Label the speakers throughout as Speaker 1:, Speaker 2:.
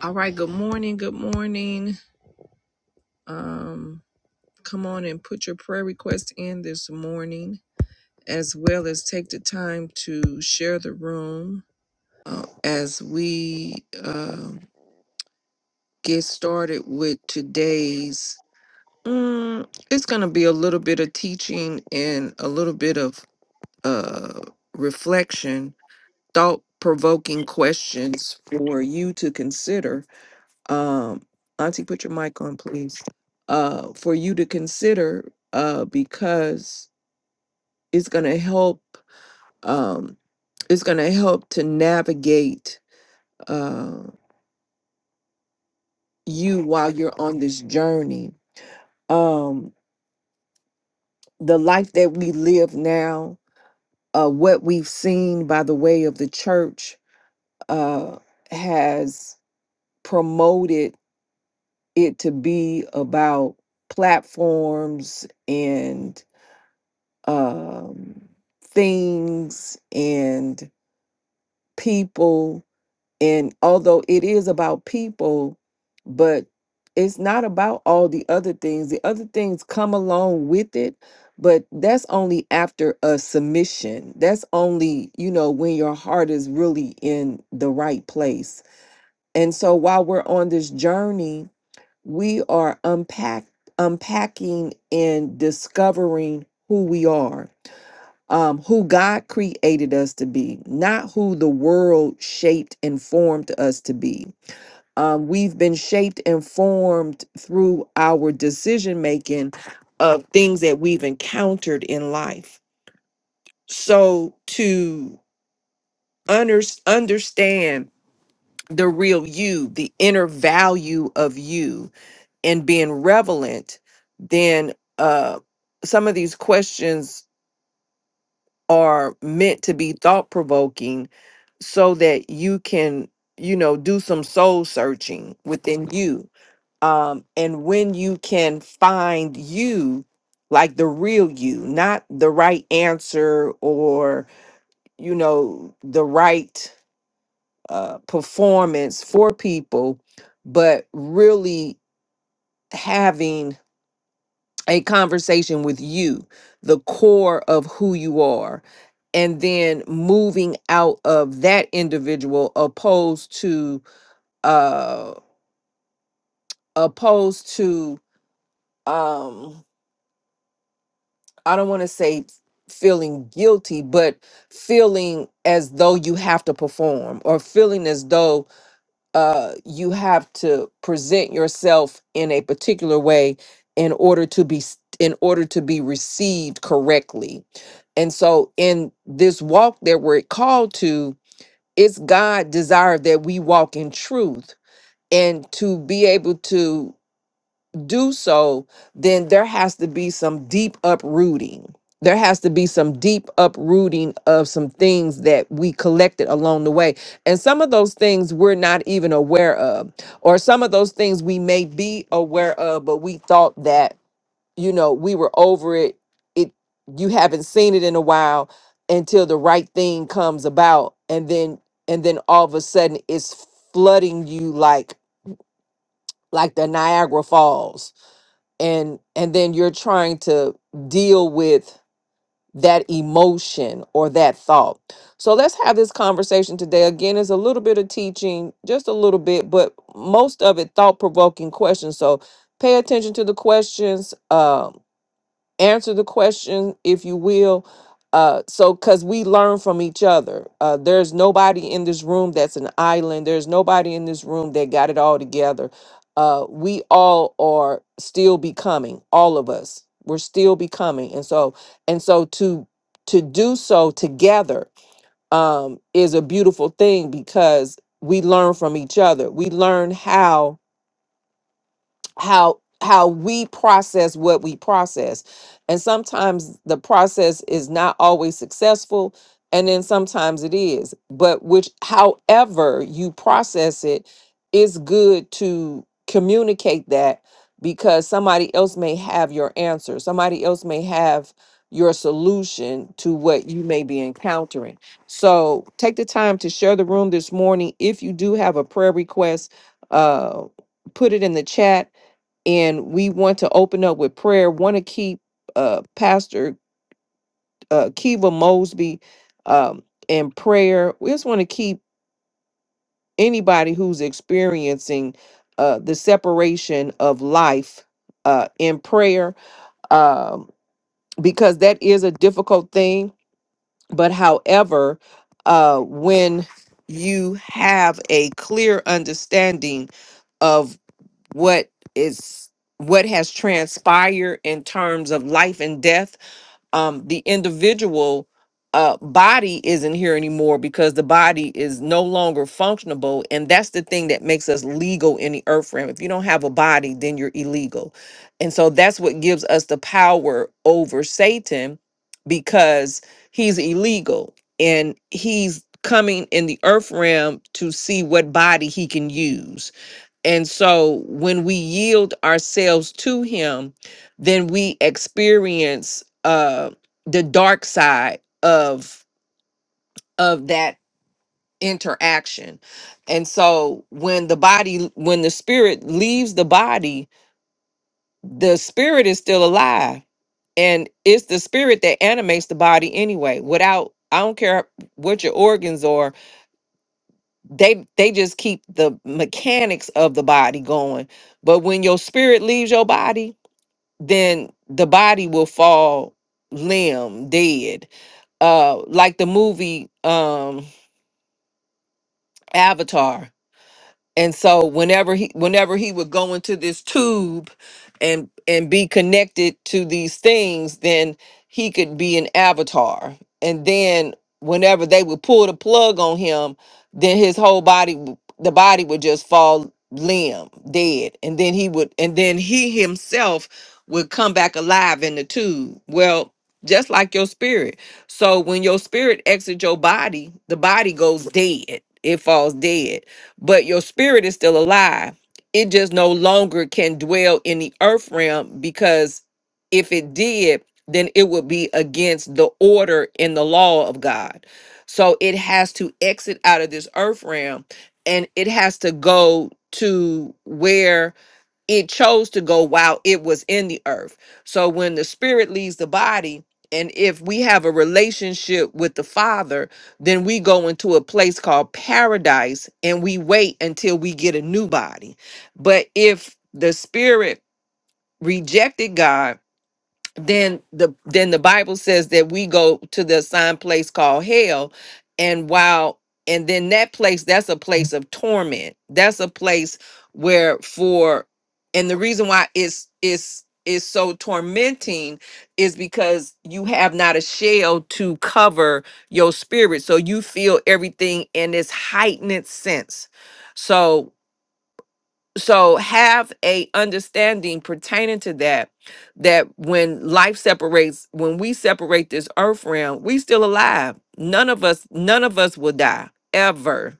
Speaker 1: All right, good morning. Good morning. Um, come on and put your prayer request in this morning, as well as take the time to share the room uh, as we uh, get started with today's. Mm, it's going to be a little bit of teaching and a little bit of uh, reflection, thought provoking questions for you to consider um, Auntie, put your mic on, please, uh, for you to consider uh, because it's going to help. Um, it's going to help to navigate uh, you while you're on this journey. Um, the life that we live now, uh, what we've seen by the way of the church, uh, has promoted it to be about platforms and um, things and people. And although it is about people, but it's not about all the other things. The other things come along with it, but that's only after a submission. That's only, you know, when your heart is really in the right place. And so while we're on this journey, we are unpack unpacking and discovering who we are um, who God created us to be, not who the world shaped and formed us to be. Um, we've been shaped and formed through our decision making of things that we've encountered in life. So to under- understand the real you, the inner value of you, and being relevant, then uh, some of these questions are meant to be thought provoking so that you can you know do some soul searching within you um and when you can find you like the real you not the right answer or you know the right uh performance for people but really having a conversation with you, the core of who you are, and then moving out of that individual opposed to uh opposed to um I don't want to say feeling guilty, but feeling as though you have to perform or feeling as though uh, you have to present yourself in a particular way in order to be s- in order to be received correctly and so in this walk that we're called to it's god desire that we walk in truth and to be able to do so, then there has to be some deep uprooting. There has to be some deep uprooting of some things that we collected along the way. And some of those things we're not even aware of, or some of those things we may be aware of, but we thought that, you know, we were over it. It you haven't seen it in a while until the right thing comes about. And then and then all of a sudden it's flooding you like like the Niagara Falls and and then you're trying to deal with that emotion or that thought so let's have this conversation today again it's a little bit of teaching just a little bit but most of it thought-provoking questions so pay attention to the questions Um answer the question if you will uh so because we learn from each other uh there's nobody in this room that's an island there's nobody in this room that got it all together uh we all are still becoming all of us we're still becoming and so and so to to do so together um is a beautiful thing because we learn from each other we learn how how how we process what we process and sometimes the process is not always successful and then sometimes it is but which however you process it it's good to communicate that because somebody else may have your answer somebody else may have your solution to what you may be encountering so take the time to share the room this morning if you do have a prayer request uh put it in the chat and we want to open up with prayer. Want to keep uh, Pastor uh, Kiva Mosby um, in prayer. We just want to keep anybody who's experiencing uh, the separation of life uh, in prayer um, because that is a difficult thing. But however, uh, when you have a clear understanding what is what has transpired in terms of life and death um the individual uh body isn't here anymore because the body is no longer functionable and that's the thing that makes us legal in the earth realm if you don't have a body then you're illegal and so that's what gives us the power over satan because he's illegal and he's coming in the earth realm to see what body he can use and so when we yield ourselves to him, then we experience uh the dark side of of that interaction. And so when the body when the spirit leaves the body, the spirit is still alive. And it's the spirit that animates the body anyway. Without I don't care what your organs are, they they just keep the mechanics of the body going. But when your spirit leaves your body, then the body will fall limb dead uh like the movie um avatar and so whenever he whenever he would go into this tube and and be connected to these things then he could be an avatar and then whenever they would pull the plug on him then his whole body w- the body would just fall limb dead and then he would and then he himself would come back alive in the tube well just like your spirit so when your spirit exits your body the body goes dead it falls dead but your spirit is still alive. It just no longer can dwell in the earth realm because if it did, then it would be against the order in the law of God. So it has to exit out of this earth realm and it has to go to where it chose to go while it was in the earth. So when the spirit leaves the body, and if we have a relationship with the Father, then we go into a place called paradise and we wait until we get a new body. But if the spirit rejected God, then the then the bible says that we go to the assigned place called hell and while and then that place that's a place of torment that's a place where for and the reason why it's it's is so tormenting is because you have not a shell to cover your spirit so you feel everything in this heightened sense so so have a understanding pertaining to that that when life separates when we separate this earth realm we still alive none of us none of us will die ever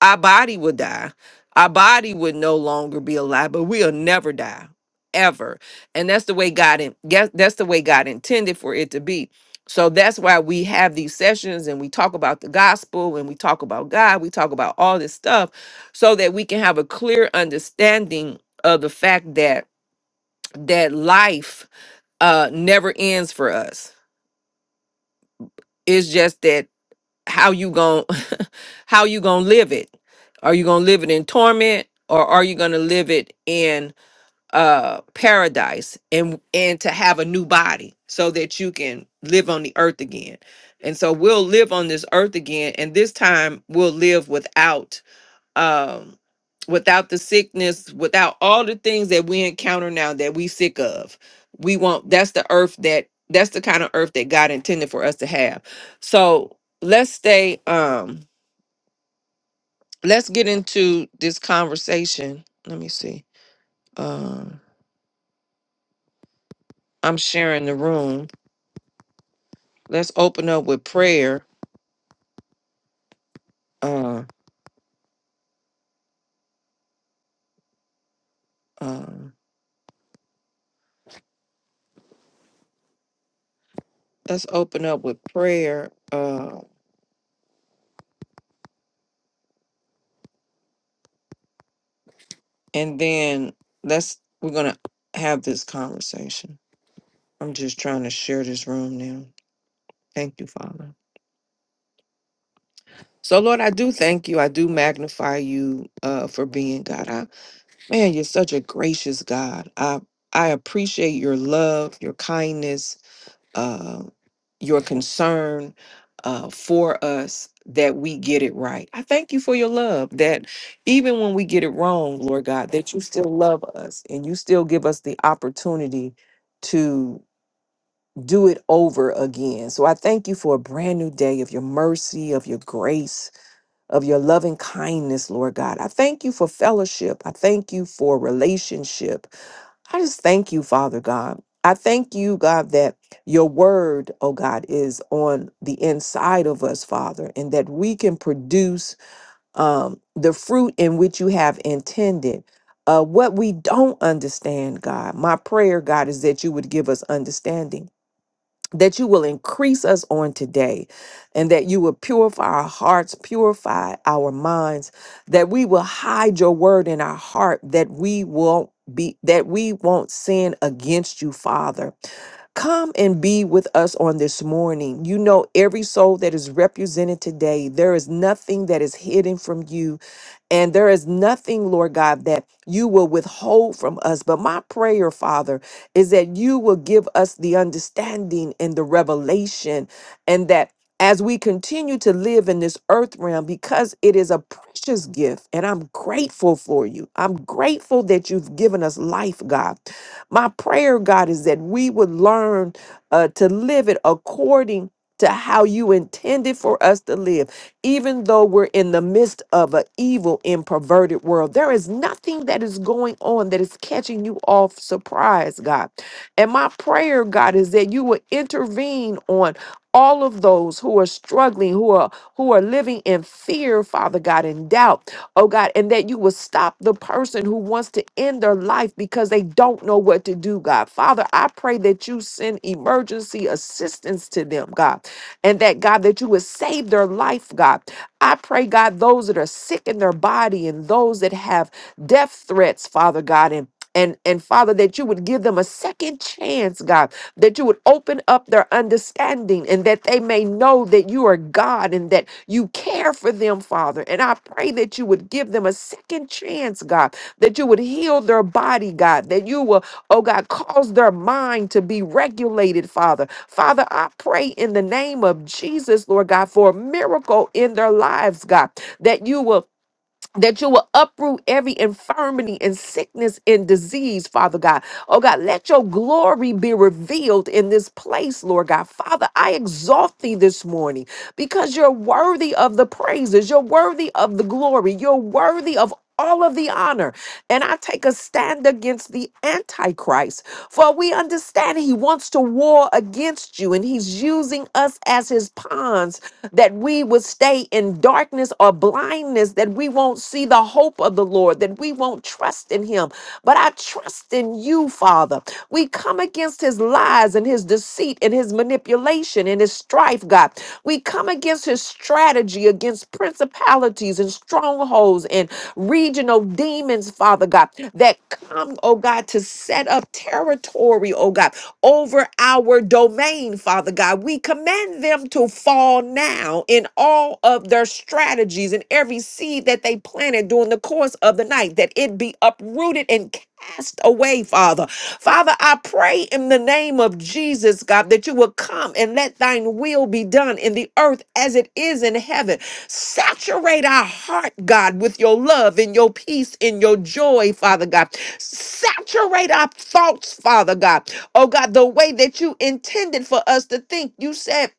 Speaker 1: our body would die. Our body would no longer be alive, but we'll never die ever. And that's the way God in, yes, that's the way God intended for it to be. So that's why we have these sessions and we talk about the gospel and we talk about God, we talk about all this stuff so that we can have a clear understanding of the fact that that life uh never ends for us. It's just that how you going to how you going to live it are you going to live it in torment or are you going to live it in uh paradise and and to have a new body so that you can live on the earth again and so we'll live on this earth again and this time we'll live without um without the sickness without all the things that we encounter now that we sick of we want that's the earth that that's the kind of earth that god intended for us to have so let's stay um let's get into this conversation let me see um i'm sharing the room let's open up with prayer uh um let's open up with prayer uh and then let's we're gonna have this conversation I'm just trying to share this room now. Thank you, Father. So, Lord, I do thank you. I do magnify you uh, for being God. I, man, you're such a gracious God. I I appreciate your love, your kindness, uh, your concern uh, for us that we get it right. I thank you for your love that even when we get it wrong, Lord God, that you still love us and you still give us the opportunity do it over again. So I thank you for a brand new day of your mercy, of your grace, of your loving kindness, Lord God. I thank you for fellowship. I thank you for relationship. I just thank you, Father God. I thank you, God, that your word, oh God, is on the inside of us, Father, and that we can produce um, the fruit in which you have intended. Uh, what we don't understand, God, my prayer, God, is that you would give us understanding that you will increase us on today and that you will purify our hearts, purify our minds, that we will hide your word in our heart, that we won't be that we won't sin against you, Father. Come and be with us on this morning. You know every soul that is represented today. There is nothing that is hidden from you. And there is nothing, Lord God, that you will withhold from us. But my prayer, Father, is that you will give us the understanding and the revelation, and that as we continue to live in this earth realm, because it is a precious gift, and I'm grateful for you. I'm grateful that you've given us life, God. My prayer, God, is that we would learn uh, to live it according to how you intended for us to live even though we're in the midst of an evil and perverted world, there is nothing that is going on that is catching you off surprise, God. And my prayer, God, is that you will intervene on all of those who are struggling, who are who are living in fear, Father God, and doubt, oh God, and that you will stop the person who wants to end their life because they don't know what to do, God. Father, I pray that you send emergency assistance to them, God and that God, that you would save their life, God. I pray, God, those that are sick in their body and those that have death threats, Father God, and and, and Father, that you would give them a second chance, God, that you would open up their understanding and that they may know that you are God and that you care for them, Father. And I pray that you would give them a second chance, God, that you would heal their body, God, that you will, oh God, cause their mind to be regulated, Father, Father, I pray in the name of Jesus, Lord God, for a miracle in their lives, God, that you will that you will uproot every infirmity and sickness and disease, Father God. Oh God, let your glory be revealed in this place, Lord God. Father, I exalt thee this morning because you're worthy of the praises, you're worthy of the glory, you're worthy of all of the honor. And I take a stand against the Antichrist. For we understand he wants to war against you, and he's using us as his pawns that we would stay in darkness or blindness, that we won't see the hope of the Lord, that we won't trust in Him. But I trust in you, Father. We come against His lies and His deceit and His manipulation and His strife, God. We come against His strategy against principalities and strongholds and regional demons, Father God, that come, oh God, to set up territory, oh God, over our domain, Father God. We command them to fall now in all of their strategies and every seed that they planted during the course of the night, that it be uprooted and cast away, Father. Father, I pray in the name of Jesus, God, that you will come and let thine will be done in the earth as it is in heaven. Saturate our heart, God, with your love and your peace and your joy, Father God. Saturate our thoughts, Father God. Oh God, the way that you intended for us to think. You said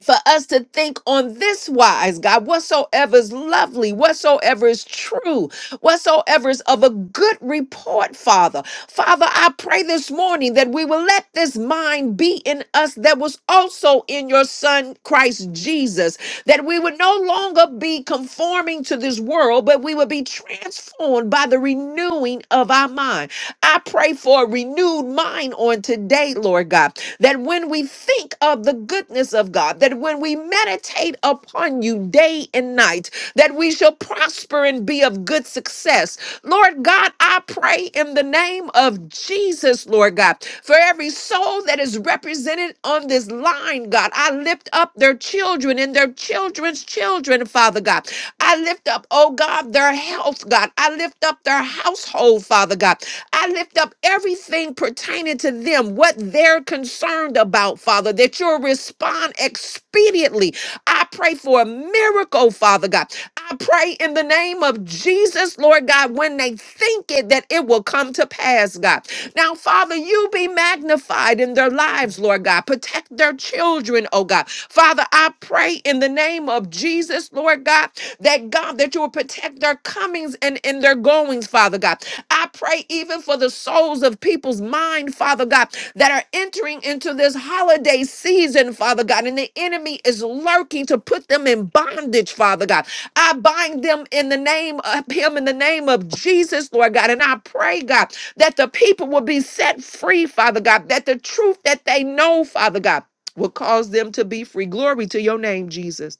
Speaker 1: for us to think on this wise, God, whatsoever is lovely, whatsoever is true, whatsoever is of a good report, Father. Father, I pray this morning that we will let this mind be in us that was also in your Son, Christ Jesus, that we would no longer be conforming to this world, but we would be transformed by the renewing of our mind. I pray for a renewed mind on today, Lord God, that when we think of the goodness of God, that when we meditate upon you day and night, that we shall prosper and be of good success. Lord God, I pray in the name of Jesus, Lord God, for every soul that is represented on this line, God, I lift up their children and their children's children, Father God. I lift up, oh God, their health, God. I lift up their household, Father God. I lift up everything pertaining to them, what they're concerned about, Father, that you'll respond expediently. I pray for a miracle, Father God. I pray in the name of Jesus, Lord God, when they think it, that it will come to pass, God. Now, Father, you be magnified in their lives, Lord God. Protect their children, oh God. Father, I pray in the name of Jesus, Lord God, that God, that you will protect their comings and, in their goings, Father God. I pray even for the souls of people's mind, Father God, that are entering into this holiday season, Father God, and the enemy is lurking to put them in bondage, Father God. I bind them in the name of Him, in the name of Jesus, Lord God, and I pray, God, that the people will be set free, Father God, that the truth that they know, Father God, will cause them to be free. Glory to your name, Jesus.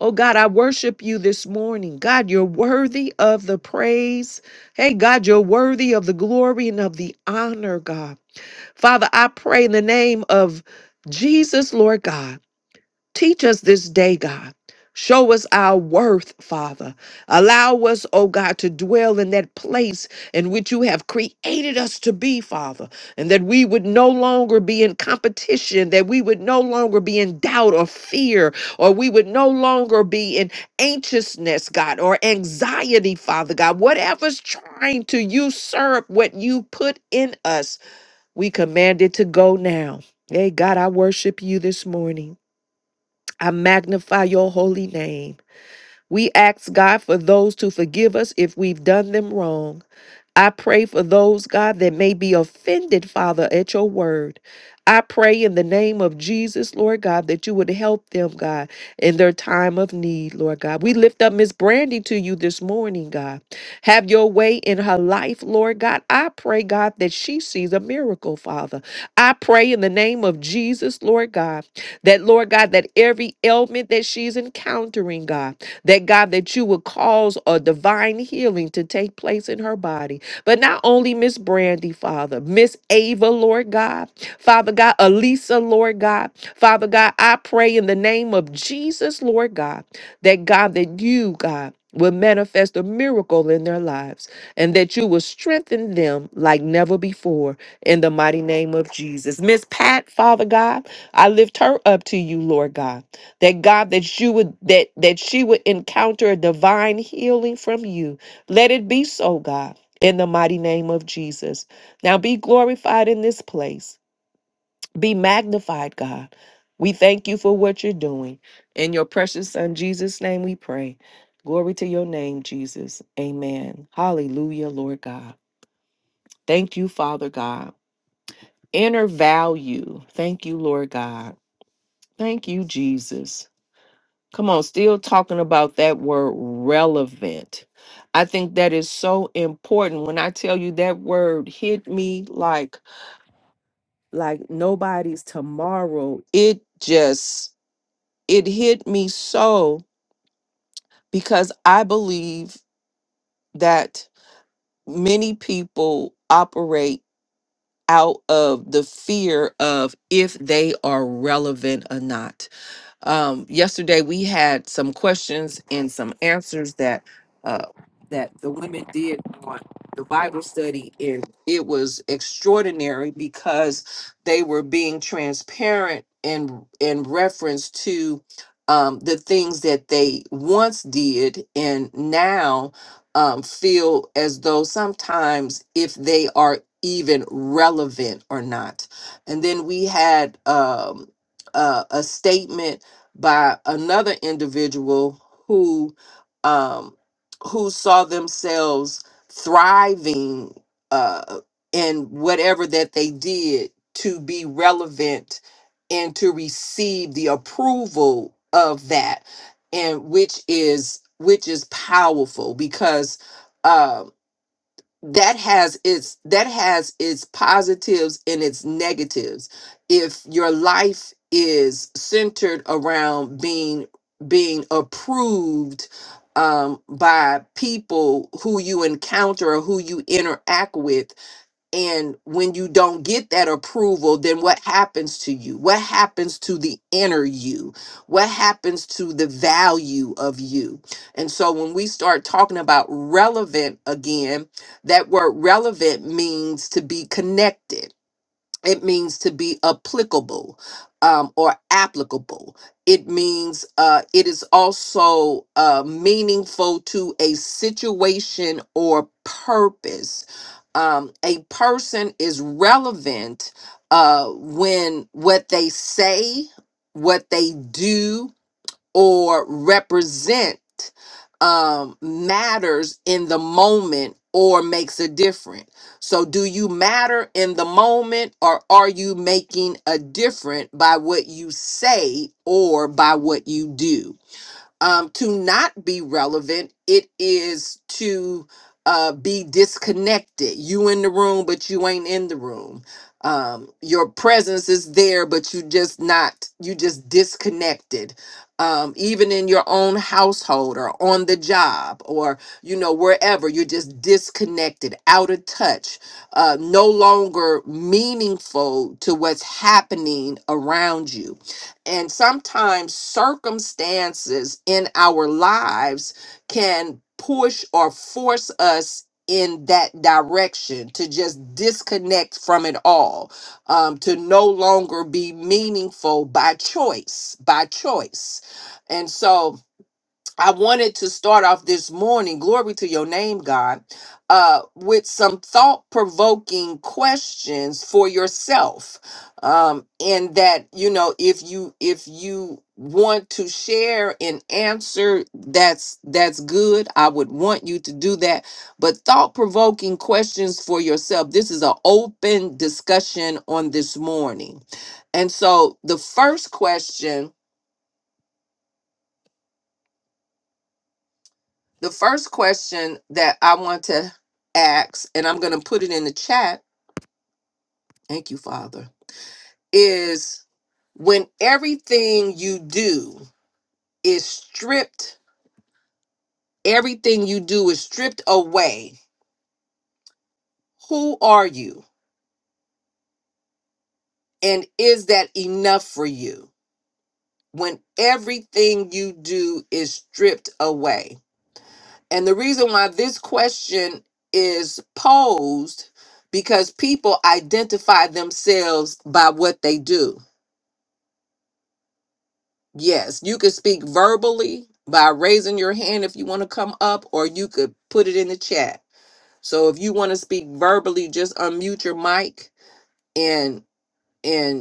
Speaker 1: Oh God, I worship you this morning. God, you're worthy of the praise. Hey, God, you're worthy of the glory and of the honor, God. Father, I pray in the name of Jesus, Lord God. Teach us this day, God. Show us our worth, Father. Allow us, oh God, to dwell in that place in which you have created us to be, Father, and that we would no longer be in competition, that we would no longer be in doubt or fear, or we would no longer be in anxiousness, God, or anxiety, Father God. Whatever's trying to usurp what you put in us, we command it to go now. Hey, God, I worship you this morning. I magnify your holy name. We ask God for those to forgive us if we've done them wrong. I pray for those, God, that may be offended, Father, at your word. I pray in the name of Jesus, Lord God, that you would help them, God, in their time of need, Lord God. We lift up Miss Brandy to you this morning, God. Have your way in her life, Lord God. I pray, God, that she sees a miracle, Father. I pray in the name of Jesus, Lord God, that, Lord God, that every ailment that she's encountering, God, that God, that you would cause a divine healing to take place in her body. But not only Miss Brandy, Father, Miss Ava, Lord God, Father God, Elisa, Lord God, Father God, I pray in the name of Jesus, Lord God, that God, that you, God, will manifest a miracle in their lives and that you will strengthen them like never before in the mighty name of Jesus. Miss Pat, Father God, I lift her up to you, Lord God. That God that you would that that she would encounter a divine healing from you. Let it be so, God in the mighty name of Jesus. Now be glorified in this place. Be magnified, God. We thank you for what you're doing. In your precious Son, Jesus' name, we pray. Glory to your name, Jesus. Amen. Hallelujah, Lord God. Thank you, Father God. Inner value. Thank you, Lord God. Thank you, Jesus. Come on, still talking about that word relevant. I think that is so important. When I tell you that word hit me like like nobody's tomorrow. It just it hit me so because I believe that many people operate out of the fear of if they are relevant or not Um, yesterday we had some questions and some answers that uh, that the women did on the Bible study, and it was extraordinary because they were being transparent in in reference to um, the things that they once did and now um, feel as though sometimes if they are even relevant or not. And then we had um, uh, a a statement by another individual who um, who saw themselves thriving uh, in whatever that they did to be relevant and to receive the approval of that and which is which is powerful because um, that has its that has its positives and its negatives if your life is centered around being being approved um, by people who you encounter or who you interact with and when you don't get that approval, then what happens to you? What happens to the inner you? What happens to the value of you? And so when we start talking about relevant again, that word relevant means to be connected it means to be applicable um, or applicable it means uh, it is also uh, meaningful to a situation or purpose um, a person is relevant uh, when what they say what they do or represent um, matters in the moment or makes a difference. So, do you matter in the moment or are you making a difference by what you say or by what you do? um, to not be relevant. It is to uh, be disconnected. You in the room, but you ain't in the room. Um, your presence is there, but you just not. You just disconnected. Um, even in your own household or on the job or you know wherever, you're just disconnected, out of touch, uh, no longer meaningful to what's happening around you and sometimes circumstances in our lives can push or force us in that direction to just disconnect from it all, um, to no longer be meaningful by choice, by choice. And so, I wanted to start off this morning, glory to your name, God, uh, with some thought provoking questions for yourself. Um, and that, you know, if you if you want to share an answer that's that's good, I would want you to do that. But thought provoking questions for yourself. This is an open discussion on this morning. And so the first question The first question that I want to ask, and I'm going to put it in the chat, thank you, Father, is when everything you do is stripped, everything you do is stripped away, who are you? And is that enough for you? When everything you do is stripped away. And the reason why this question is posed because people identify themselves by what they do Yes, you could speak verbally by raising your hand if you want to come up, or you could put it in the chat. So if you want to speak verbally, just unmute your mic and and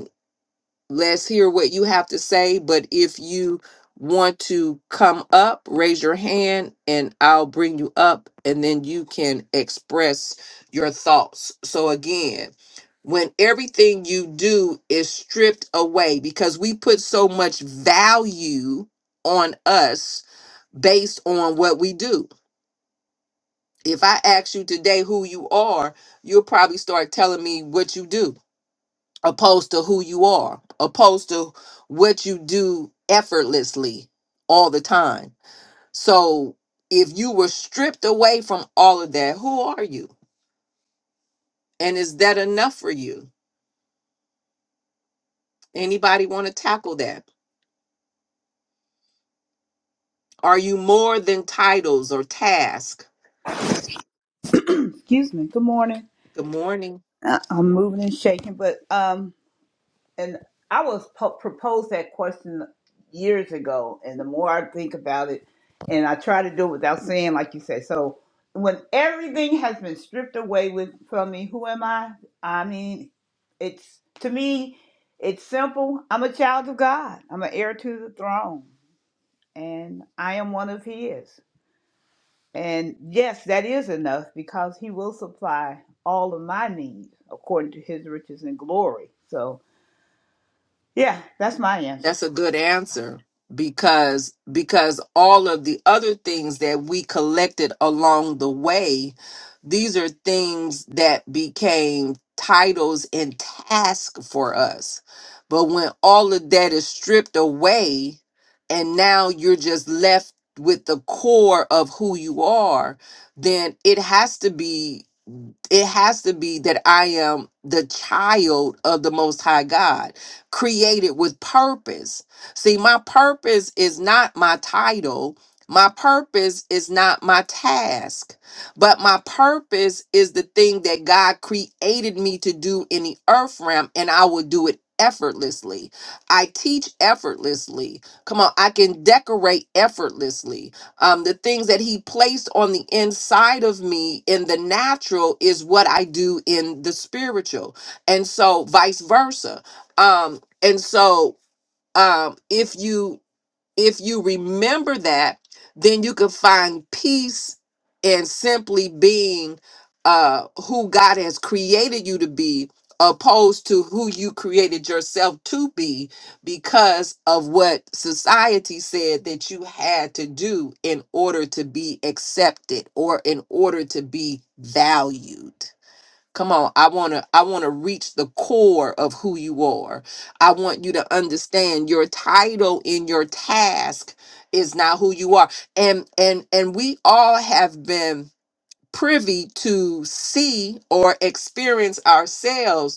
Speaker 1: Let's hear what you have to say. But if you want to come up, raise your hand and I'll bring you up and then you can express your thoughts. So, again, when everything you do is stripped away because we put so much value on us based on what we do. If I ask you today who you are, you'll probably start telling me what you do opposed to who you are, opposed to what you do effortlessly all the time. So if you were stripped away from all of that, who are you? And is that enough for you? Anybody want to tackle that? Are you more than titles or task?
Speaker 2: Excuse me. Good morning.
Speaker 1: Good morning.
Speaker 2: I- I'm moving and shaking, but um, and I was po- proposed that question years ago, and the more I think about it, and I try to do it without saying, like you said. So when everything has been stripped away with from me, who am I? I mean, it's to me, it's simple. I'm a child of God. I'm an heir to the throne, and I am one of His. And yes, that is enough because he will supply all of my needs according to his riches and glory. So, yeah, that's my answer.
Speaker 1: That's a good answer because because all of the other things that we collected along the way, these are things that became titles and tasks for us. But when all of that is stripped away and now you're just left with the core of who you are, then it has to be it has to be that I am the child of the Most High God, created with purpose. See, my purpose is not my title, my purpose is not my task, but my purpose is the thing that God created me to do in the earth realm, and I will do it. Effortlessly. I teach effortlessly. Come on, I can decorate effortlessly um, the things that he placed on the inside of me in the natural is what I do in the spiritual, and so vice versa. Um, and so um, if you if you remember that, then you can find peace in simply being uh, who God has created you to be, opposed to who you created yourself to be because of what society said that you had to do in order to be accepted or in order to be valued. Come on, I want to I want to reach the core of who you are. I want you to understand your title in your task is not who you are. And and and we all have been privy to see or experience ourselves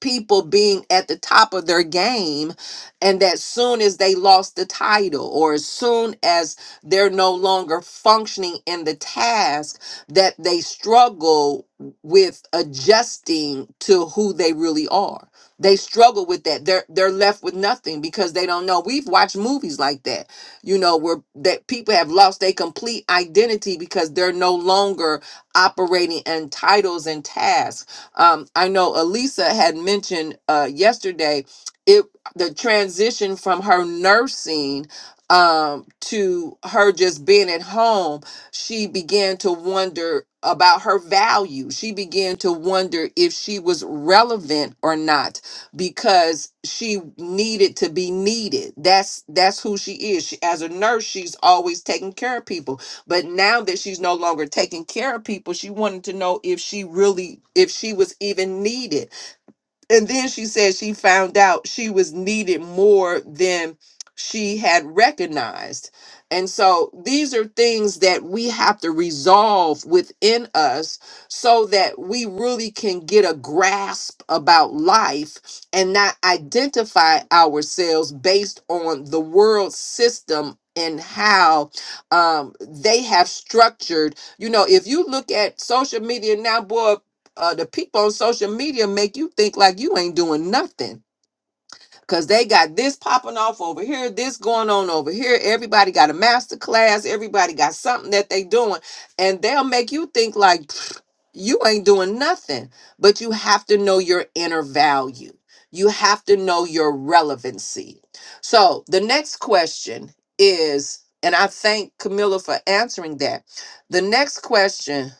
Speaker 1: people being at the top of their game and that soon as they lost the title or as soon as they're no longer functioning in the task that they struggle with adjusting to who they really are they struggle with that they're they're left with nothing because they don't know we've watched movies like that you know where that people have lost their complete identity because they're no longer operating in titles and tasks um, I know Elisa had mentioned uh, yesterday it the transition from her nursing um, to her just being at home. She began to wonder about her value. She began to wonder if she was relevant or not because she needed to be needed. That's that's who she is. She, as a nurse, she's always taking care of people but now that she's no longer taking care of people, she wanted to know if she really, if she was even needed and then she said she found out she was needed more than she had recognized. And so these are things that we have to resolve within us so that we really can get a grasp about life and not identify ourselves based on the world system and how um, they have structured. You know, if you look at social media now, boy, uh, the people on social media make you think like you ain't doing nothing because they got this popping off over here, this going on over here. Everybody got a master class, everybody got something that they doing, and they'll make you think like pfft, you ain't doing nothing. But you have to know your inner value. You have to know your relevancy. So the next question is, and I thank Camilla for answering that. The next question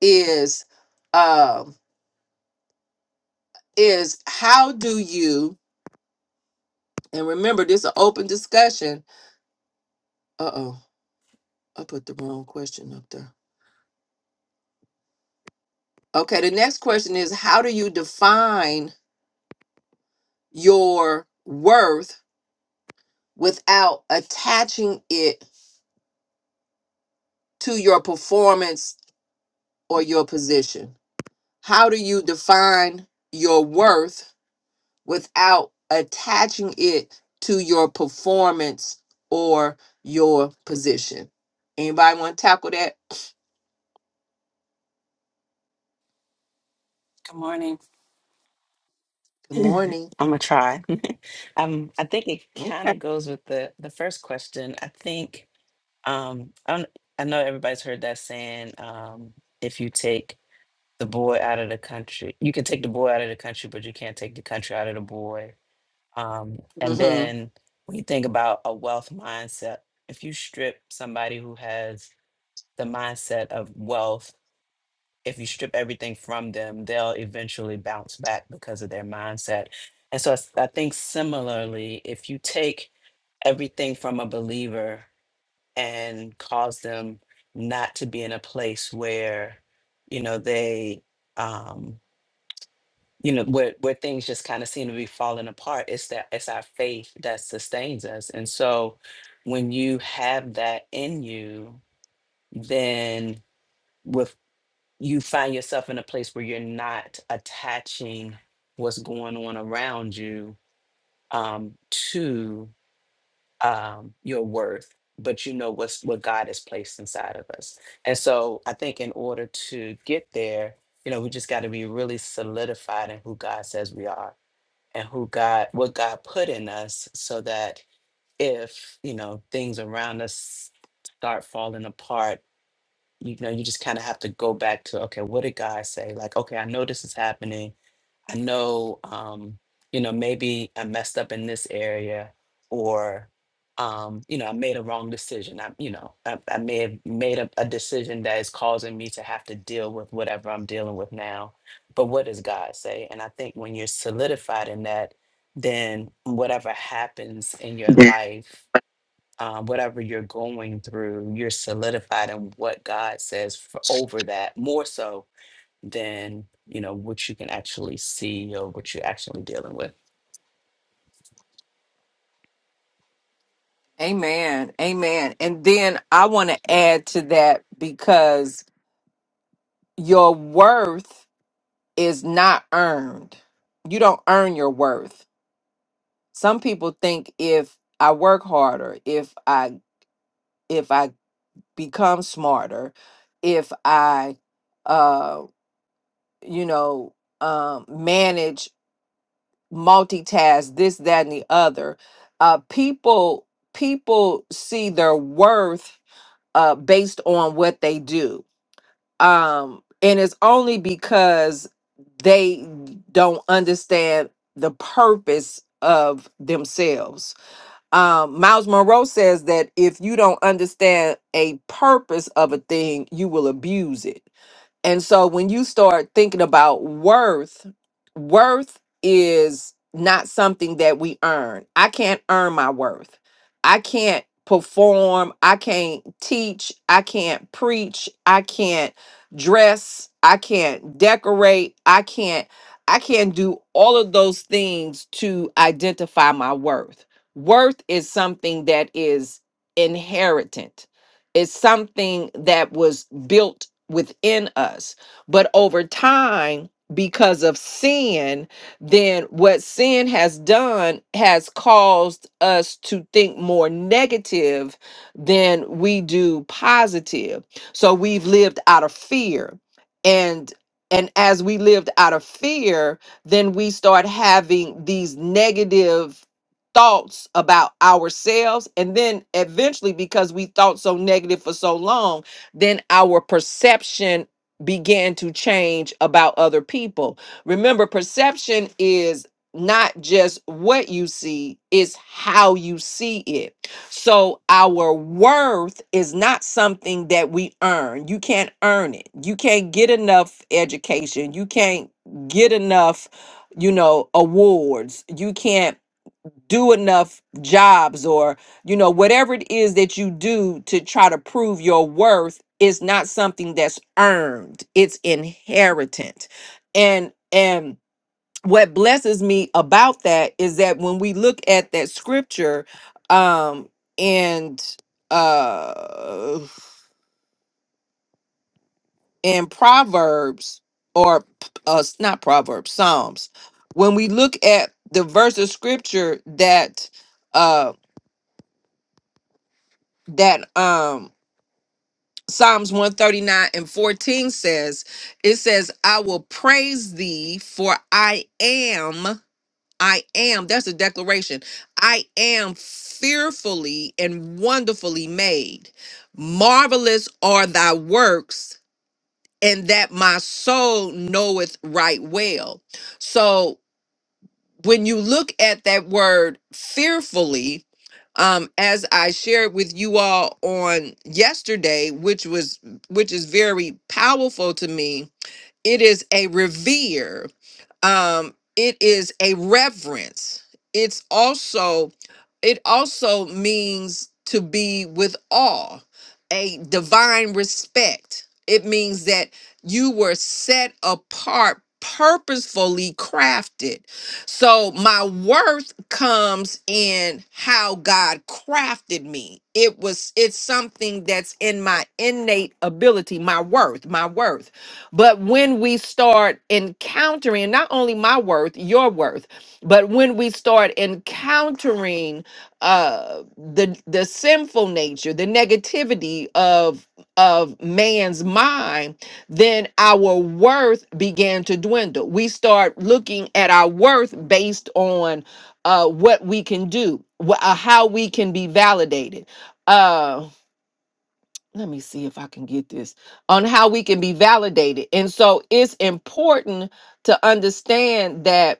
Speaker 1: is. um. is how do you and remember this is an open discussion uh-oh i put the wrong question up there okay the next question is how do you define your worth without attaching it to your performance or your position how do you define your worth without attaching it to your performance or your position anybody want to tackle that
Speaker 3: Good morning.
Speaker 1: good morning
Speaker 3: I'm gonna try. Um, I think it kind of goes with the the first question. I think um, I don't, I know everybody's heard that saying. Um, if you take the boy out of the country, you can take the boy out of the country, but you can't take the country out of the boy. Um, and
Speaker 1: Mm-hmm.
Speaker 3: then when you think about a wealth mindset, if you strip somebody who has the mindset of wealth if you strip everything from them, they'll eventually bounce back because of their mindset. And so I s- I think similarly, if you take everything from a believer and cause them not to be in a place where, you know, they, um, you know, where, where things just kind of seem to be falling apart, it's that it's our faith that sustains us. And so when you have that in you, then with you find yourself in a place where you're not attaching what's going on around you um, to um, your worth, but you know what's what God has placed inside of us. And so I think in order to get there, you know, we just got to be really solidified in who God says we are and who God, what God put in us so that if, you know, things around us start falling apart you know you just kind of have to go back to okay what did god say like okay i know this is happening i know um you know maybe i messed up in this area or um you know i made a wrong decision i you know i, I may have made a, a decision that is causing me to have to deal with whatever i'm dealing with now but what does god say and i think when you're solidified in that then whatever happens in your life uh, whatever you're going through, you're solidified in what God says for, over that more so than you know what you can actually see or what you're actually dealing with.
Speaker 1: Amen. Amen. And then I want to add to that because your worth is not earned. You don't earn your worth. Some people think if I work harder, if I if I become smarter, if I uh you know um manage multitask this that and the other, uh people people see their worth uh, based on what they do. Um, and it's only because they don't understand the purpose of themselves. Um, Miles Monroe says that if you don't understand a purpose of a thing, you will abuse it. And so when you start thinking about worth, worth is not something that we earn. I can't earn my worth. I can't perform. I can't teach. I can't preach. I can't dress. I can't decorate. I can't I can't do all of those things to identify my worth. Worth is something that is inheritant. It's something that was built within us. But over time, because of sin, then what sin has done has caused us to think more negative than we do positive. So we've lived out of fear. And and as we lived out of fear, then we start having these negative thoughts about ourselves and then eventually because we thought so negative for so long then our perception began to change about other people. Remember, perception is not just what you see, it's how you see it. So our worth is not something that we earn. You can't earn it. You can't get enough education. You can't get enough, you know, awards. You can't do enough jobs or you know whatever it is that you do to try to prove your worth is not something that's earned it's inheritant and and what blesses me about that is that when we look at that scripture um and uh in proverbs or p- uh s- not proverbs psalms when we look at the verse of scripture that uh that um Psalms 139 and 14 says, it says, I will praise thee for I am, I am, that's a declaration. I am fearfully and wonderfully made. Marvelous are thy works, and that my soul knoweth right well. So when you look at that word fearfully, um, as I shared with you all on yesterday, which was which is very powerful to me, it is a revere um it is a reverence it's also it also means to be with awe a divine respect it means that you were set apart purposefully crafted so my worth comes in how god crafted me it was it's something that's in my innate ability my worth my worth but when we start encountering not only my worth, your worth, but when we start encountering uh, the the sinful nature, the negativity of of man's mind, then our worth began to dwindle. We start looking at our worth based on uh, what we can do, wh- uh, how we can be validated. Uh, let me see if I can get this on how we can be validated. And so it's important to understand that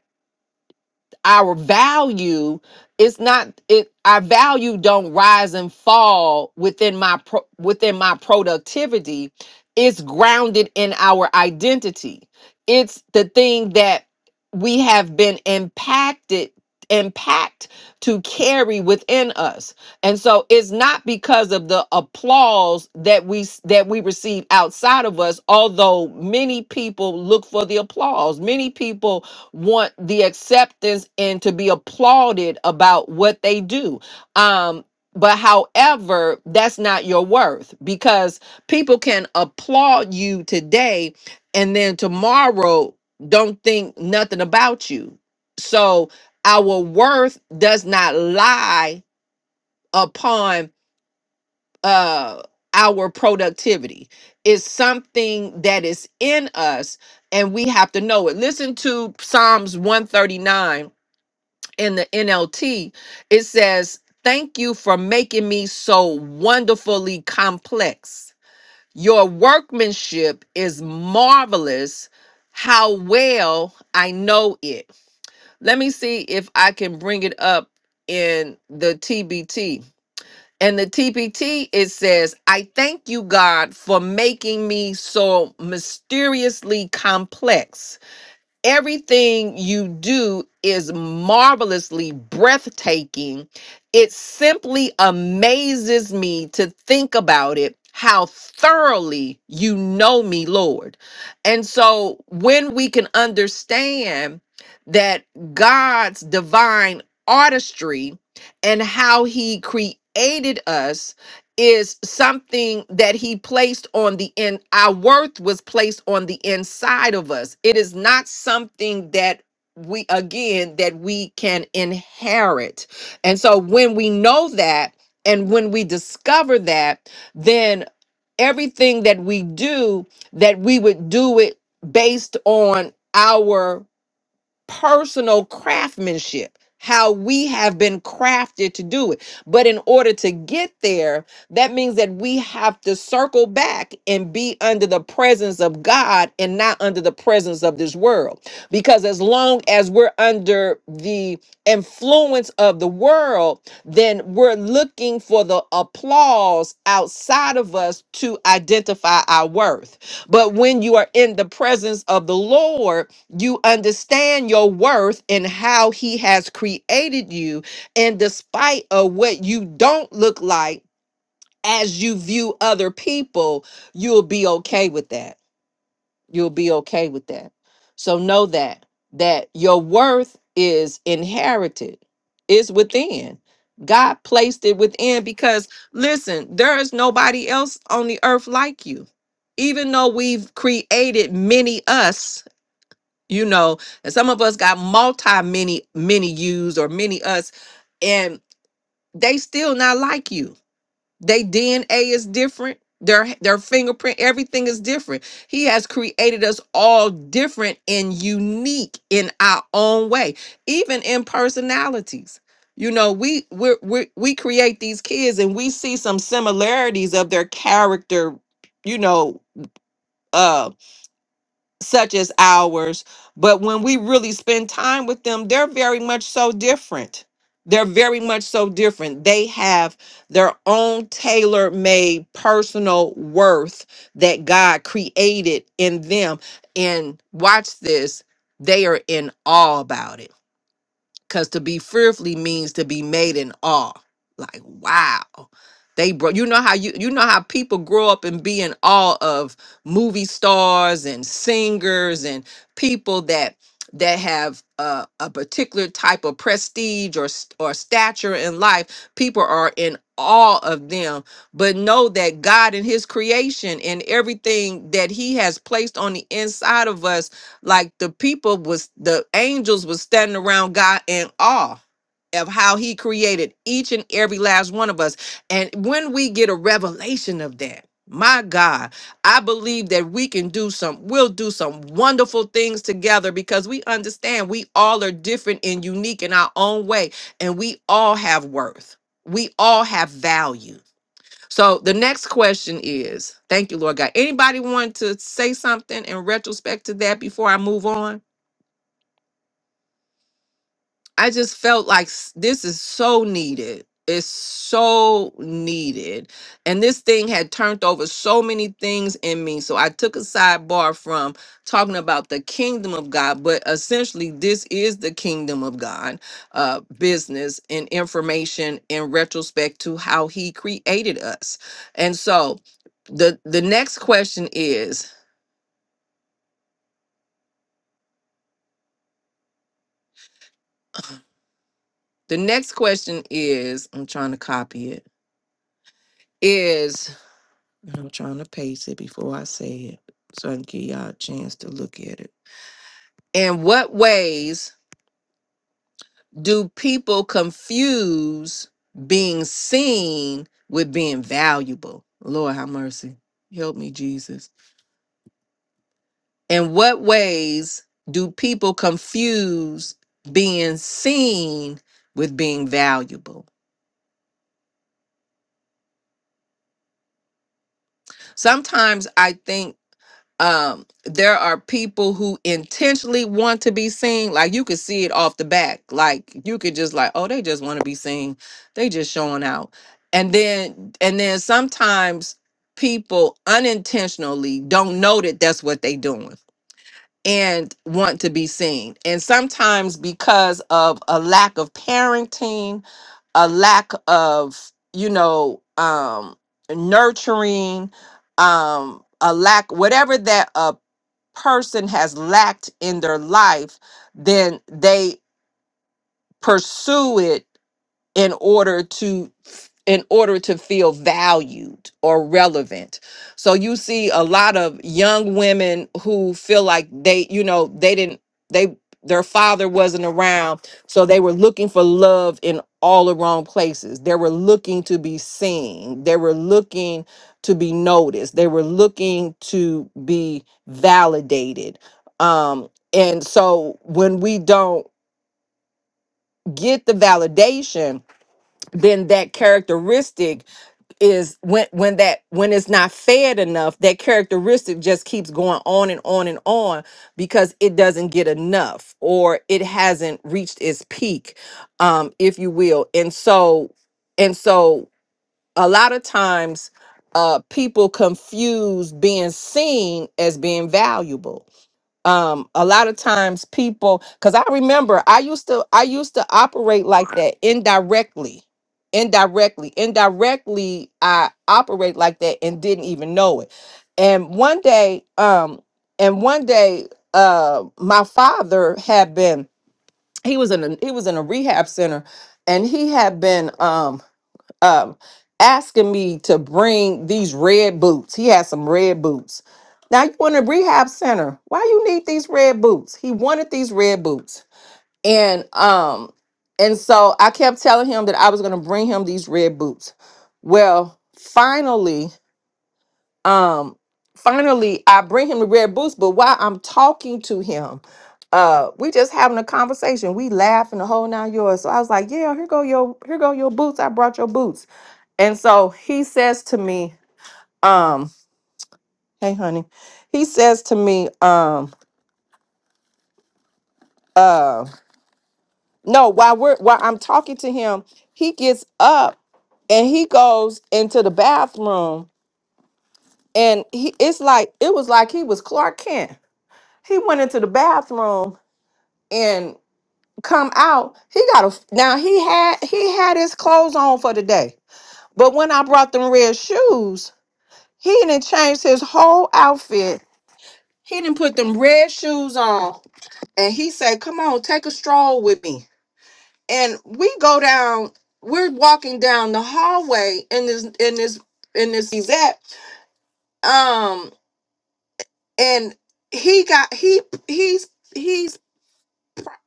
Speaker 1: our value it's not it our value don't rise and fall within my pro, within my productivity it's grounded in our identity it's the thing that we have been impacted impact to carry within us and so it's not because of the applause that we that we receive outside of us although many people look for the applause many people want the acceptance and to be applauded about what they do. Um, but however, that's not your worth because people can applaud you today and then tomorrow don't think nothing about you. So our worth does not lie upon uh our productivity. It's something that is in us and we have to know it. Listen to Psalms 139 in the NLT, it says, Thank you for making me so wonderfully complex. Your workmanship is marvelous. How well I know it. Let me see if I can bring it up in the TBT. And the TBT, it says, I thank you, God, for making me so mysteriously complex. Everything you do is marvelously breathtaking. It simply amazes me to think about it how thoroughly you know me, Lord. And so when we can understand that God's divine artistry and how he created us is something that he placed on the in our worth was placed on the inside of us it is not something that we again that we can inherit and so when we know that and when we discover that then everything that we do that we would do it based on our personal craftsmanship, how we have been crafted to do it. But in order to get there, that means that we have to circle back and be under the presence of God and not under the presence of this world. Because as long as we're under the influence of the world, then we're looking for the applause outside of us to identify our worth. But when you are in the presence of the Lord, you understand your worth and how he has created you. And despite of what you don't look like as you view other people, you'll be okay with that. You'll be okay with that. So know that that your worth is inherited. It's within. God placed it within because listen, there is nobody else on the earth like you. Even though we've created many us, you know and some of us got multi many many yous or many us and they still not like you they dna is different their their fingerprint everything is different he has created us all different and unique in our own way even in personalities you know we we we we create these kids and we see some similarities of their character you know uh, such as ours. But when we really spend time with them, they're very much so different. They're very much so different. They have their own tailor made personal worth that God created in them. And watch this, they are in awe about it Cause to be fearfully means to be made in awe. Like wow. They bro you know how you you know how people grow up and be in awe of movie stars and singers and people that that have uh, a particular type of prestige or st- or stature in life people are in awe of them but know that god and his creation and everything that he has placed on the inside of us like the people was the angels was standing around God in awe of how he created each and every last one of us. And when we get a revelation of that, my God, I believe that we can do some, we'll do some wonderful things together because we understand we all are different and unique in our own way, and we all have worth. We all have value so the next question is, thank you, Lord God. Anybody want to say something in retrospect to that before I move on? I just felt like s- this is so needed. It's so needed. And this thing had turned over so many things in me. So I took a sidebar from talking about the kingdom of God, but essentially, this is the kingdom of God uh, business and information in retrospect to how he created us. And so the the next question is the next question is I'm trying to copy it is I'm trying to paste it before I say it so I can give y'all a chance to look at it. In what ways do people confuse being seen with being valuable? Lord have mercy. Help me, Jesus. In what ways do people confuse being seen with being valuable? Sometimes I think um there are people who intentionally want to be seen like you could see it off the back like you could just like oh they just want to be seen they just showing out and then and then sometimes people unintentionally don't know that that's what they doing and want to be seen and sometimes because of a lack of parenting a lack of you know um nurturing um a lack whatever that person has lacked in their life, then they pursue it in order to in order to feel valued or relevant. So you see a lot of young women who feel like they, you know, they didn't they their father wasn't around, so they were looking for love in all the wrong places. They were looking to be seen. They were looking to be noticed. They were looking to be validated. Um and so when we don't get the validation, then that characteristic is when when that when it's not fed enough that characteristic just keeps going on and on and on because it doesn't get enough or it hasn't reached its peak um if you will and so and so a lot of times uh people confuse being seen as being valuable um a lot of times people because i remember i used to i used to operate like that indirectly indirectly indirectly i operate like that and didn't even know it and one day um and one day uh my father had been he was in a he was in a rehab center and he had been um um asking me to bring these red boots. He has some red boots. Now you in a rehab center. Why you need these red boots? He wanted these red boots. And um and so I kept telling him that I was going to bring him these red boots. Well, finally um finally I bring him the red boots, but while I'm talking to him uh we just having a conversation we laughing the whole nine yards so i was like yeah here go your here go your boots i brought your boots and so he says to me, um, hey honey, he says to me, um, uh, no, while we're while I'm talking to him, he gets up and he goes into the bathroom and he it's like it was like he was Clark Kent. He went into the bathroom and come out. He got a now he had he had his clothes on for the day. But when I brought them red shoes, he didn't change his whole outfit. He didn't put them red shoes on and he said, "Come on, take a stroll with me." And we go down. We're walking down the hallway in this in this in this he's at. Um, and he got he he's he's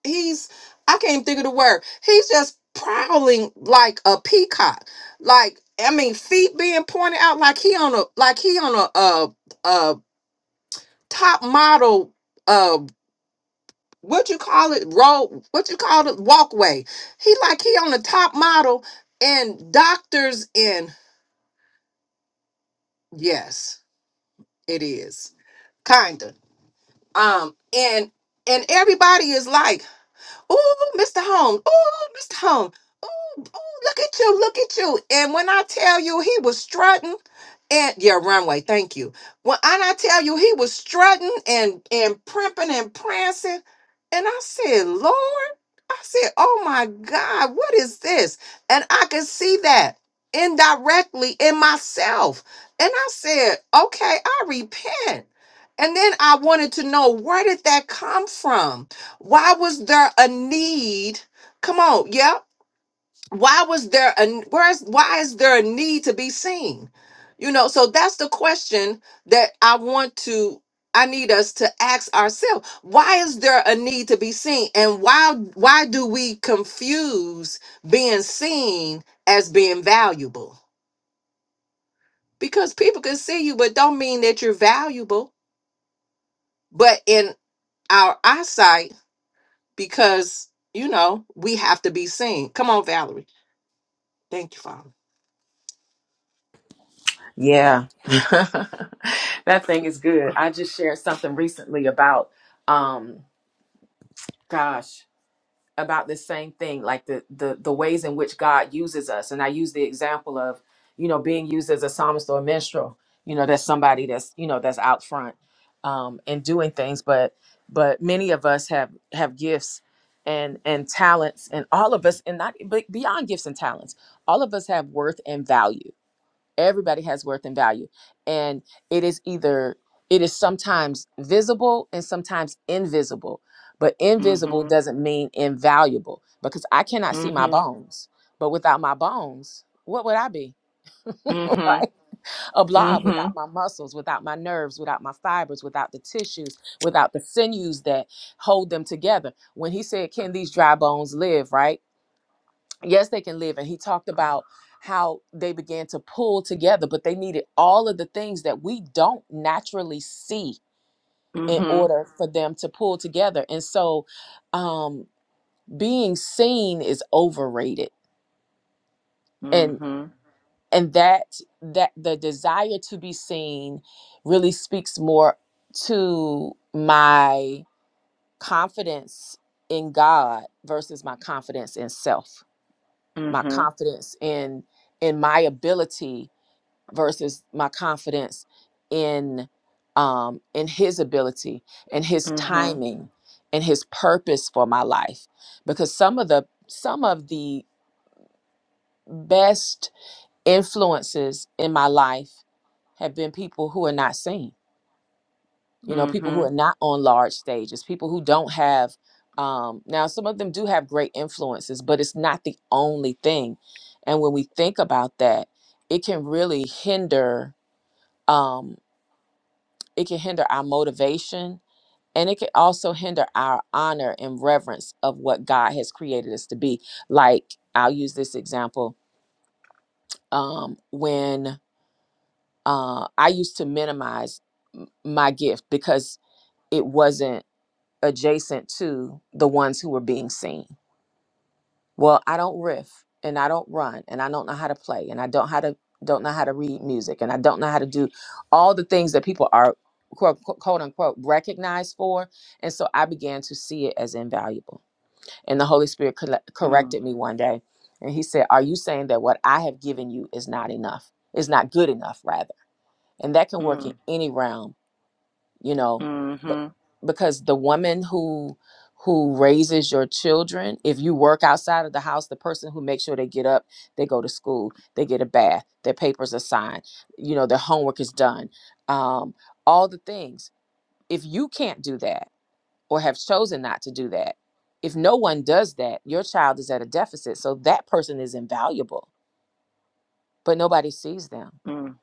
Speaker 1: he's I can't even think of the word. He's just prowling like a peacock. Like I mean, feet being pointed out like he on a like he on a uh uh top model uh, what you call it road what you call it walkway he like he on the top model and doctors and yes it is kinda um and and everybody is like Oh, Mr. Home. Oh, Mr. Home. Oh, oh, look at you. Look at you. And when I tell you he was strutting and yeah, runway, thank you. When and I tell you he was strutting and and primping and prancing. And I said, Lord, I said, oh my God, what is this? And I could see that indirectly in myself. And I said, okay, I repent. And then I wanted to know where did that come from? Why was there a need? Come on, yeah. Why was there a where's why is there a need to be seen? You know, so that's the question that I want to I need us to ask ourselves. Why is there a need to be seen? And why why do we confuse being seen as being valuable? Because people can see you but don't mean that you're valuable. But in our eyesight because you know we have to be seen. Come on, Valerie. Thank you, Father.
Speaker 4: Yeah. that thing is good. I just shared something recently about um gosh, about the same thing, like the the the ways in which God uses us. And I use the example of, you know, being used as a psalmist or a minstrel. You know, that's somebody that's, you know, that's out front um and doing things, but but many of us have have gifts and and talents and all of us and not but beyond gifts and talents all of us have worth and value everybody has worth and value and it is either it is sometimes visible and sometimes invisible but invisible
Speaker 1: Mhm.
Speaker 4: doesn't mean invaluable because i cannot see my
Speaker 1: Mhm.
Speaker 4: bones but without my bones what would i be
Speaker 1: Mhm.
Speaker 4: right a blob without
Speaker 1: Mhm.
Speaker 4: my muscles without my nerves without my fibers without the tissues without the sinews that hold them together when he said can these dry bones live right yes they can live and he talked about how they began to pull together but they needed all of the things that we don't naturally see in
Speaker 1: Mhm.
Speaker 4: order for them to pull together and so um being seen is overrated and
Speaker 1: Mhm.
Speaker 4: and that that the desire to be seen really speaks more to my confidence in god versus my confidence in self my
Speaker 1: Mhm.
Speaker 4: confidence in in my ability versus my confidence in um in his ability and his
Speaker 1: Mhm. Mhm.
Speaker 4: timing and his purpose for my life because some of the some of the best influences in my life have been people who are not seen you know people who are
Speaker 1: Mm.
Speaker 4: not on large stages people who don't have um now some of them do have great influences but it's not the only thing and when we think about that it can really hinder um, It can hinder our motivation and it can also hinder our honor and reverence of what God has created us to be. Like I'll use this example. Um, when uh, I used to minimize m- my gift because it wasn't adjacent to the ones who were being seen. Well, I don't riff and I don't run and I don't know how to play and I don't how to don't know how to read music and I don't know how to do all the things that people are quote, quote unquote recognized for. And so I began to see it as invaluable. And the Holy Spirit colle- corrected me one day and he said, "Are you saying that what I have given you is not enough? Is not good enough rather?" And that can work in
Speaker 1: Mm.
Speaker 4: any realm you know b-
Speaker 1: Mhm.
Speaker 4: because the woman who who raises your children if you work outside of the house the person who makes sure they get up they go to school they get a bath their papers are signed you know their homework is done um, all the things if you can't do that or have chosen not to do that if no one does that your child is at a deficit so that person is invaluable but nobody sees them
Speaker 1: Mm.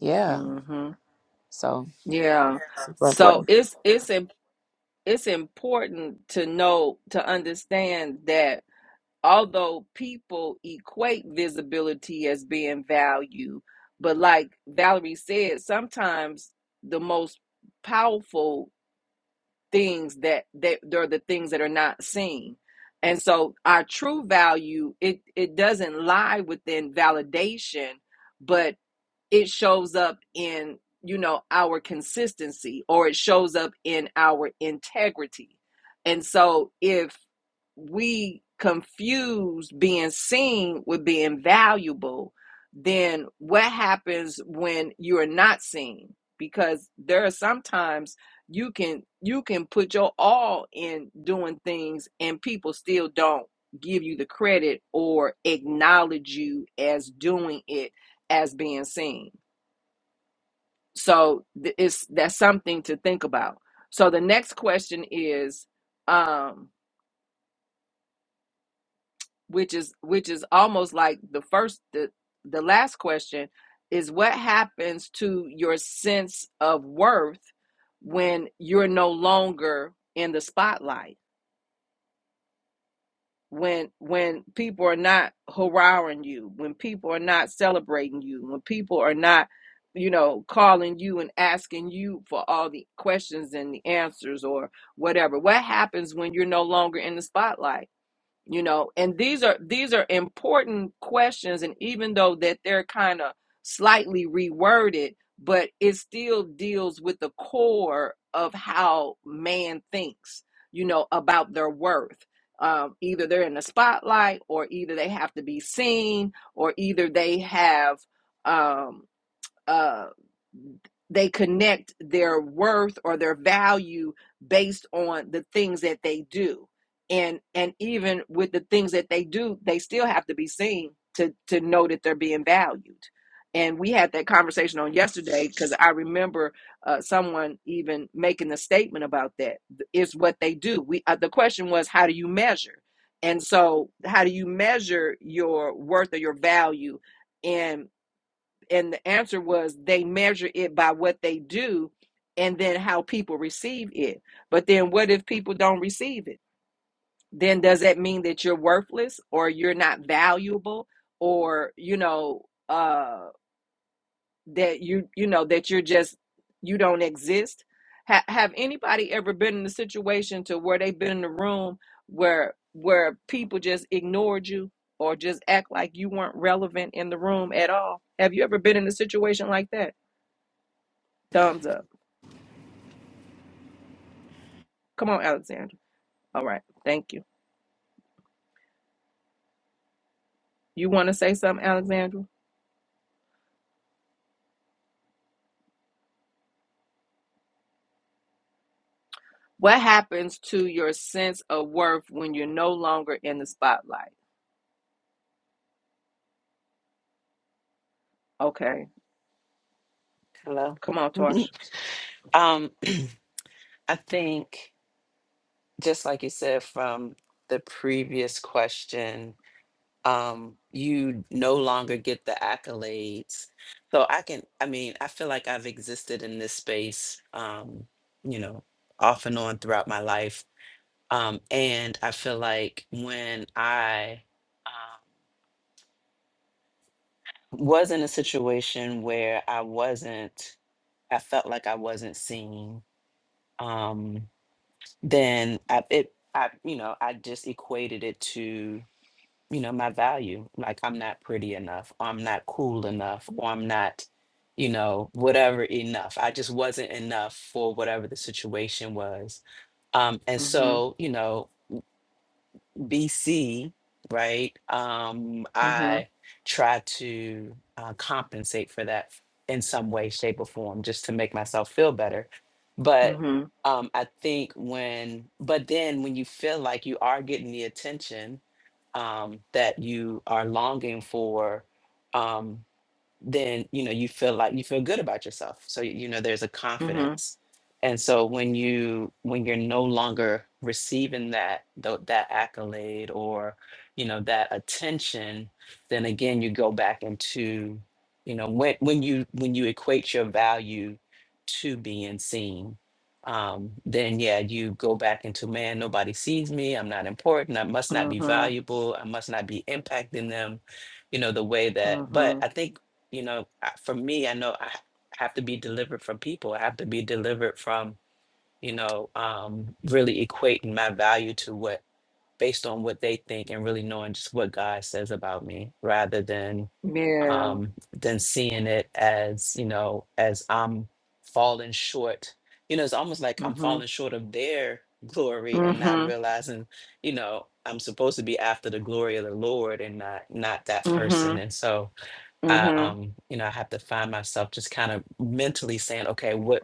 Speaker 4: yeah
Speaker 1: Mhm.
Speaker 4: so
Speaker 1: Yeah.
Speaker 4: super
Speaker 1: So
Speaker 4: important
Speaker 1: it's it's im- it's important to know to understand that although people equate visibility as being value, but like Valerie said, sometimes the most powerful things that that are the things that are not seen. And so our true value, it it doesn't lie within validation, but it shows up in you know our consistency or it shows up in our integrity and so if we confuse being seen with being valuable then what happens when you are not seen because there are sometimes you can you can put your all in doing things and people still don't give you the credit or acknowledge you as doing it as being seen. So it's that's something to think about. So the next question is, um, which is which is almost like the first the the last question is what happens to your sense of worth when you're no longer in the spotlight when when people are not hurrahing you, when people are not celebrating you, when people are not, you know, calling you and asking you for all the questions and the answers or whatever. What happens when you're no longer in the spotlight? you know and these are these are important questions and even though that they're kind of slightly reworded but it still deals with the core of how man thinks you know about their worth um, either they're in the spotlight or either they have to be seen or either they have um, uh, they connect their worth or their value based on the things that they do and and even with the things that they do they still have to be seen to to know that they're being valued and we had that conversation on yesterday because i remember uh, someone even making a statement about that is what they do we uh, the question was how do you measure and so how do you measure your worth or your value and and the answer was they measure it by what they do and then how people receive it but then what if people don't receive it then does that mean that you're worthless or you're not valuable or you know uh that you you know that you're just you don't exist ha- have anybody ever been in a situation to where they've been in a room where where people just ignored you or just act like you weren't relevant in the room at all have you ever been in a situation like that Thumbs up. Come on, Alexandra. All right. Thank you. You want to say something, Alexandra? What happens to your sense of worth when you're no longer in the spotlight? Okay.
Speaker 3: Hello.
Speaker 1: Come on, Tosh.
Speaker 3: um, I think just like you said from the previous question, um, you no longer get the accolades. So I can, I mean, I feel like I've existed in this space, um, you know, off and on throughout my life Um, and I feel like when I um, was in a situation where I wasn't, I felt like I wasn't seen, um, then I, it, I, you know, I just equated it to, you know, my value. Like I'm not pretty enough, or I'm not cool enough, or I'm not, you know, whatever enough. I just wasn't enough for whatever the situation was. Um, and
Speaker 1: Mm-hmm.
Speaker 3: so, you know, BC, right, um, I
Speaker 1: Mm-hmm.
Speaker 3: try to uh, compensate for that in some way, shape, or form just to make myself feel better. But
Speaker 1: Mm-hmm.
Speaker 3: um, I think when, but then when you feel like you are getting the attention um, that you are longing for, um, then you know you feel like you feel good about yourself so you know there's a confidence and so when you when you're no longer receiving that tho- that accolade or you know that attention then again you go back into you know when when you when you equate your value to being seen um then yeah you go back into man nobody sees me i'm not important i must not be
Speaker 1: Mm-hmm.
Speaker 3: valuable i must not be impacting them you know the way that but
Speaker 1: Mm-hmm.
Speaker 3: i think you know, I- for me, I know I ha- have to be delivered from people. I have to be delivered from, you know, um, really equating my value to what, based on what they think and really knowing just what God says about me rather than,
Speaker 1: Mm-hmm. Yeah.
Speaker 3: um, than seeing it as, you know, as I'm falling short. You know, it's almost like I'm
Speaker 1: Mm-hmm.
Speaker 3: falling short of their glory and not
Speaker 1: Mm-hmm.
Speaker 3: realizing, you know, I'm supposed to be after the glory of the Lord and not, not that person.
Speaker 1: Mm-hmm.
Speaker 3: And so, I
Speaker 1: Mm-hmm.
Speaker 3: um, you know, I have to find myself just kind of mentally saying, okay, what,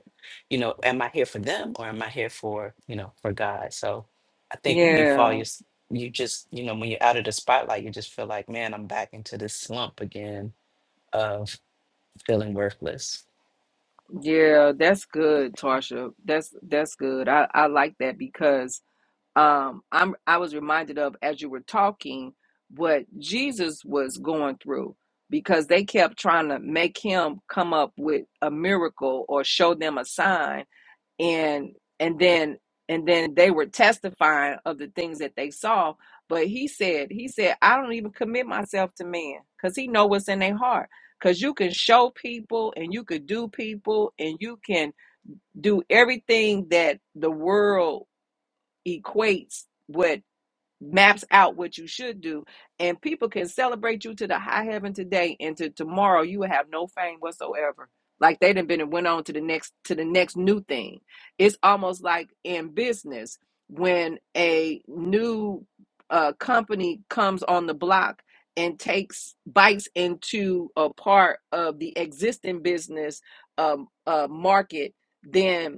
Speaker 3: you know, am I here for them or am I here for, you know, for God? So I think when you fall,
Speaker 1: Yeah.
Speaker 3: you s- you just, you know, when you're out of the spotlight, you just feel like, man, I'm back into this slump again of feeling worthless.
Speaker 1: Yeah. That's good, Tarsha. That's that's good. I, I like that because um i'm i was reminded of as you were talking what jesus was going through because they kept trying to make him come up with a miracle or show them a sign and and then and then they were testifying of the things that they saw but he said he said i don't even commit myself to man because he know what's in their heart because you can show people and you could do people and you can do everything that the world equates what maps out what you should do and people can celebrate you to the high heaven today and to tomorrow you will have no fame whatsoever like they done been and went on to the next to the next new thing it's almost like in business when a new uh, company comes on the block and takes bites into a part of the existing business um, uh, market then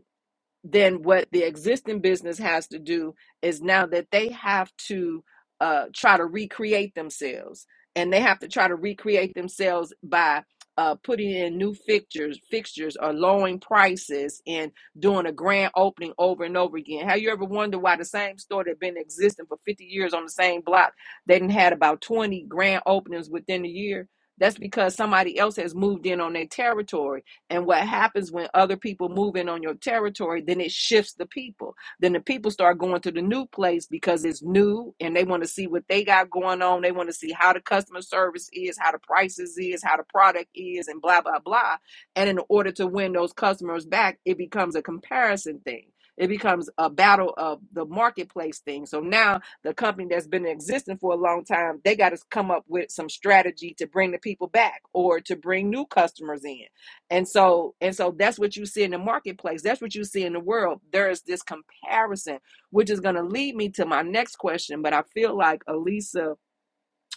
Speaker 1: then what the existing business has to do is now that they have to uh, try to recreate themselves and they have to try to recreate themselves by uh, putting in new fixtures fixtures or lowering prices and doing a grand opening over and over again have you ever wondered why the same store that been existing for 50 years on the same block they didn't had about 20 grand openings within a year that's because somebody else has moved in on their territory and what happens when other people move in on your territory, then it shifts the people. Then the people start going to the new place because it's new and they want to see what they got going on. They want to see how the customer service is, how the prices is, how the product is, and blah, blah, blah. And in order to win those customers back, it becomes a comparison thing. It becomes a battle of the marketplace thing. So now the company that's been existing for a long time, they got to come up with some strategy to bring the people back or to bring new customers in and so and so that's what you see in the marketplace that's what you see in the world there is this comparison which is going to lead me to my next question but i feel like elisa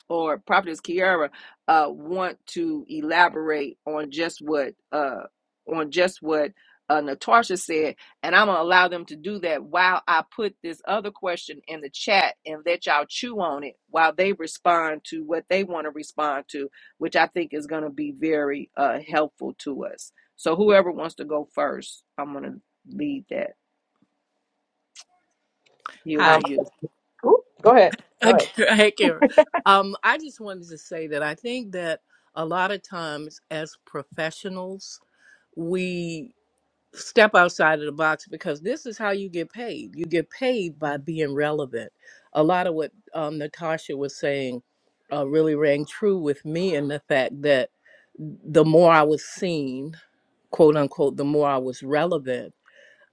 Speaker 1: or Prophetess Kiara uh, want to elaborate on just what uh, on just what uh, Natasha said, and I'm gonna allow them to do that while I put this other question in the chat and let y'all chew on it while they respond to what they want to respond to, which I think is gonna be very uh, helpful to us. So whoever wants to go first, I'm gonna lead that yield
Speaker 5: Um,
Speaker 6: Hi.
Speaker 1: to you.
Speaker 5: ooh, go ahead. Go ahead.
Speaker 6: Okay, Hi, Karen. Um, I just wanted to say that I think that a lot of times as professionals, we step outside of the box because this is how you get paid. You get paid by being relevant. A lot of what um, Natasha was saying uh, really rang true with me in the fact that the more I was seen, quote unquote, the more I was relevant,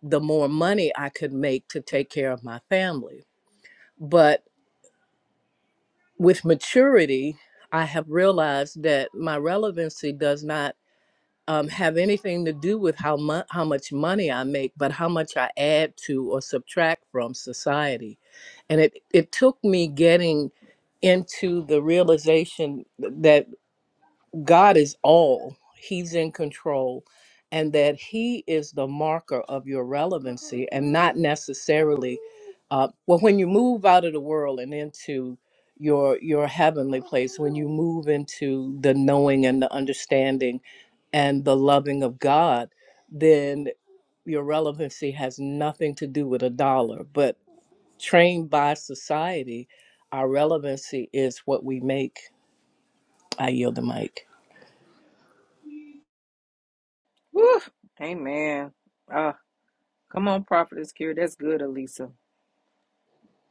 Speaker 6: the more money I could make to take care of my family but. with maturity, I have realized that my relevancy does not um, have anything to do with how much how much money I make, but how much I add to or subtract from society. And it it took me getting into the realization that. God is all, He's in control, and that He is the marker of your relevancy and not necessarily. Uh, well, when you move out of the world and into your your heavenly place, when you move into the knowing and the understanding and the loving of God, then your relevancy has nothing to do with a dollar. But trained by society, our relevancy is what we make. I yield the mic.
Speaker 1: Woo! Amen. Uh, come on, Prophetess Kiara, that's good, Elisa.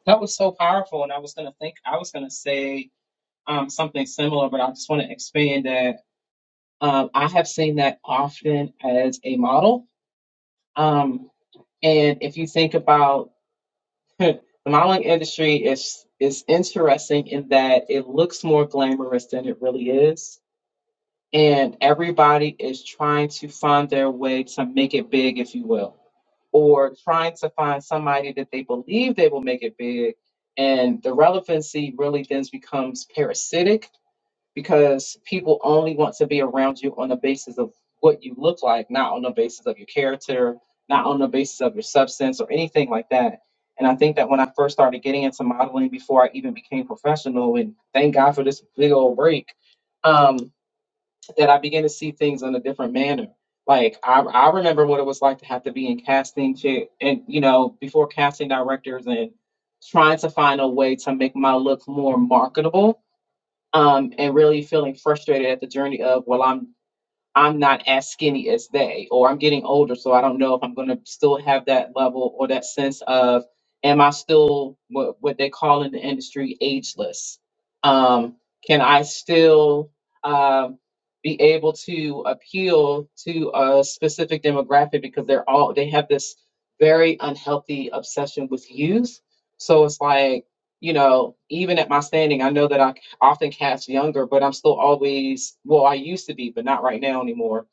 Speaker 5: That was so powerful, and I was gonna think I was gonna say um, something similar, but I just want to expand that. Um, I have seen that often as a model, um, and if you think about the modeling industry, is is interesting in that it looks more glamorous than it really is, and everybody is trying to find their way to make it big, if you will or trying to find somebody that they believe they will make it big. And the relevancy really then becomes parasitic because people only want to be around you on the basis of what you look like, not on the basis of your character, not on the basis of your substance or anything like that. And I think that when I first started getting into modeling before I even became professional, and thank God for this big old break, um, that I began to see things in a different manner. Like I, I remember what it was like to have to be in casting chair and you know before casting directors and trying to find a way to make my look more marketable. Um, and really feeling frustrated at the journey of well, I'm I'm not as skinny as they, or I'm getting older, so I don't know if I'm going to still have that level or that sense of, am I still what, what they call in the industry ageless? Um, can I still um, be able to appeal to a specific demographic because they're all they have this very unhealthy obsession with youth? So it's like, you know, even at my standing, I know that I often cast younger, but I'm still always, well, I used to be, but not right now anymore.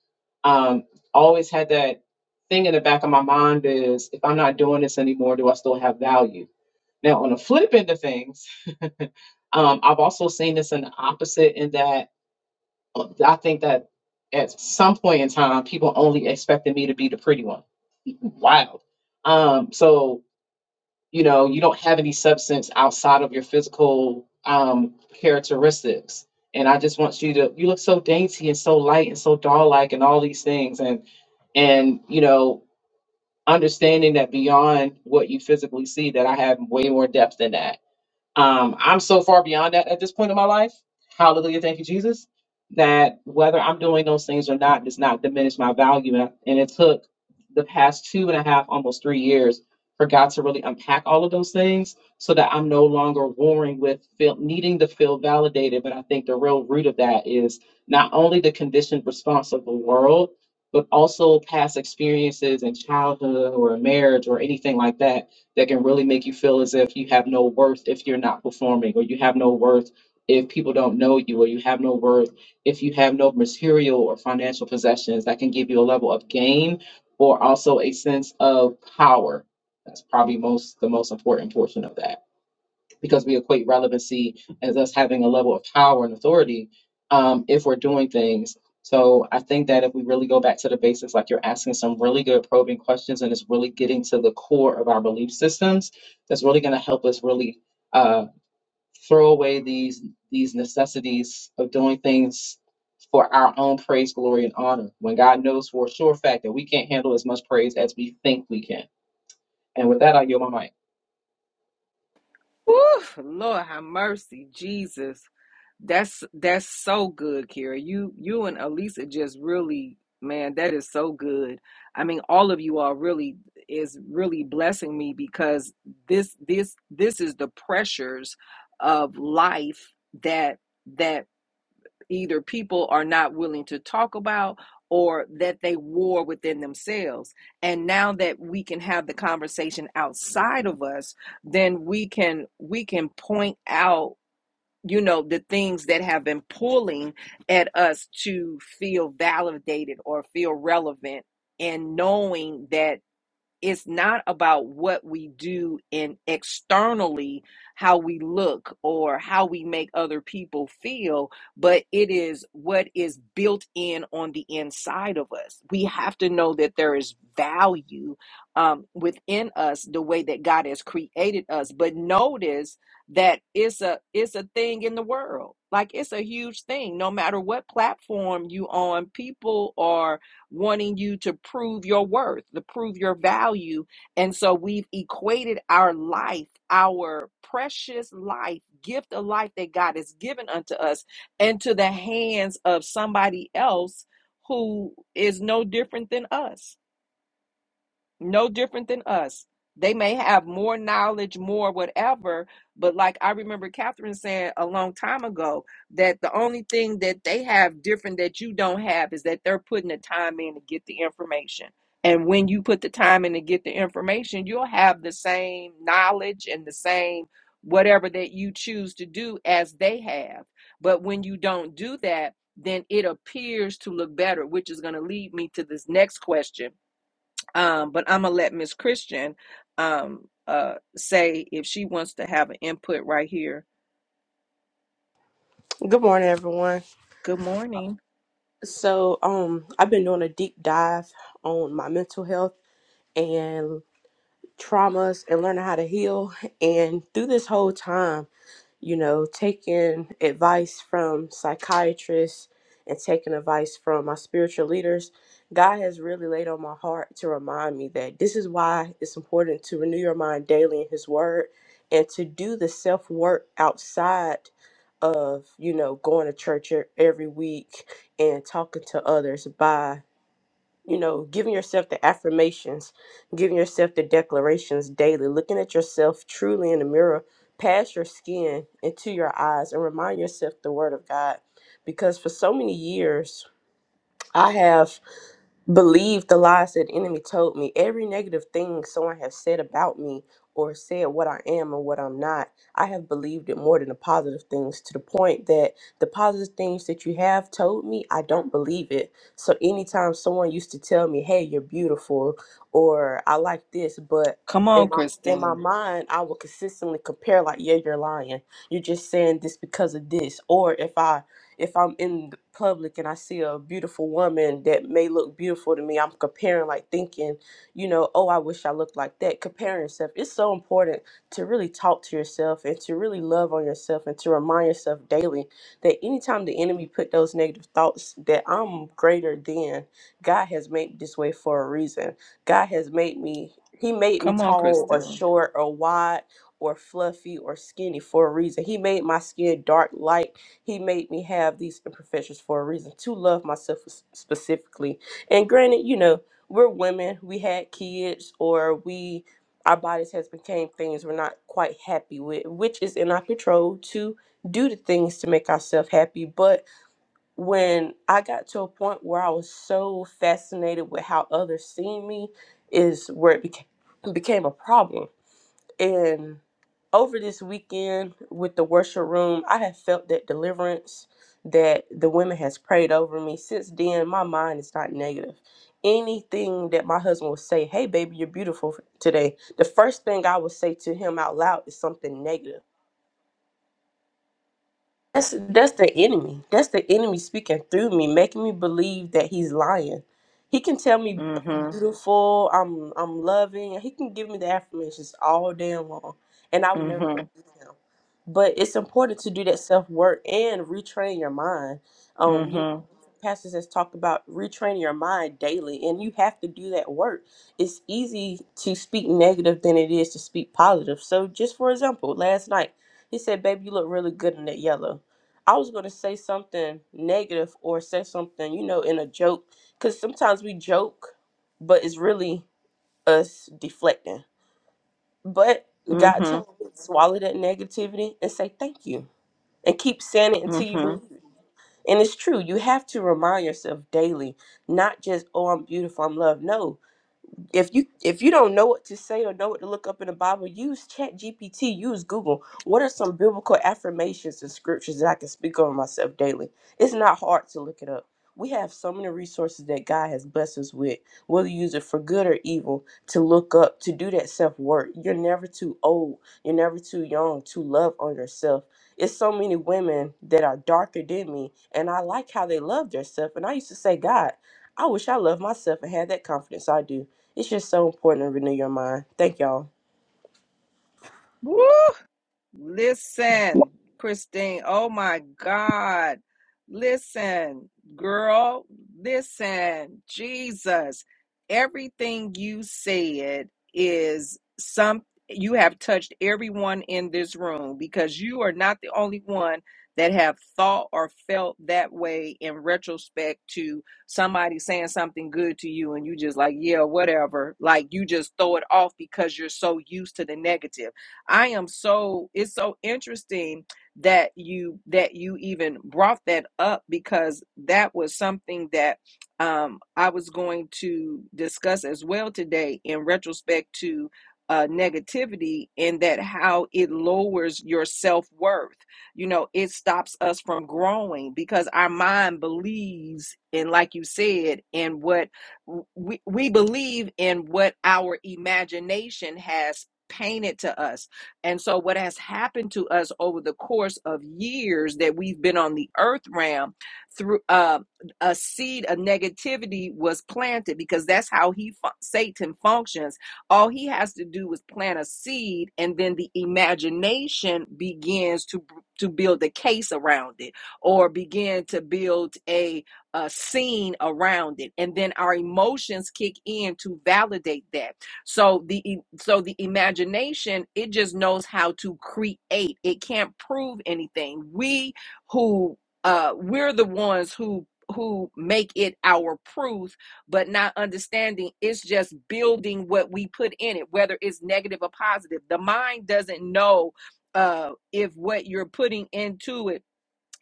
Speaker 5: Um, always had that thing in the back of my mind is if I'm not doing this anymore, do I still have value? Now, on the flip end of things, um, I've also seen this in the opposite in that I think that at some point in time, people only expected me to be the pretty one. Wow. Um, so you know you don't have any substance outside of your physical um characteristics and i just want you to you look so dainty and so light and so doll like and all these things and and you know understanding that beyond what you physically see that i have way more depth than that um, I'm so far beyond that at this point in my life. Hallelujah. Thank you, Jesus. That whether I'm doing those things or not does not diminish my value. And and it took the past two and a half, almost three years for God to really unpack all of those things so that I'm no longer warring with feel, needing to feel validated. But I think the real root of that is not only the conditioned response of the world, but also past experiences in childhood or marriage or anything like that that can really make you feel as if you have no worth if you're not performing, or you have no worth if people don't know you, or you have no worth if you have no material or financial possessions that can give you a level of gain or also a sense of power. That's probably most the most important portion of that because we equate relevancy as us having a level of power and authority um, if we're doing things. So I think that if we really go back to the basics, like you're asking some really good probing questions and it's really getting to the core of our belief systems, that's really going to help us really uh, throw away these these necessities of doing things for our own praise, glory, and honor. When God knows for a sure fact that we can't handle as much praise as we think we can. And with that, I yield my mic.
Speaker 1: Whew, Lord have mercy, Jesus. That's that's so good, Kira. You you and Elisa just really, man, that is so good. I mean, all of you all really is really blessing me because this this this is the pressures of life that that either people are not willing to talk about or that they war within themselves. And now that we can have the conversation outside of us, then we can we can point out you know the things that have been pulling at us to feel validated or feel relevant and knowing that it's not about what we do in externally how we look or how we make other people feel but it is what is built in on the inside of us we have to know that there is value um, within us the way that god has created us but notice that it's a it's a thing in the world like it's a huge thing no matter what platform you on people are wanting you to prove your worth, to prove your value. And so we've equated our life, our precious life, gift of life that God has given unto us, into the hands of somebody else who is no different than us no different than us. They may have more knowledge, more whatever, but like I remember Catherine saying a long time ago that the only thing that they have different that you don't have is that they're putting the time in to get the information. And when you put the time in to get the information, you'll have the same knowledge and the same whatever that you choose to do as they have. But when you don't do that, then it appears to look better, which is going to lead me to this next question um, but I'm gonna let Miss Christian um, uh, say if she wants to have an input right here.
Speaker 7: Good morning, everyone.
Speaker 1: Good morning.
Speaker 7: So, um, I've been doing a deep dive on my mental health and traumas and learning how to heal. And through this whole time, you know, taking advice from psychiatrists and taking advice from my spiritual leaders, God has really laid on my heart to remind me that this is why it's important to renew your mind daily in His Word and to do the self work outside of, you know, going to church e- every week and talking to others by you know, giving yourself the affirmations, giving yourself the declarations daily, looking at yourself truly in the mirror, past your skin into your eyes, and remind yourself the word of God. Because for so many years, I have believe the lies that the enemy told me every negative thing someone has said about me or said what i am and what i'm not i have believed it more than the positive things to the point that the positive things that you have told me i don't believe it so anytime someone used to tell me hey you're beautiful or i like this but
Speaker 1: Come
Speaker 7: in
Speaker 1: on,
Speaker 7: my in my
Speaker 1: Kristen.
Speaker 7: mind i will consistently compare like yeah you're lying you're just saying this because of this or if i if I'm in the public and I see a beautiful woman that may look beautiful to me, I'm comparing, like thinking, you know, oh, I wish I looked like that. Comparing yourself. It's so important to really talk to yourself and to really love on yourself and to remind yourself daily that anytime the enemy put those negative thoughts that I'm greater than, God has made me this way for a reason. God has made me, He made me
Speaker 1: Come on,
Speaker 7: tall or
Speaker 1: Kristen.
Speaker 7: short or wide or fluffy or skinny for a reason. He made my skin dark, light. He made me have these imperfections for a reason to love myself specifically. And granted, you know, we're women, we had kids, or we our bodies has became things we're not quite happy with, which is in our control to do the things to make ourselves happy. But when I got to a point where I was so fascinated with how others see me, is where it became became a problem and over this weekend with the worship room, I have felt that deliverance that the women has prayed over me. Since then, my mind is not negative. Anything that my husband will say, hey baby, you're beautiful today. The first thing I will say to him out loud is something negative. That's that's the enemy. That's the enemy speaking through me, making me believe that he's lying. He can tell me I'm Mhm.
Speaker 1: Mm-hmm.
Speaker 7: beautiful, I'm I'm loving. He can give me the affirmations all day long, and I would never
Speaker 1: Mm-hmm.
Speaker 7: believe him. But it's important to do that self work and retrain your mind. Um, you know,
Speaker 1: Mm-hmm.
Speaker 7: pastors has talked about retraining your mind daily, and you have to do that work. It's easy to speak negative than it is to speak positive. So, just for example, last night he said, "Baby, you look really good in that yellow." I was going to say something negative or say something, you know, in a joke, because sometimes we joke, but it's really us deflecting. But God
Speaker 1: Mm-hmm.
Speaker 7: told me to swallow that negativity and say thank you and keep saying it until you
Speaker 1: Mm-hmm.
Speaker 7: believe it. And it's true. You have to remind yourself daily, not just, oh, I'm beautiful, I'm loved. No, if you if you don't know what to say or know what to look up in the Bible, use Chat GPT, use Google. What are some biblical affirmations and scriptures that I can speak over myself daily? It's not hard to look it up. We have so many resources that God has blessed us with, whether you use it for good or evil, to look up, to do that self work. You're never too old, you're never too young to love on yourself. It's so many women that are darker than me, and I like how they love themselves. And I used to say, God, I wish I loved myself and had that confidence I do. It's just so important to renew your mind. Thank y'all.
Speaker 1: Woo! Listen, Christine. Oh my God. Listen, girl. Listen, Jesus. Everything you said is some you have touched everyone in this room because you are not the only one that have thought or felt that way in retrospect to somebody saying something good to you and you just like yeah whatever like you just throw it off because you're so used to the negative I am so it's so interesting that you that you even brought that up because that was something that um I was going to discuss as well today in retrospect to uh negativity and that how it lowers your self-worth. You know, it stops us from growing because our mind believes in like you said in what we we believe in what our imagination has painted to us and so, what has happened to us over the course of years that we've been on the earth realm, through uh, a seed of negativity was planted because that's how he fu- Satan functions. All he has to do is plant a seed, and then the imagination begins to to build a case around it, or begin to build a a scene around it, and then our emotions kick in to validate that so the e- so the imagination it just knows how to create it can't prove anything we who uh we're the ones who who make it our proof but not understanding it's just building what we put in it whether it's negative or positive the mind doesn't know uh if what you're putting into it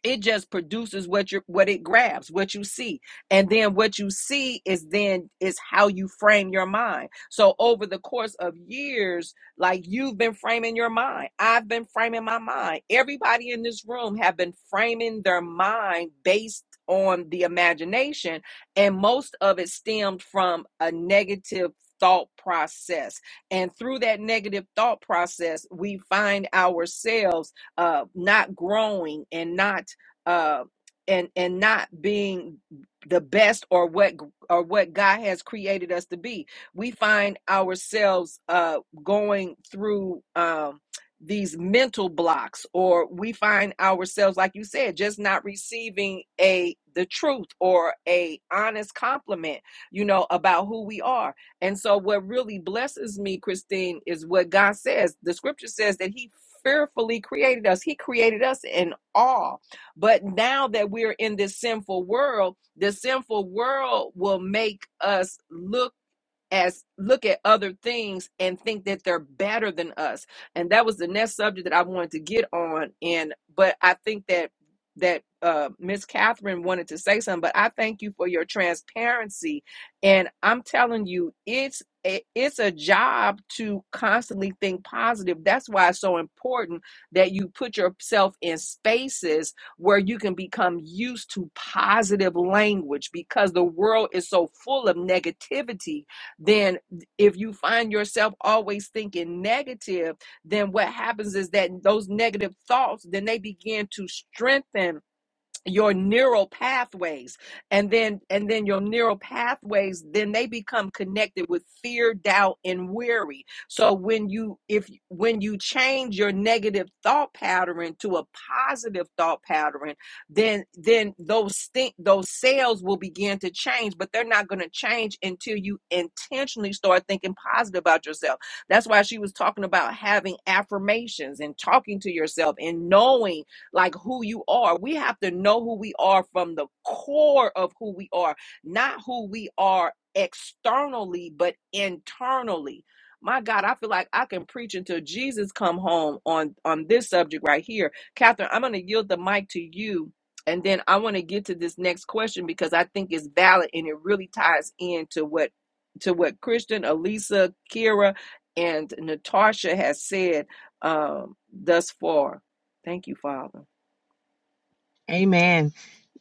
Speaker 1: it just produces what you what it grabs what you see and then what you see is then is how you frame your mind so over the course of years like you've been framing your mind i've been framing my mind everybody in this room have been framing their mind based on the imagination and most of it stemmed from a negative thought process and through that negative thought process we find ourselves uh, not growing and not uh, and and not being the best or what or what God has created us to be. We find ourselves uh, going through um, these mental blocks, or we find ourselves, like you said, just not receiving a the truth or a honest compliment, you know, about who we are. And so, what really blesses me, Christine, is what God says. The Scripture says that He fearfully created us. He created us in awe but now that we're in this sinful world, the sinful world will make us look as look at other things and think that they're better than us and that was the next subject that i wanted to get on and but i think that that uh miss catherine wanted to say something but i thank you for your transparency and i'm telling you it's a, it's a job to constantly think positive that's why it's so important that you put yourself in spaces where you can become used to positive language because the world is so full of negativity then if you find yourself always thinking negative, then what happens is that those negative thoughts then they begin to strengthen your neural pathways and then and then your neural pathways then they become connected with fear doubt and weary so when you if when you change your negative thought pattern to a positive thought pattern then then those think those cells will begin to change but they're not going to change until you intentionally start thinking positive about yourself that's why she was talking about having affirmations and talking to yourself and knowing like who you are. We have to know who we are from the core of who we are, not who we are externally, but internally. My God, I feel like I can preach until Jesus come home on on this subject right here. Catherine, I'm going to yield the mic to you, and then I want to get to this next question because I think it's valid and it really ties into what to what Christian, Elisa, Kira, and Natasha has said um, thus far. Thank you, Father.
Speaker 8: Amen.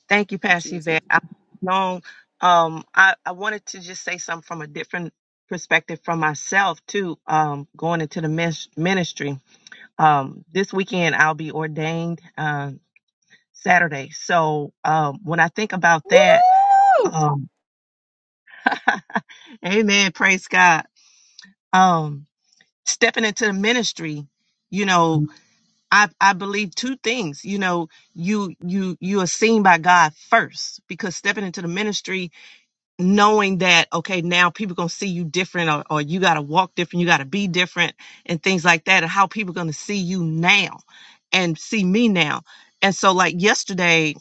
Speaker 8: Thank you, Pastor
Speaker 1: Jesus.
Speaker 8: Yvette. I know um, I, I wanted to just say something from a different perspective from myself too, um, going into the mis- ministry. Um, this weekend I'll be ordained um Saturday. So um, when I think about that,
Speaker 1: Woo!
Speaker 8: um, Amen. Praise God. Um, stepping into the ministry, you know, I I believe two things. You know, you you you are seen by God first because stepping into the ministry knowing that okay now people gonna see you different or, or you gotta walk different you gotta be different and things like that and how people gonna see you now and see me now and so like yesterday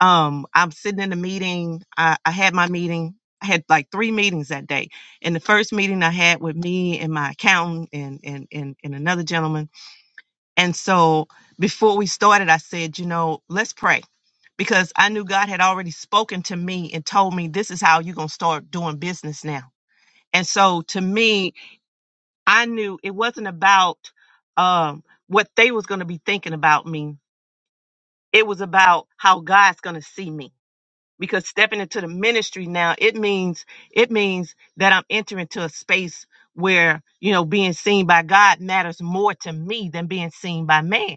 Speaker 8: um i'm sitting in a meeting i, I had my meeting i had like three meetings that day and the first meeting i had with me and my accountant and and and, and another gentleman and so before we started, I said, you know, let's pray because I knew God had already spoken to me and told me this is how you're going to start doing business now. And so to me, I knew it wasn't about um, what they was going to be thinking about me. It was about how God's going to see me because stepping into the ministry now, it means it means that I'm entering into a space where, you know, being seen by God matters more to me than being seen by man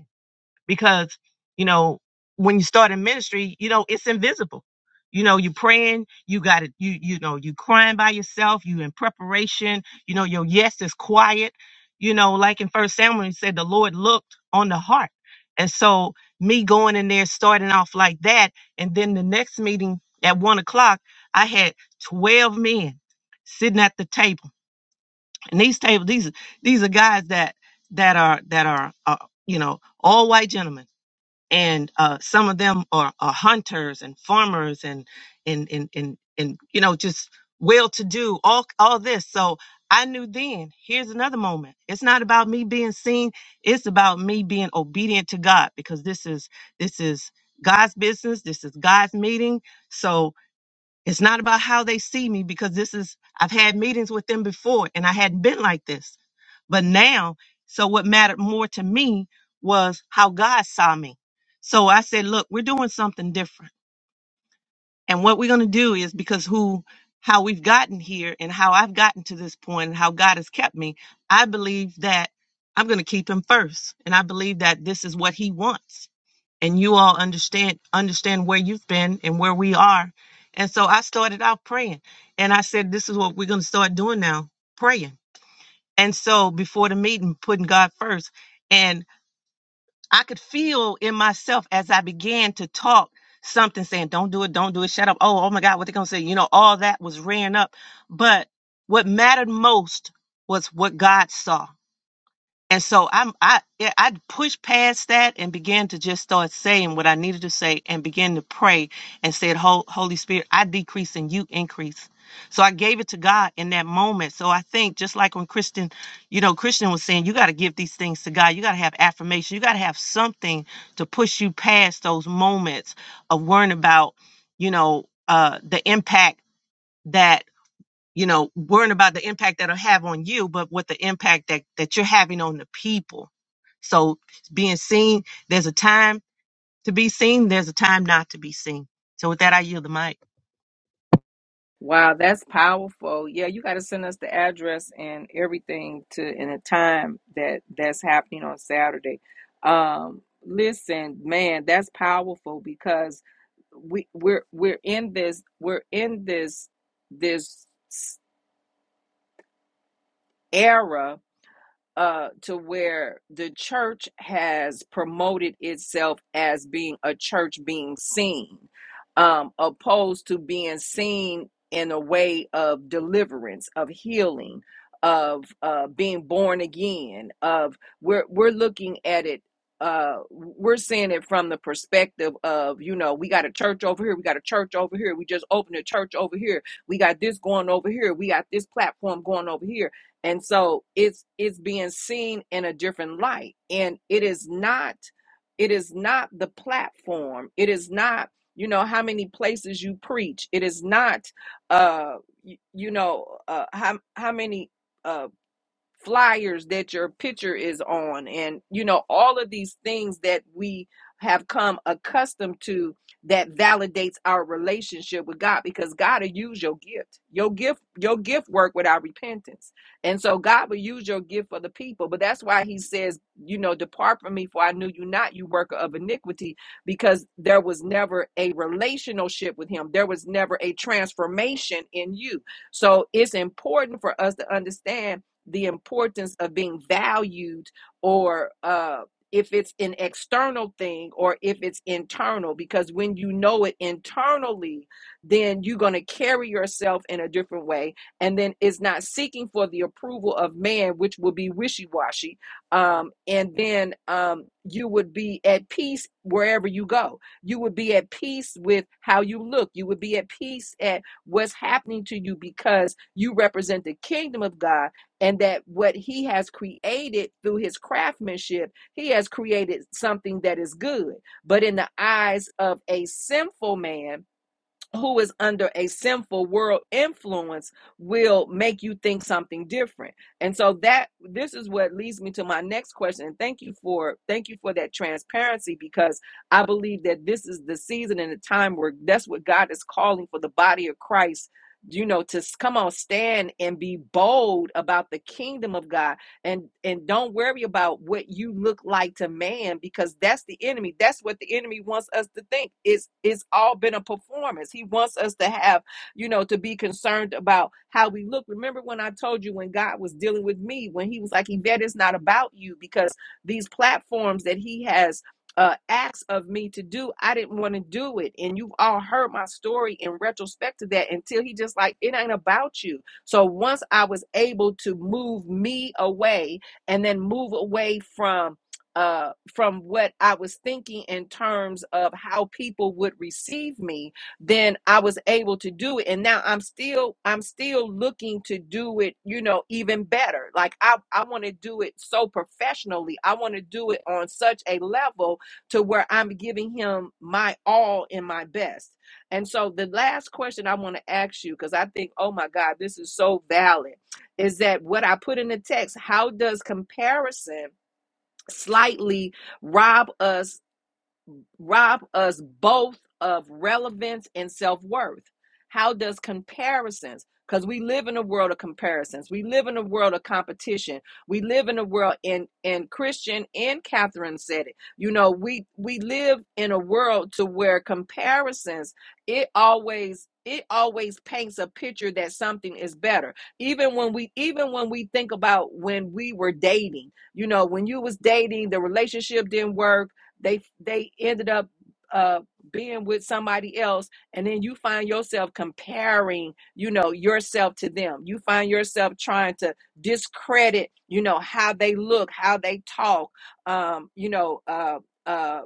Speaker 8: because you know when you start in ministry you know it's invisible you know you praying you got it you you know you crying by yourself you in preparation you know your yes is quiet you know like in first samuel he said the lord looked on the heart and so me going in there starting off like that and then the next meeting at one o'clock i had 12 men sitting at the table and these table these these are guys that that are that are uh, you know all white gentlemen and uh, some of them are, are hunters and farmers and and and and, and you know just well to do all all this so i knew then here's another moment it's not about me being seen it's about me being obedient to god because this is this is god's business this is god's meeting so it's not about how they see me because this is i've had meetings with them before and i hadn't been like this but now, so what mattered more to me was how God saw me. So I said, look, we're doing something different. And what we're going to do is because who, how we've gotten here and how I've gotten to this point and how God has kept me, I believe that I'm going to keep him first. And I believe that this is what he wants. And you all understand, understand where you've been and where we are. And so I started out praying and I said, this is what we're going to start doing now, praying and so before the meeting, putting God first. And I could feel in myself as I began to talk something saying, don't do it, don't do it, shut up. Oh, oh my God, what they going to say? You know, all that was rearing up. But what mattered most was what God saw. And so I'm I yeah, I pushed past that and began to just start saying what I needed to say and began to pray and said, "Hol- Holy Spirit, I decrease and you increase. So I gave it to God in that moment. So I think just like when Christian, you know, Christian was saying, you got to give these things to God. You got to have affirmation. You got to have something to push you past those moments of worrying about, you know, uh, the impact that you know, worrying about the impact that'll have on you, but what the impact that, that you're having on the people. So being seen, there's a time to be seen, there's a time not to be seen. So with that, I yield the mic.
Speaker 1: Wow, that's powerful. Yeah, you got to send us the address and everything to in a time that that's happening on Saturday. Um, listen, man, that's powerful because we we're we're in this we're in this this era uh, to where the church has promoted itself as being a church being seen, um, opposed to being seen in a way of deliverance, of healing, of uh, being born again. Of we're we're looking at it. Uh, we're seeing it from the perspective of, you know, we got a church over here, we got a church over here, we just opened a church over here, we got this going over here, we got this platform going over here and so it's it's being seen in a different light and it is not it is not the platform it is not you know how many places you preach it is not uh you, you know uh how how many uh, flyers that your picture is on and you know all of these things that we have come accustomed to that validates our relationship with God because God will use your gift. Your gift your gift work without repentance. And so God will use your gift for the people. But that's why he says, you know, depart from me for I knew you not, you worker of iniquity, because there was never a relationship with him. There was never a transformation in you. So it's important for us to understand the importance of being valued or uh if it's an external thing or if it's internal because when you know it internally then you're going to carry yourself in a different way and then it's not seeking for the approval of man which will be wishy-washy um, and then um, you would be at peace wherever you go you would be at peace with how you look you would be at peace at what's happening to you because you represent the kingdom of god and that what he has created through his craftsmanship, he has created something that is good. But in the eyes of a sinful man, who is under a sinful world influence will make you think something different. And so that this is what leads me to my next question. And thank you for thank you for that transparency because I believe that this is the season and the time where that's what God is calling for the body of Christ you know to come on stand and be bold about the kingdom of God and and don't worry about what you look like to man because that's the enemy that's what the enemy wants us to think it's it's all been a performance he wants us to have you know to be concerned about how we look remember when i told you when god was dealing with me when he was like yvette it's not about you because these platforms that he has uh, acts of me to do i didn't want to do it and you've all heard my story in retrospect to that until he just like it ain't about you so once I was able to move me away and then move away from uh, from what I was thinking in terms of how people would receive me, then I was able to do it. And now I'm still I'm still looking to do it, you know, even better. Like I, I want to do it so professionally. I want to do it on such a level to where I'm giving him my all and my best. And so the last question I want to ask you, because I think, oh my God, this is so valid, is that what I put in the text, how does comparison slightly rob us rob us both of relevance and self worth? How does comparisons, because we live in a world of comparisons, we live in a world of competition, we live in a world, and, and Christian and Catherine said it, you know, we, we live in a world to where comparisons, it always, it always paints a picture that something is better. Even when we, even when we think about when we were dating, you know, when you was dating, the relationship didn't work, they they ended up uh being with somebody else and then you find yourself comparing you know yourself to them you find yourself trying to discredit you know how they look how they talk um you know uh uh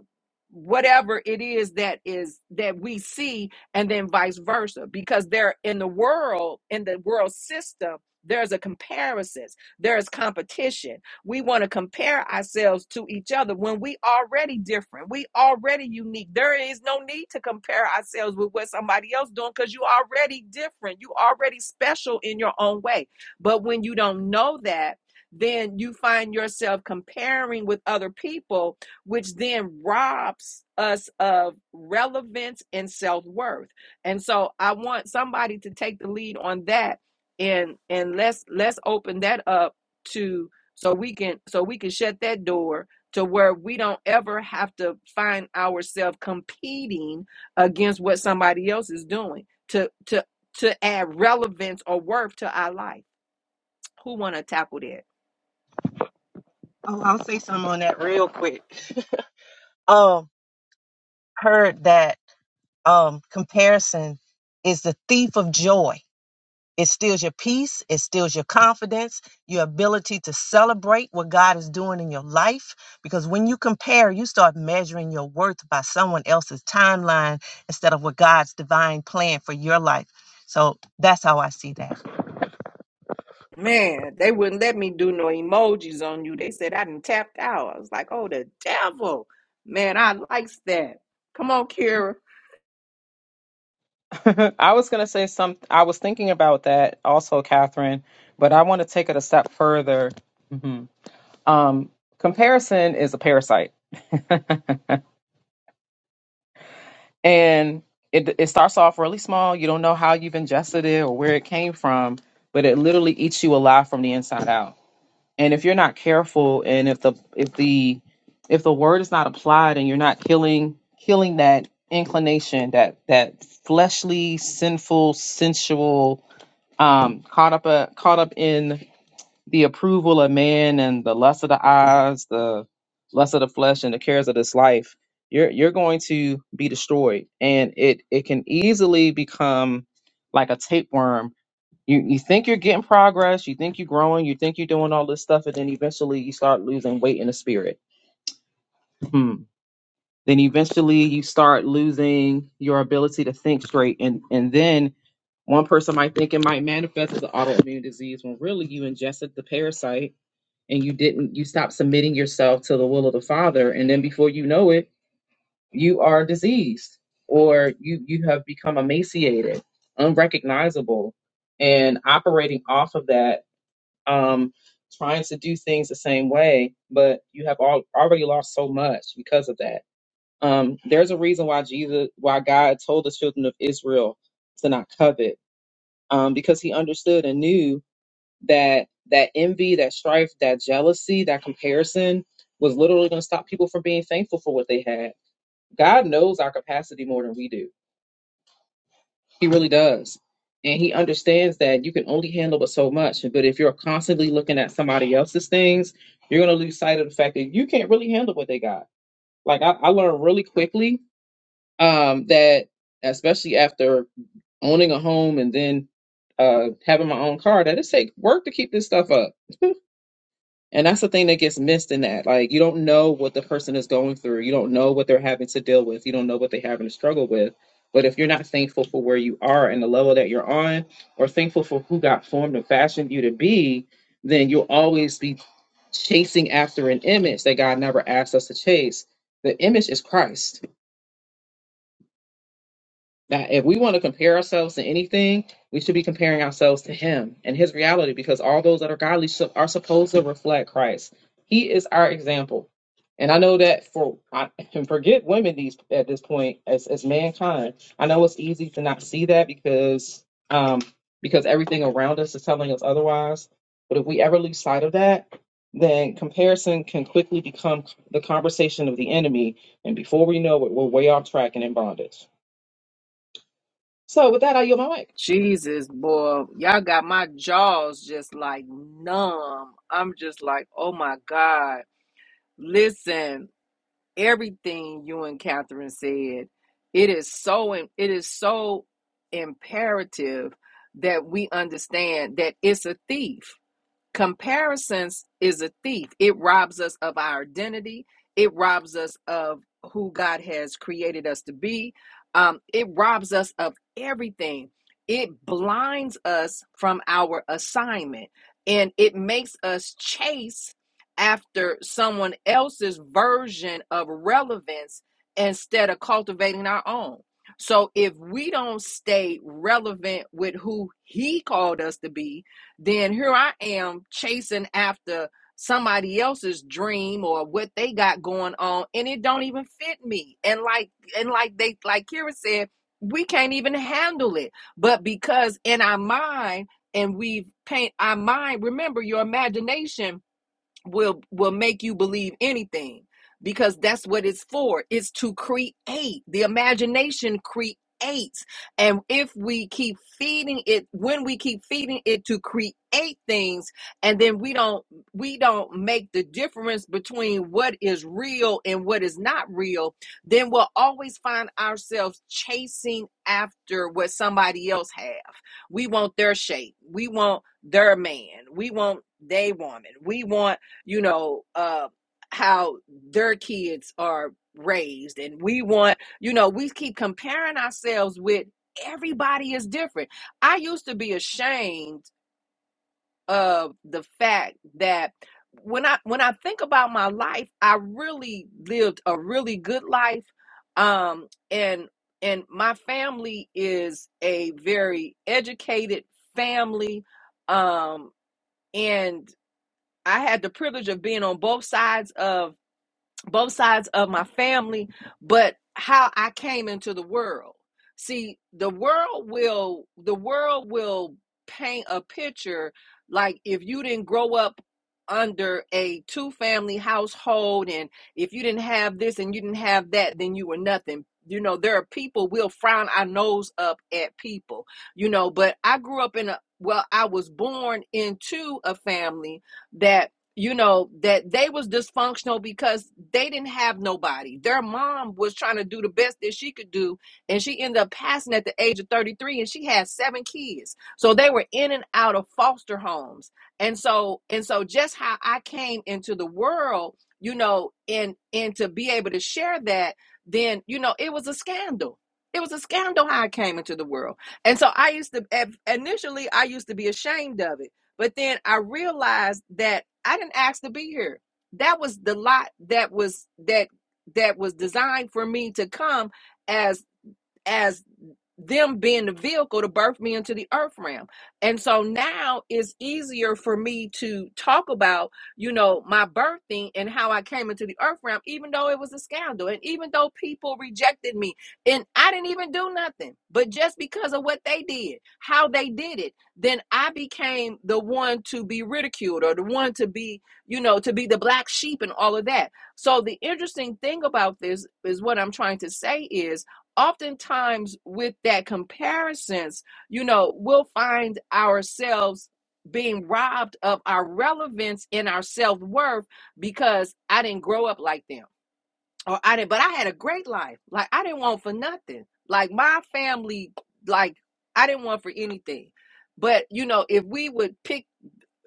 Speaker 1: whatever it is that is that we see and then vice versa because they're in the world in the world system there's a comparisons there's competition we want to compare ourselves to each other when we already different. We already unique. There is no need to compare ourselves with what somebody else doing because you already different. You already special in your own way. But when you don't know that, then you find yourself comparing with other people, which then robs us of relevance and self worth. And so I want somebody to take the lead on that and and let's let's open that up to so we can so we can shut that door to where we don't ever have to find ourselves competing against what somebody else is doing to to to add relevance or worth to our life who want to tackle that
Speaker 8: Oh, I'll say something on that real quick. um, heard that um comparison is the thief of joy. It steals your peace. It steals your confidence, your ability to celebrate what God is doing in your life. Because when you compare, you start measuring your worth by someone else's timeline instead of what God's divine plan for your life. So that's how I see that.
Speaker 1: Man, they wouldn't let me do no emojis on you. They said I done tapped out. I was like, oh, the devil. Man, I likes that. Come on, Kira.
Speaker 5: I was going to say some. I was thinking about that also, Catherine, but I want to take it a step further. Mhm. Um, comparison is a parasite, and it it starts off really small. You don't know how you've ingested it or where it came from, but it literally eats you alive from the inside out. And if you're not careful, and if the if the if the word is not applied, and you're not killing killing that inclination, that that fleshly, sinful, sensual um caught up uh, caught up in the approval of man and the lust of the eyes the lust of the flesh and the cares of this life you're you're going to be destroyed and it it can easily become like a tapeworm you you think you're getting progress you think you're growing you think you're doing all this stuff and then eventually you start losing weight in the spirit hmm. then eventually you start losing your ability to think straight and and then one person might think it might manifest as an autoimmune disease when really you ingested the parasite and you didn't, you stopped submitting yourself to the will of the Father. And then before you know it, you are diseased or you, you have become emaciated, unrecognizable, and operating off of that, um, trying to do things the same way, but you have all, already lost so much because of that. Um, there's a reason why Jesus, why God told the children of Israel to not covet um, because he understood and knew that that envy, that strife, that jealousy, that comparison was literally going to stop people from being thankful for what they had. God knows our capacity more than we do. He really does. And he understands that you can only handle but so much. But if you're constantly looking at somebody else's things, you're going to lose sight of the fact that you can't really handle what they got. Like I, I learned really quickly um, that, especially after owning a home and then uh having my own car that it take work to keep this stuff up and that's the thing that gets missed in that like you don't know what the person is going through you don't know what they're having to deal with you don't know what they're having to struggle with but if you're not thankful for where you are and the level that you're on or thankful for who got formed and fashioned you to be then you'll always be chasing after an image that god never asked us to chase the image is christ That if we want to compare ourselves to anything, we should be comparing ourselves to Him and His reality, because all those that are godly su- are supposed to reflect Christ. He is our example, and I know that for I, and forget women these at this point as as mankind. I know it's easy to not see that because um because everything around us is telling us otherwise. But if we ever lose sight of that, then comparison can quickly become the conversation of the enemy, and before we know it, we're way off track and in bondage. So with that, I yield my mic.
Speaker 1: Jesus, boy. Y'all got my jaws just like numb. I'm just like, oh my God. Listen, everything you and Catherine said, it is so it is so imperative that we understand that it's a thief Comparisons is a thief. It robs us of our identity. It robs us of who God has created us to be. Um, it robs us of everything. It blinds us from our assignment and it makes us chase after someone else's version of relevance instead of cultivating our own. So if we don't stay relevant with who He called us to be, then here I am chasing after somebody else's dream or what they got going on and it don't even fit me and like and like they like kira said we can't even handle it but because in our mind and we paint our mind remember your imagination will will make you believe anything because that's what it's for it's to create the imagination creates and if we keep feeding it when we keep feeding it to create things and then we don't we don't make the difference between what is real and what is not real then we'll always find ourselves chasing after what somebody else have we want their shape we want their man we want they woman we want you know, uh, how their kids are raised. And we want, you know, we keep comparing ourselves with everybody is different. I used to be ashamed of the fact that when I when I think about my life, I really lived a really good life. Um and and my family is a very educated family. Um and I had the privilege of being on both sides of both sides of my family, but how I came into the world. See, the world will the world will paint a picture like if you didn't grow up under a two family household and if you didn't have this and you didn't have that then you were nothing. You know, there are people we'll frown our nose up at people. You know, but I grew up in a well, I was born into a family that you know that they was dysfunctional because they didn't have nobody their mom was trying to do the best that she could do and she ended up passing at the age of 33 and she had seven kids so they were in and out of foster homes and so and so just how i came into the world you know and and to be able to share that then you know it was a scandal it was a scandal how i came into the world and so i used to initially i used to be ashamed of it but then I realized that I didn't ask to be here. That was the lot that was that that was designed for me to come as as them being the vehicle to birth me into the earth realm. And so now it's easier for me to talk about, you know, my birthing and how I came into the earth realm, even though it was a scandal. And even though people rejected me and I didn't even do nothing, but just because of what they did, how they did it, then I became the one to be ridiculed or the one to be, you know, to be the black sheep and all of that. So the interesting thing about this is what I'm trying to say is oftentimes with that comparisons, you know, we'll find ourselves being robbed of our relevance and our self-worth because I didn't grow up like them. Or I didn't, but I had a great life. Like I didn't want for nothing. Like my family, like I didn't want for anything. But you know, if we would pick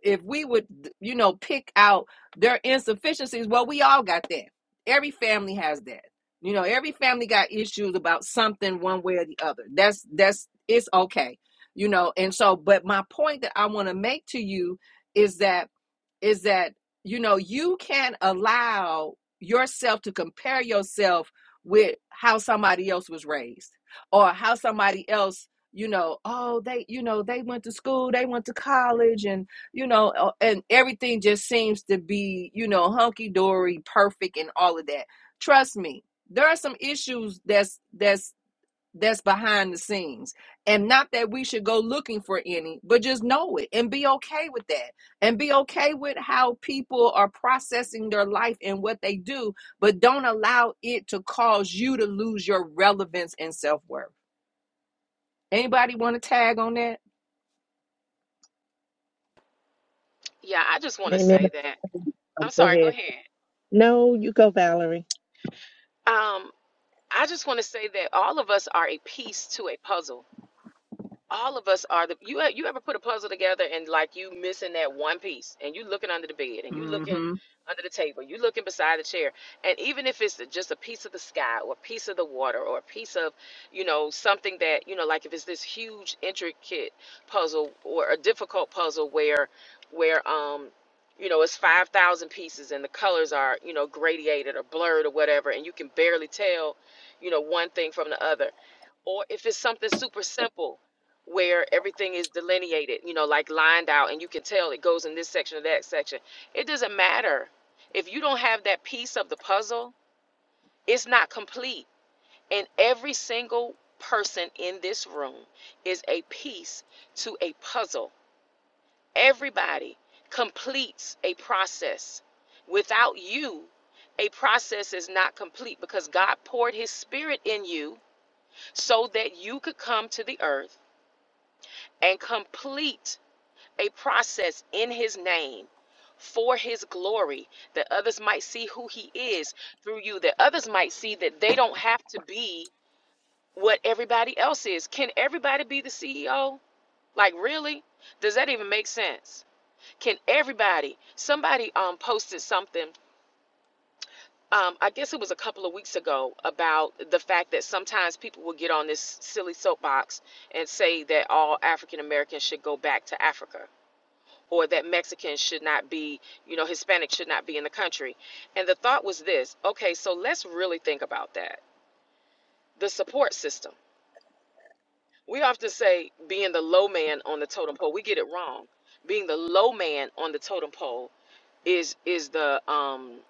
Speaker 1: if we would you know pick out their insufficiencies well we all got that every family has that you know every family got issues about something one way or the other that's that's it's okay you know and so but my point that i want to make to you is that is that you know you can not allow yourself to compare yourself with how somebody else was raised or how somebody else you know oh they you know they went to school they went to college and you know uh, and everything just seems to be you know hunky dory perfect and all of that trust me there are some issues that's that's that's behind the scenes. And not that we should go looking for any, but just know it and be okay with that and be okay with how people are processing their life and what they do, but don't allow it to cause you to lose your relevance and self worth. Anybody want to tag on that?
Speaker 4: Yeah.
Speaker 8: Amen.
Speaker 4: That. I'm sorry.
Speaker 8: Go ahead. No, you go, Valerie.
Speaker 4: Um, that all of us are a piece to a puzzle. All of us are the you e- you ever put a puzzle together and like you missing that one piece and you under the bed and you looking
Speaker 1: Mm-hmm.
Speaker 4: under the table, you looking beside the chair. And even a piece of the sky or a piece of the water or a piece of you know something that you know like if it's this huge intricate puzzle or a difficult puzzle where where um you know it's 5000 pieces and the colors are you know gradiated or blurred or whatever and you can barely tell you know one thing from the other or if it's something super simple where everything is delineated you know like lined out and you can tell it goes in this section or that section it doesn't matter if you don't have that piece of the puzzle It's and angle and in peace to so every with you, a in you serve and a process any free the three well like really does sense can anybody somebody on them uh, a couple of weeks ago about the fact that sometimes people in this silly soapbox and say that all African Americans should go back to Africa or that Mexicans should not be, you know, Hispanic should not be in the country. And the thought was this okay, so let's really think about that the support system. We often say being the low man on the totem pole. We get it wrong. Being the low man on the totem pole is is the um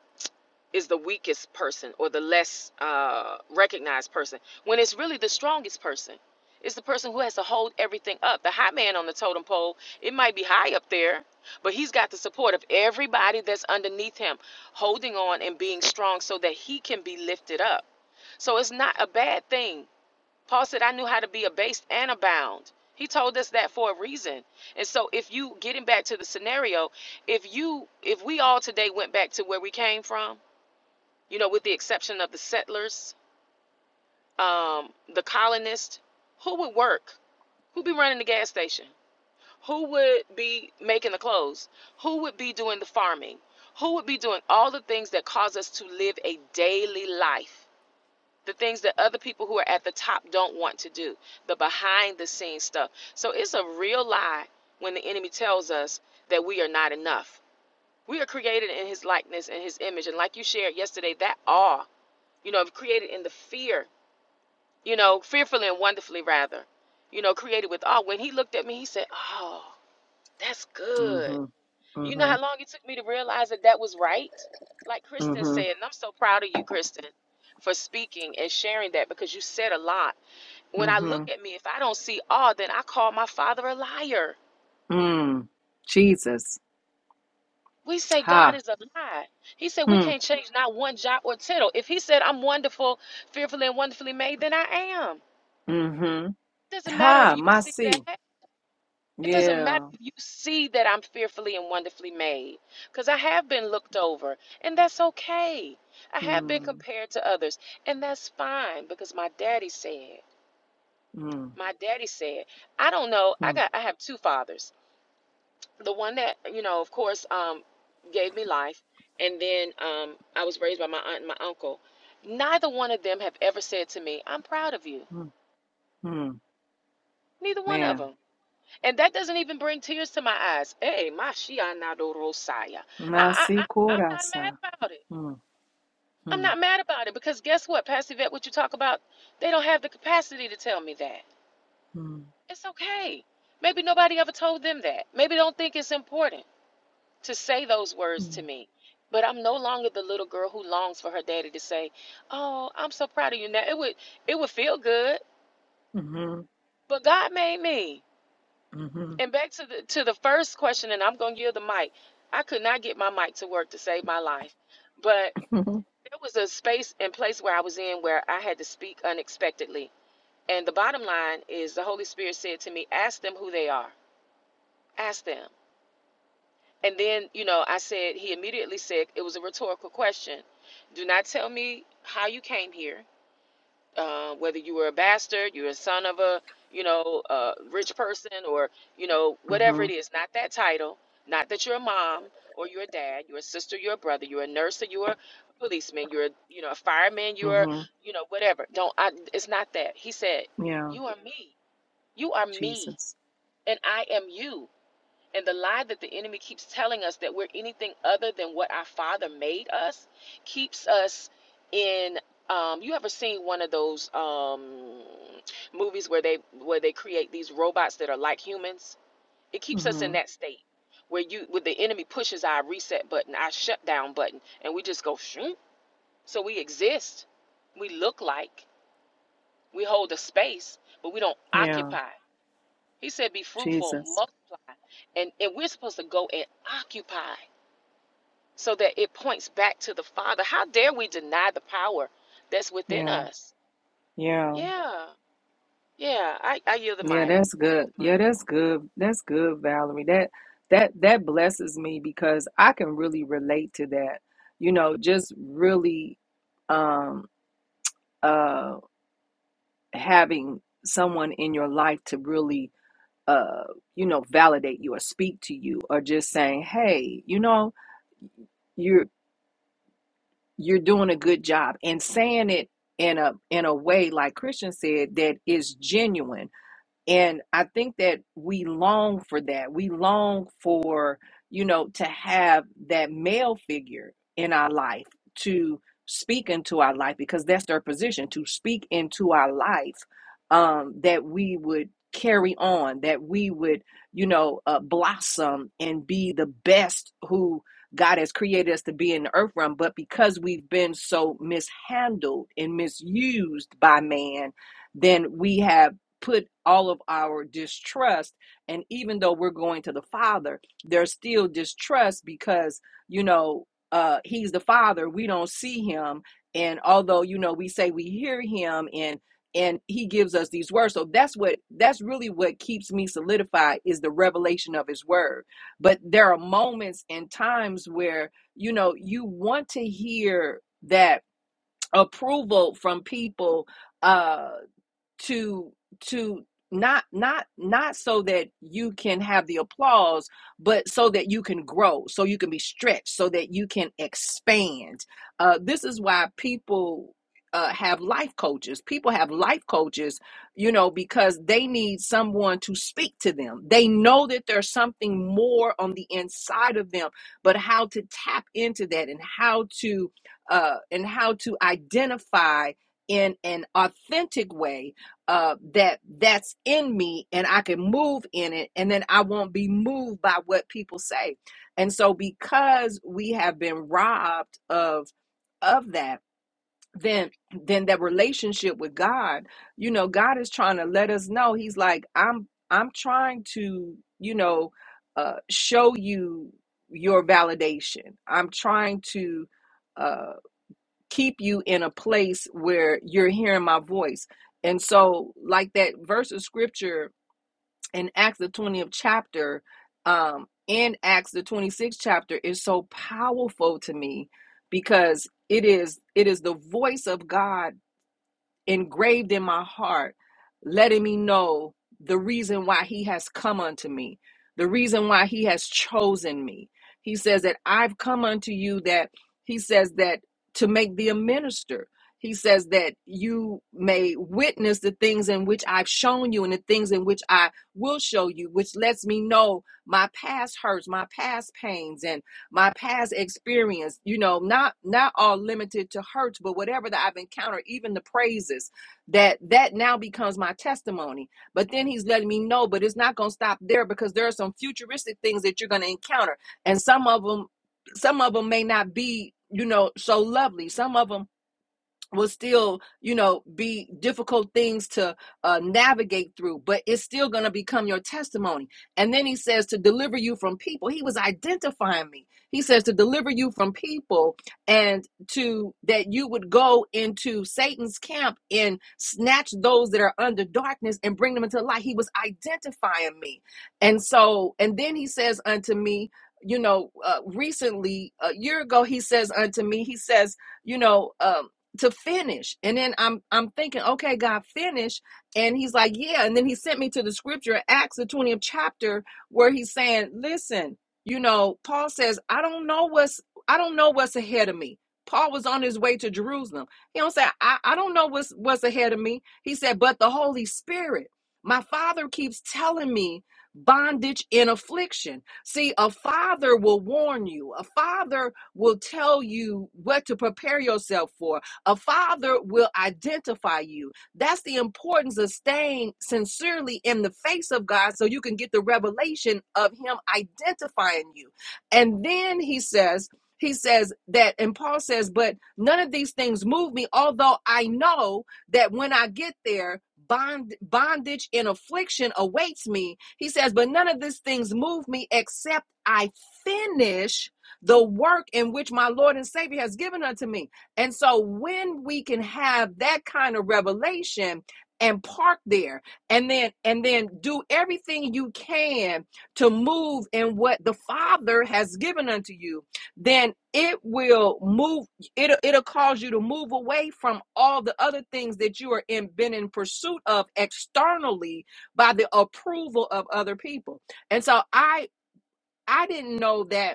Speaker 4: is the weakest person or the less uh recognized person when it's really the strongest person. It's the person who has to hold everything up. The high man on the totem pole, it might be high up there, but he's got the support of everybody that's underneath him holding on and being strong so that he can be lifted up. So it's not a bad thing Paul said, I knew how to be abased and abound. He told us that for a reason. And so if you getting back to the scenario, if you if we all today went back to where we came from, you know, with the exception of the settlers, um, the colonists, who would work? Who'd be running the gas station? Who would be making the clothes? Who would be doing the farming? Who would be doing all the things that cause us to live a daily life? the things that other people who are at the top don't want to do, the behind the scenes stuff. So it's a real lie when the enemy tells us that we are not enough. We are created in his likeness and his image. And like you shared yesterday, that awe, you know, created in the fear, you know, fearfully and wonderfully, rather, you know, created with awe. When he looked at me, he said, Oh, that's good.
Speaker 1: Mm-hmm.
Speaker 4: You know how
Speaker 1: Mm-hmm.
Speaker 4: long it took me to realize that that was right? Like Kristen said,
Speaker 1: Mm-hmm.
Speaker 4: and I'm so proud of you, Kristen, for speaking and sharing that because you said a lot when I look
Speaker 1: Mm-hmm.
Speaker 4: at me, if I don't see all, then I call my father a liar.
Speaker 1: Mm. Jesus.
Speaker 4: We say God
Speaker 1: Ha.
Speaker 4: is a lie. He said we
Speaker 1: Hmm.
Speaker 4: can't change not one jot or tittle. If he said I'm wonderful, fearfully and wonderfully made, then I am.
Speaker 1: Mm-hmm.
Speaker 4: It doesn't matter if
Speaker 1: Ha.
Speaker 4: you
Speaker 1: My
Speaker 4: see
Speaker 1: C.
Speaker 4: that. It doesn't matter
Speaker 1: Yeah.
Speaker 4: if you see that I'm fearfully and wonderfully made, because I have been looked over, and that's okay. I have been
Speaker 1: Mm.
Speaker 4: compared to others, and that's fine because my daddy said,
Speaker 1: Mm.
Speaker 4: my daddy said, I don't know. I
Speaker 1: Mm.
Speaker 4: got I have two fathers. the one that you know of course um gave me life and then um i was raised by my aunt and my uncle neither one of them have ever said to me i'm proud of you
Speaker 1: Mm,
Speaker 4: neither one of
Speaker 1: man.
Speaker 4: them and that doesn't even bring tears to my eyes hey my shianado rosaya I, I
Speaker 1: Nasi
Speaker 4: i am not
Speaker 1: corasa.
Speaker 4: mad about it
Speaker 1: Mm,
Speaker 4: i'm
Speaker 1: mm,
Speaker 4: not mad about it because guess what pastor vet what you talk about they don't have the capacity to tell me that
Speaker 1: mm,
Speaker 4: it's okay maybe nobody ever told them that maybe don't think it's important to say those words to
Speaker 1: mm,
Speaker 4: me. But I'm no longer the little girl who longs for her daddy to say, "Oh, I'm so proud of you." Now it would it would feel good,
Speaker 1: mm-hmm,
Speaker 4: but God made me.
Speaker 1: mm-hmm,
Speaker 4: And back to the to the first question, and I'm gonna yield the mic. I could not get my mic to work to save my life, but there was a space and place where I was in where I had to speak unexpectedly. And the bottom line is, the Holy Spirit said to me, "Ask them who they are. Ask them." And then, you know, I said, he immediately said, it was a rhetorical question. Do not tell me how you came here, uh, whether you were a bastard, you're a son of a, you know, a rich person, or, you know, whatever
Speaker 1: mm-hmm,
Speaker 4: it is, not that title, not that you're a mom or you're a dad, you're a sister, you're a brother, you're a nurse, or you're a policeman, you're a, you know, a fireman, you're,
Speaker 1: mm-hmm.
Speaker 4: you know, whatever. Don't, I, it's not that. He said,
Speaker 1: Yeah,
Speaker 4: you are me. You are me,
Speaker 1: Jesus.
Speaker 4: and I am you and the lie that the enemy keeps telling us that we're anything other than what our Father made us keeps us in. Um, you ever seen one of those um, movies where they where they create these robots that are like humans? It keeps us in
Speaker 1: Mm-hmm.
Speaker 4: that state where you where the enemy pushes our reset button, our shutdown button, and we just go shoot. So we exist, we look like, we hold a space, but we don't
Speaker 1: Yeah,
Speaker 4: occupy. He said, Be fruitful,
Speaker 1: Jesus.
Speaker 4: multiply. And, and we're supposed to go and occupy so that it points back to the Father. How dare we deny the power that's within
Speaker 1: Yeah,
Speaker 4: us?
Speaker 1: yeah,
Speaker 4: Yeah, yeah. I, I yield the
Speaker 1: yeah.
Speaker 4: mic.
Speaker 1: That's good.
Speaker 4: mic.
Speaker 1: Yeah, that's good. That's good, Valerie. That that that blesses me because I can really relate to that. You know, just really um uh having someone in your life to really uh, you know, validate you or speak to you or just saying, hey, you know, you're you're doing a good job and saying it in a in a way like Christian said that is genuine and I think that we long for that. We long for, you know, to have that male figure in our life to speak into our life because that's their position to speak into our life um, that we would carry on, that we would, you know, uh, blossom and be the best who God has created us to be in the earth realm. But because we've been so mishandled and misused by man, then we have put all of our distrust and even though we're going to the father there's still distrust because you know uh he's the father we don't see him and although you know we say we hear him and and he gives us these words so that's what that's really what keeps me solidified is the revelation of his word but there are moments and times where you know you want to hear that approval from people uh, to to not not not so that you can have the applause but so that you can grow so you can be stretched so that you can expand uh, this is why people uh, have life coaches people have life coaches you know because they need someone to speak to them they know that there's something more on the inside of them but how to tap into that and how to uh, and how to identify in an authentic way uh, that that's in me and I can move in it and then I won't be moved by what people say. And so because we have been robbed of of that, then then that relationship with God, you know, God is trying to let us know he's like I'm I'm trying to, you know, uh show you your validation. I'm trying to uh, keep you in a place where you're hearing my voice. And so, like that verse of scripture in Acts the 20th chapter, um, and Acts the 26th chapter is so powerful to me because it is it is the voice of God engraved in my heart, letting me know the reason why he has come unto me, the reason why he has chosen me. He says that I've come unto you that he says that to make thee a minister. He says that you may witness the things in which I've shown you and the things in which I will show you, which lets me know my past hurts, my past pains, and my past experience you know not not all limited to hurts but whatever that i've encountered even the praises that that now becomes my testimony but then he's letting me know but it's not going to stop there because there are some futuristic things that you're going to encounter and some of them some of them may not be you know so lovely some of them will still you know be difficult things to uh, navigate through but it's still going to become your testimony and then he says to deliver you from people he was identifying me he says to deliver you from people and to that you would go into satan's camp and snatch those that are under darkness and bring them into light he was identifying me and so and then he says unto me you know uh, recently a year ago he says unto me he says you know um uh, to finish and then i'm i'm thinking okay god finish and he's like yeah and then he sent me to the scripture acts the 20th chapter where he's saying listen you know paul says i don't know what's i don't know what's ahead of me paul was on his way to jerusalem he don't say i, I don't know what's what's ahead of me he said but the holy spirit my father keeps telling me bondage in affliction see a father will warn you a father will tell you what to prepare yourself for a father will identify you. That's the importance of staying sincerely in the face of God so you can get the revelation of Him identifying you. And then He says, he says that, and Paul says, but none of these things move me, although I know that when I get there, bond, bondage and affliction awaits me. He says, but none of these things move me except I finish the work in which my Lord and Savior has given unto me. And so when we can have that kind of revelation and park there and then and then do everything you can to move in what the father has given unto you then it will move it'll, it'll cause you to move away from all the other things that you are in been in pursuit of externally by the approval of other people and so i i didn't know that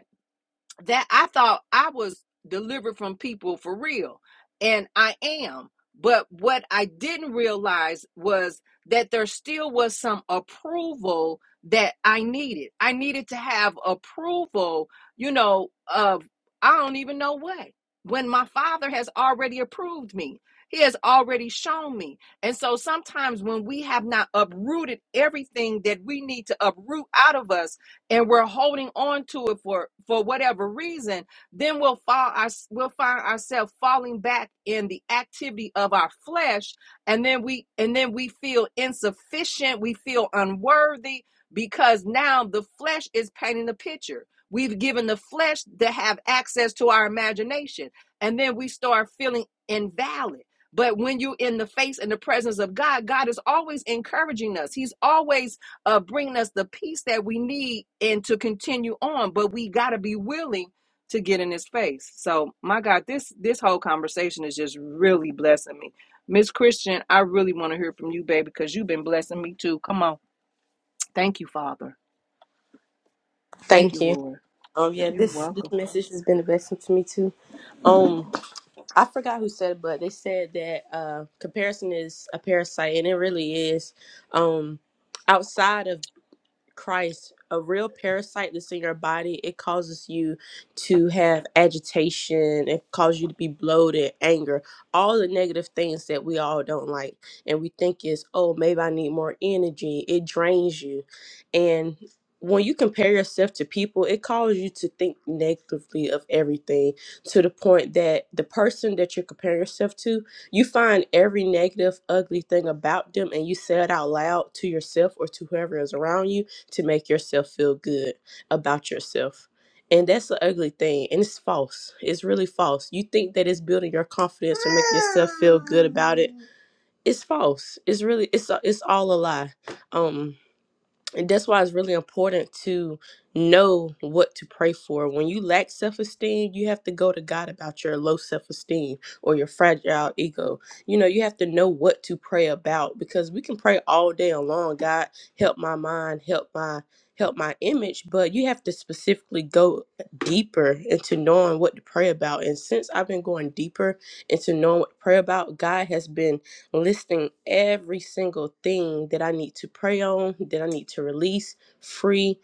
Speaker 1: that I thought I was delivered from people for real, and I am. But what I didn't realize was that there still was some approval that I needed. I needed to have approval, you know, of I don't even know what. When my father has already approved me, he has already shown me. And so sometimes when we have not uprooted everything that we need to uproot out of us, and we're holding on to it for for whatever reason then we'll fall our, we'll find ourselves falling back in the activity of our flesh and then we and then we feel insufficient we feel unworthy because now the flesh is painting the picture we've given the flesh to have access to our imagination and then we start feeling invalid but when you're in the face and the presence of God, God is always encouraging us. He's always uh, bringing us the peace that we need and to continue on. But we got to be willing to get in His face. So, my God, this this whole conversation is just really blessing me, Miss Christian. I really want to hear from you, baby, because you've been blessing me too. Come on, thank you, Father. Thank
Speaker 7: Thank
Speaker 1: you,
Speaker 7: you.
Speaker 1: Lord.
Speaker 7: Um, yeah,
Speaker 1: You're
Speaker 7: this this
Speaker 1: welcome.
Speaker 7: message has been a blessing to me too. Um, I forgot who said it, but they said that uh, comparison is a parasite, and it really is. Um, outside of Christ, a real parasite that's in your body, it causes you to have agitation, it causes you to be bloated, anger, all the negative things that we all don't like. And we think is, oh, maybe I need more energy. It drains you. And when you compare yourself to people, it causes you to think negatively of everything to the point that the person that you're comparing yourself to, you find every negative, ugly thing about them and you say it out loud to yourself or to whoever is around you to make yourself feel good about yourself. And that's an ugly thing. And it's false. It's really false. You think that it's building your confidence to make yourself feel good about it. It's false. It's really it's a, it's all a lie. Um and that's why it's really important to know what to pray for. When you lack self esteem, you have to go to God about your low self esteem or your fragile ego. You know, you have to know what to pray about because we can pray all day long. God, help my mind, help my help my image but you have to specifically go deeper into knowing what to pray about and since i've been going deeper into knowing what to pray about god has been listing every single thing that I need to pray on, that I need to release, free,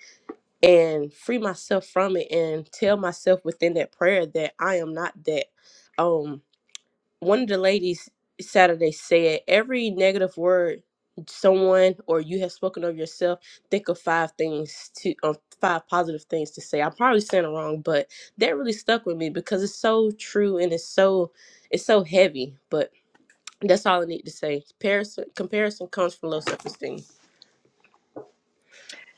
Speaker 7: and free myself from it and tell myself within that prayer that I am not that. Um one of the ladies Saturday said every negative word someone or you have spoken of yourself, think of five things to um, five positive things to say. I'm probably saying it wrong, but that really stuck with me because it's so true and it's so it's so heavy. But that's all I need to say. Comparison, comparison comes from low self esteem.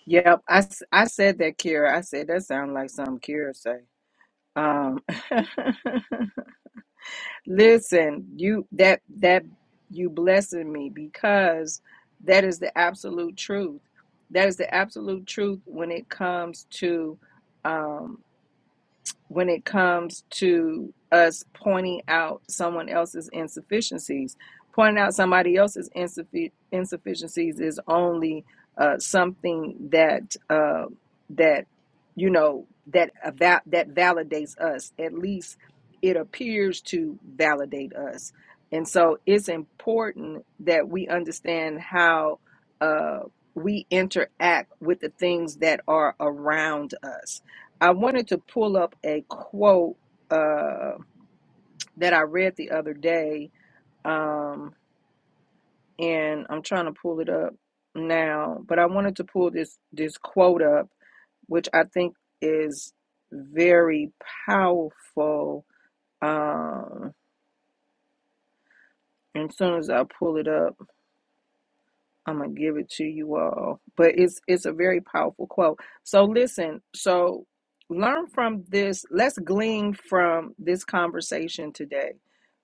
Speaker 1: Yep, I, s- I said that, Kira. I said that sounds like something Kira say. Um, Listen, you that that you blessing me because that is the absolute truth. That is the absolute truth when it comes to um when it comes to us pointing out someone else's insufficiencies. Pointing out somebody else's insuffi- insufficiencies is only uh, something that uh, that you know that ava- that validates us. At least it appears to validate us. And so it's important that we understand how uh, we interact with the things that are around us I wanted to pull up a quote uh, that I read the other day, um, and I'm trying to pull it up now. But I wanted to pull this this quote up, which I think is very powerful. Um, and as soon as I pull it up. I'm gonna give it to you all. But it's it's a very powerful quote. So listen, so learn from this. Let's glean from this conversation today.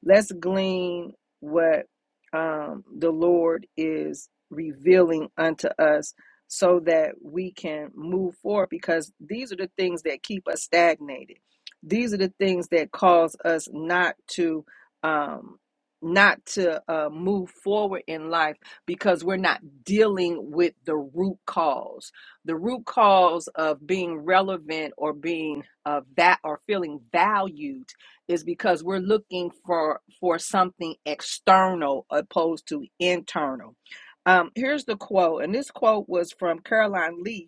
Speaker 1: Let's glean what um, the Lord is revealing unto us so that we can move forward because these are the things that keep us stagnated. These are the things that cause us not to um, not to uh, move forward in life because we're not dealing with the root cause. The root cause of being relevant or being uh, that or feeling valued is because we're looking for for something external opposed to internal. Um, here's the quote, and this quote was from Caroline Leaf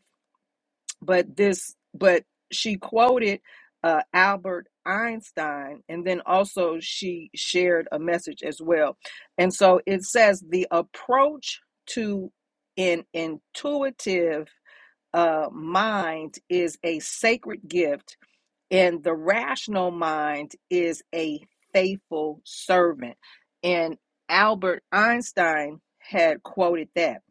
Speaker 1: but this but she quoted uh, albert einstein and then also she shared a message as well and so it says the approach to an intuitive uh, mind is a sacred gift and the rational mind is a faithful servant. And Albert Einstein had quoted that.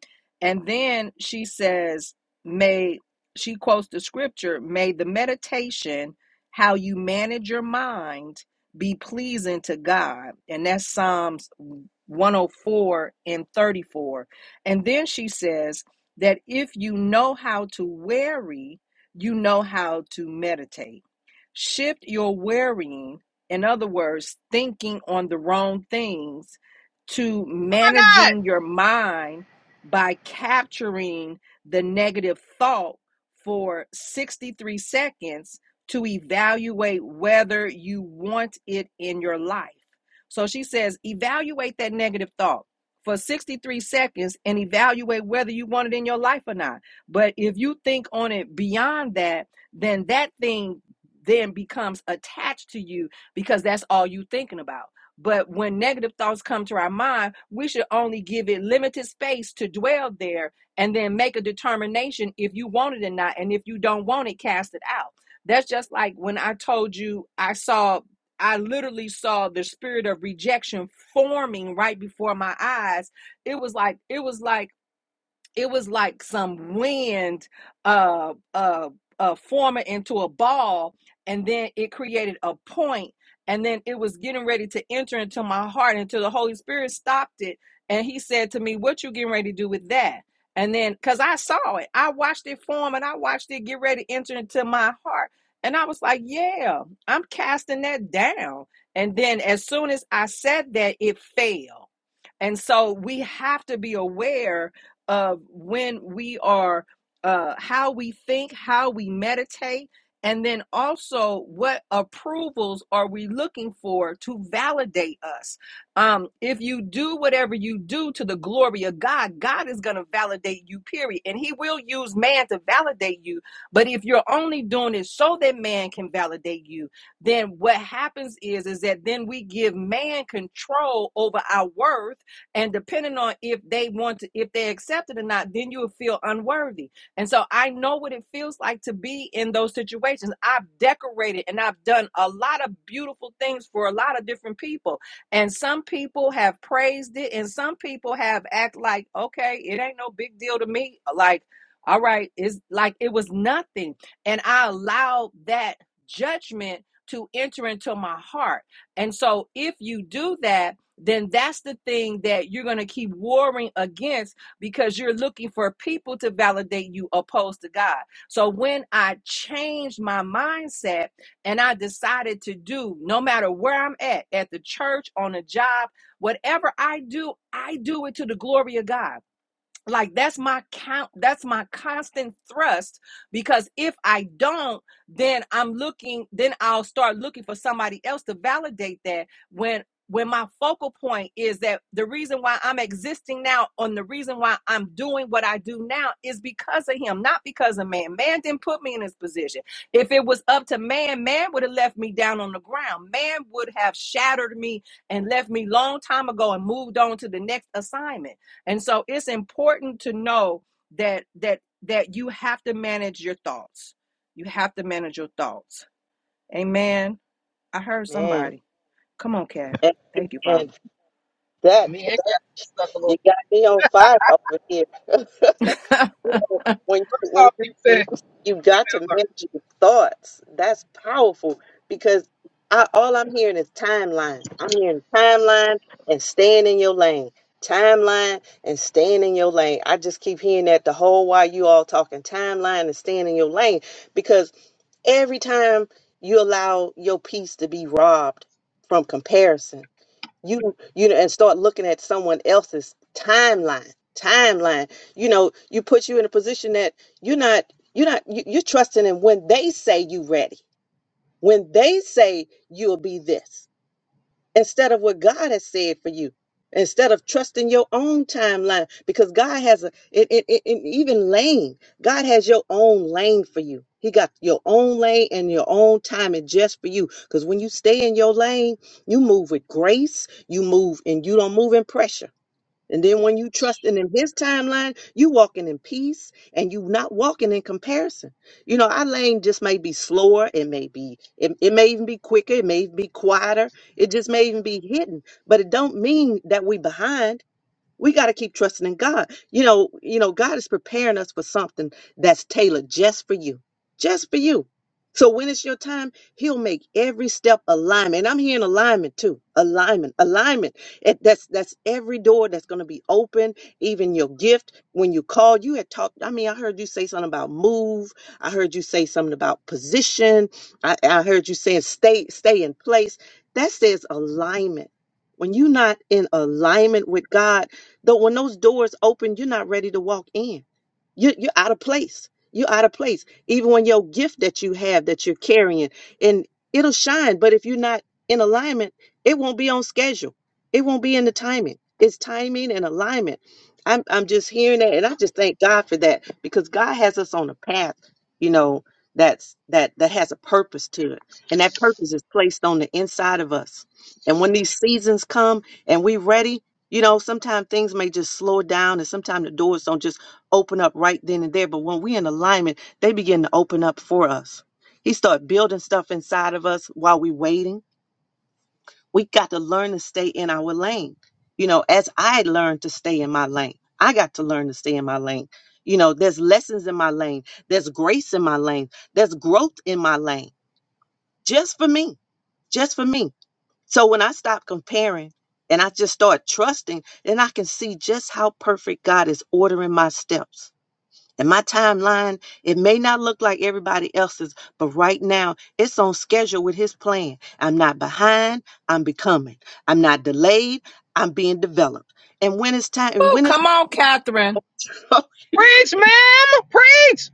Speaker 1: And then she says, May she quotes the scripture, may the meditation, how you manage your mind, be pleasing to God. And that's Psalms 104 and 34. And then she says that if you know how to worry, you know how to meditate. Shift your worrying, in other words, thinking on the wrong things, to managing your mind by capturing the negative thought for 63 seconds to evaluate whether you want it in your life. So she says, evaluate that negative thought for 63 seconds and evaluate whether you want it in your life or not. But if you think on it beyond that, then that thing then becomes attached to you because that's all you are thinking about. But when negative thoughts come to our mind, we should only give it limited space to dwell there and then make a determination if you want it or not. And if you don't want it, cast it out. That's just like when I told you I saw, I literally saw the spirit of rejection forming right before my eyes. It was like, it was like, it was like some wind uh uh uh forming into a ball and then it created a point and then it was getting ready to enter into my heart until the holy spirit stopped it and he said to me what you getting ready to do with that and then because i saw it i watched it form and i watched it get ready to enter into my heart and i was like yeah i'm casting that down and then as soon as i said that it fell and so we have to be aware of when we are uh, how we think, how we meditate, and then also what approvals are we looking for to validate us? Um, if you do whatever you do to the glory of God, God is going to validate you, period. And He will use man to validate you. But if you're only doing it so that man can validate you, then what happens is is that then we give man control over our worth and depending on if they want to, if they accept it or not, then you will feel unworthy. And so I know what it feels like to be in those situations. I've decorated and I've done a lot of beautiful things for a lot of different people. And some people have praised it, and some people have act like, okay, it ain't no big deal to me. Like, all right, it's like it was nothing. And I allowed that judgment to enter into my heart. And so if you do that, then that's the thing that you're going to keep warring against because you're looking for people to validate you opposed to God. So when I changed my mindset and I decided to do, no matter where I'm at, at the church, on a job, whatever I do, I do it to the glory of God like that's my count that's my constant thrust because if i don't then i'm looking then i'll start looking for somebody else to validate that when when my focal point is that the reason why i'm existing now and the reason why i'm doing what i do now is because of him not because of man man didn't put me in this position if it was up to man man would have left me down on the ground man would have shattered me and left me long time ago and moved on to the next assignment and so it's important to know that that that you have to manage your thoughts. You have to manage your thoughts. Amen. I heard
Speaker 8: Man,
Speaker 1: somebody. Come on, cat.
Speaker 8: and
Speaker 1: Thank you,
Speaker 8: and
Speaker 1: Father.
Speaker 8: That's You got me on fire over here. you know, when when
Speaker 5: Oh,
Speaker 8: you
Speaker 5: you
Speaker 8: when
Speaker 5: said,
Speaker 8: you, you got to manage your thoughts, that's powerful because I all I'm hearing is timeline. I'm hearing timeline and staying in your lane. Timeline and staying in your lane. I just keep hearing that the whole while you all talking timeline and staying in your lane because every time you allow your peace to be robbed from comparison you don't- you know and start looking at someone else's timeline timeline you know you put you in a position that you're not you're not you, you're trusting in when they say you ready when they say you'll be this instead of what God has said for you, instead of trusting your own timeline, because God has a, it, it, it, it- even lane, God has your own lane for you. He got your own lane and your own timing just for you. Because when you stay in your lane, you move with grace, you move and you don't move in pressure. And then when you trusting in his timeline, you walking in peace and you not walking in comparison. You know, our lane just may be slower, it may be, it, it may even be quicker, it may even be quieter, it just may even be hidden. But it don't mean that we behind we got to keep trusting in God. You know, you know, God is preparing us for something that's tailored just for you, just for you. So when it's your time, He'll make every step alignment. And I'm hearing alignment too, alignment, alignment. It, that's that's every door that's going to be open. Even your gift. When you call, you had talked. I mean, I heard you say something about move. I heard you say something about position. I, I heard you saying stay, stay in place. That says alignment. When you're not in alignment with God Though when those doors open, you're not ready to walk in. You, you're out of place. You're out of place. Even when your gift that you have that you're carrying and it'll shine, but if you're not in alignment, it won't be on schedule. It won't be in the timing. It's timing and alignment. I'm I'm just hearing that, and I just thank God for that because God has us on a path, you know, that's that that has a purpose to it, and that purpose is placed on the inside of us. And when these seasons come and we ready, you know, sometimes things may just slow down and sometimes the doors don't just open up right then and there. But when we in alignment, they begin to open up for us. He start building stuff inside of us while we waiting. We got to learn to stay in our lane. You know, as I learned to stay in my lane, I got to learn to stay in my lane. You know, there's lessons in my lane. There's grace in my lane. There's growth in my lane. Just for me. Just for me. So when I stop comparing and I just start trusting, then I can see just how perfect God is ordering my steps. And my timeline, it may not look like everybody else's, but right now it's on schedule with his plan. I'm not behind, I'm becoming. I'm not delayed, I'm being developed. And when it's time, and
Speaker 1: Woo,
Speaker 8: when it's
Speaker 1: come on, Catherine.
Speaker 5: preach, ma'am, preach.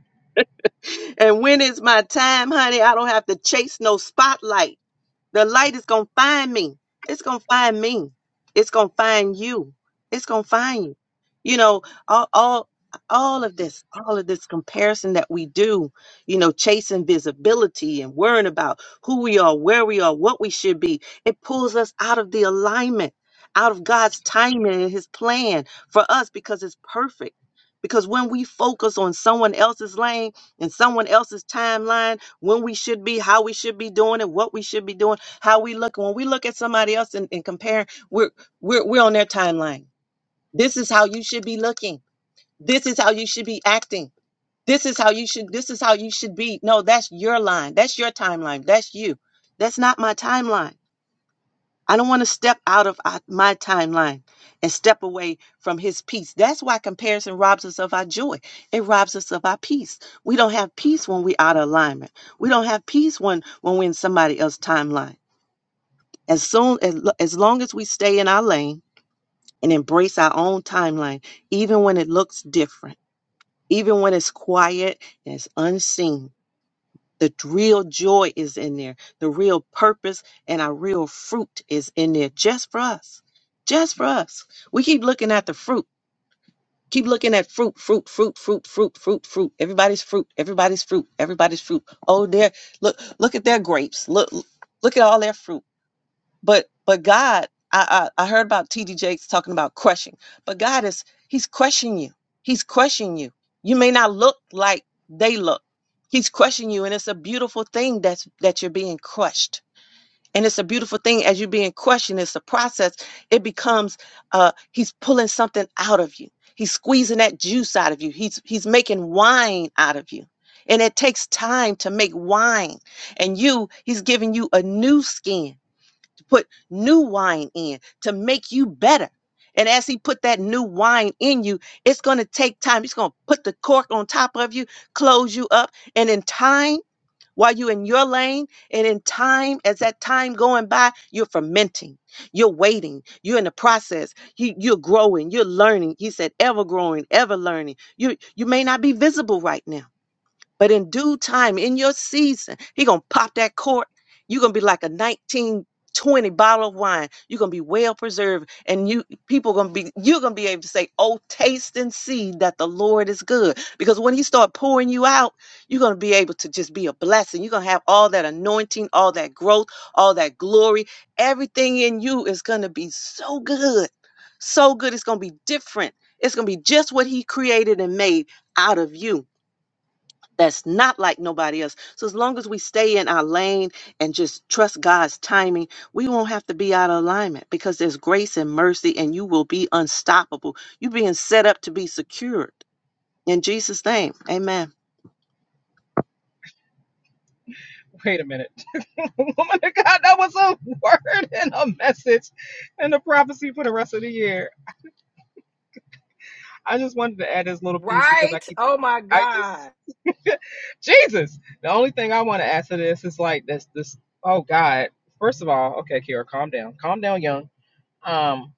Speaker 8: and when it's my time, honey, I don't have to chase no spotlight. The light is going to find me. It's going to find me. It's going to find you. It's going to find you. You know, all, all, all of this, all of this comparison that we do, you know, chasing visibility and worrying about who we are, where we are, what we should be, it pulls us out of the alignment, out of God's timing and His plan for us because it's perfect. Because when we focus on someone else's lane and someone else's timeline, when we should be, how we should be doing it, what we should be doing, how we look. When we look at somebody else and, and compare, we're, we're we're on their timeline. This is how you should be looking. This is how you should be acting. This is how you should. This is how you should be. No, that's your line. That's your timeline. That's you. That's not my timeline. I don't want to step out of uh, my timeline and step away from his peace. That's why comparison robs us of our joy. It robs us of our peace. We don't have peace when we're out of alignment. We don't have peace when when we're in somebody else's timeline. As soon as, lo- as long as we stay in our lane and embrace our own timeline, even when it looks different, even when it's quiet and it's unseen, the d- real joy is in there. The real purpose and our real fruit is in there just for us. Just for us. We keep looking at the fruit. Keep looking at fruit, fruit, fruit, fruit, fruit, fruit, fruit. Everybody's fruit, everybody's fruit, everybody's fruit. Oh, there, look, look at their grapes. Look, look at all their fruit but but god I, I i heard about td jakes talking about crushing but god is he's crushing you he's crushing you you may not look like they look he's crushing you and it's a beautiful thing that's that you're being crushed and it's a beautiful thing as you're being crushed and it's a process it becomes uh he's pulling something out of you he's squeezing that juice out of you he's he's making wine out of you and it takes time to make wine and you he's giving you a new skin put new wine in to make you better. And as he put that new wine in you, it's going to take time. He's going to put the cork on top of you, close you up. And in time, while you're in your lane, and in time, as that time going by, you're fermenting, you're waiting, you're in the process, you, you're growing, you're learning. He said, ever growing, ever learning. You, you may not be visible right now but in due time, in your season, he gonna pop that cork. You're gonna be like a 1920 bottle of wine. You're gonna be well preserved, and you people gonna be you're gonna be able to say, "Oh, taste and see that the Lord is good." Because when He start pouring you out, you're gonna be able to just be a blessing. You're gonna have all that anointing, all that growth, all that glory. Everything in you is gonna be so good, so good. It's gonna be different. It's gonna be just what He created and made out of you that's not like nobody else. So as long as we stay in our lane and just trust God's timing, we won't have to be out of alignment because there's grace and mercy and you will be unstoppable. You're being set up to be secured. In Jesus' name, amen.
Speaker 5: Wait a minute. Woman of God, that was a word and a message and a prophecy for the rest of the year. I just wanted to add this little piece because
Speaker 1: Right?
Speaker 5: I keep,
Speaker 1: Oh my
Speaker 5: I
Speaker 1: God.
Speaker 5: just, Jesus. The only thing I want to add to this is like this, this, oh God. First of all, okay, Kira, calm down. Calm down, young. Um,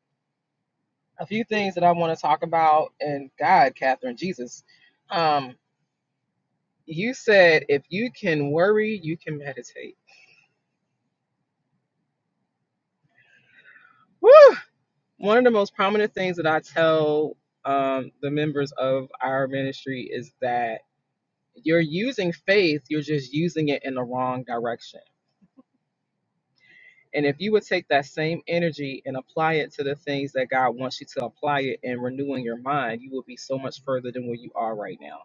Speaker 5: a few things that I want to talk about and God, Catherine, Jesus. Um, you said if you can worry, you can meditate. Woo! One of the most prominent things that I tell um, the members of our ministry is that you're using faith, you're just using it in the wrong direction. And if you would take that same energy and apply it to the things that God wants you to apply it and renewing your mind, you will be so much further than where you are right now.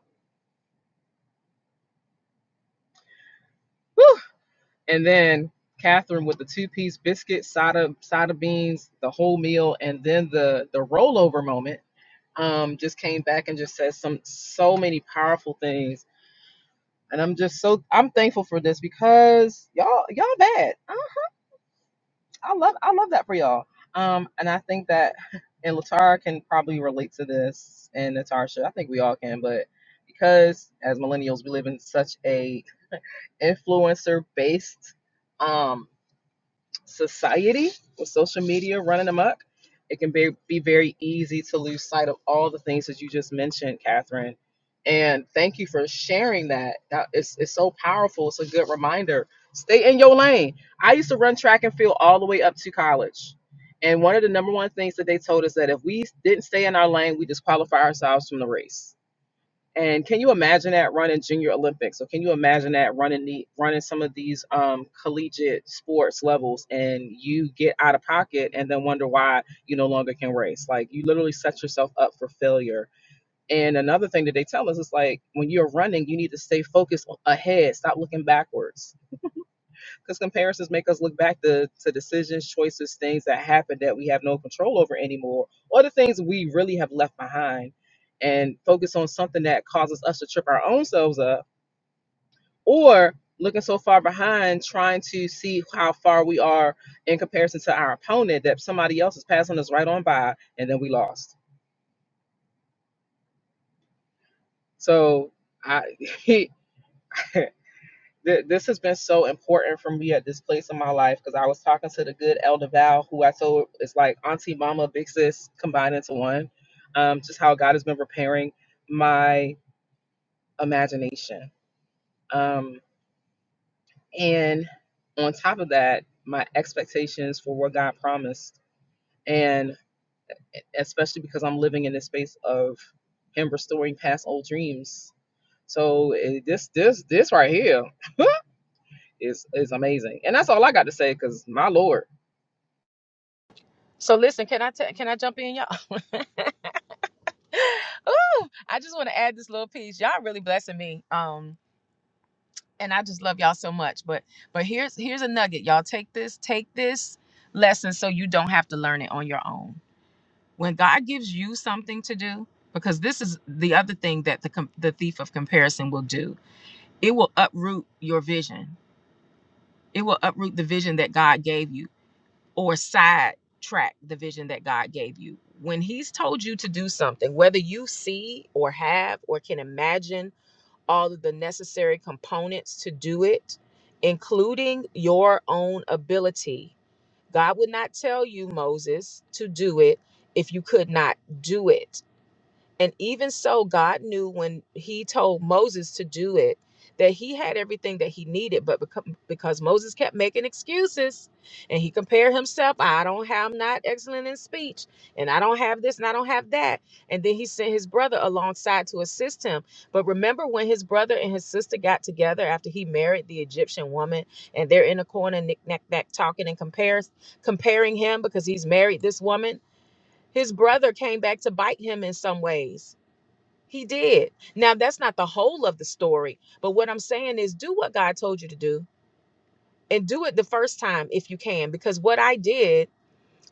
Speaker 5: Woo! And then Catherine with the two-piece biscuit, side of side of beans, the whole meal, and then the the rollover moment um, just came back and just said some so many powerful things. And I'm just so I'm thankful for this because y'all y'all bad. I, I love I love that for y'all. Um, and I think that and Latara can probably relate to this and Natasha. I think we all can, but because as millennials we live in such a influencer based um society with social media running amok, it can be, be very easy to lose sight of all the things that you just mentioned, Catherine. And thank you for sharing that. That is it's so powerful. It's a good reminder. Stay in your lane. I used to run track and field all the way up to college. And one of the number one things that they told us that if we didn't stay in our lane, we disqualify ourselves from the race and can you imagine that running junior Olympics? Or can you imagine that running the running some of these um, collegiate sports levels, and you get out of pocket, and then wonder why you no longer can race? Like you literally set yourself up for failure. And another thing that they tell us is like when you're running, you need to stay focused ahead. Stop looking backwards because comparisons make us look back to, to decisions, choices, things that happened that we have no control over anymore, or the things we really have left behind, and focus on something that causes us to trip our own selves up, or looking so far behind, trying to see how far we are in comparison to our opponent that somebody else is passing us right on by, and then we lost. So I. Th- this has been so important for me at this place in my life because I was talking to the good Elder Val, who I told is like auntie, mama, big sis combined into one. Um, just how God has been repairing my imagination. Um, and on top of that, my expectations for what God promised. And especially because I'm living in this space of Him restoring past old dreams. So eh, this, this, this right here is is amazing. And that's all I got to say because my Lord.
Speaker 4: So listen, can I t- can I jump in, y'all? Ooh, I just want to add this little piece. Y'all really blessing me. Um, and I just love y'all so much. But but here's here's a nugget. Y'all take this, take this lesson so you don't have to learn it on your own. when God gives you something to do, because this is the other thing that the com- the thief of comparison will do. It will uproot your vision. It will uproot the vision that God gave you, or sidetrack the vision that God gave you. When He's told you to do something, whether you see or have or can imagine all of the necessary components to do it, including your own ability, God would not tell you, Moses, to do it if you could not do it and even so, God knew when He told Moses to do it that He had everything that He needed, but becau- because Moses kept making excuses and he compared himself, I don't have, I'm not excellent in speech, and I don't have this, and I don't have that. And then He sent His brother alongside to assist him. But remember when His brother and His sister got together after He married the Egyptian woman, and they're in a corner, knick knack knack, talking and compares, comparing him because he's married this woman. His brother came back to bite him in some ways he did. Now, that's not the whole of the story, but what I'm saying is do what God told you to do and do it the first time if you can. Because what I did,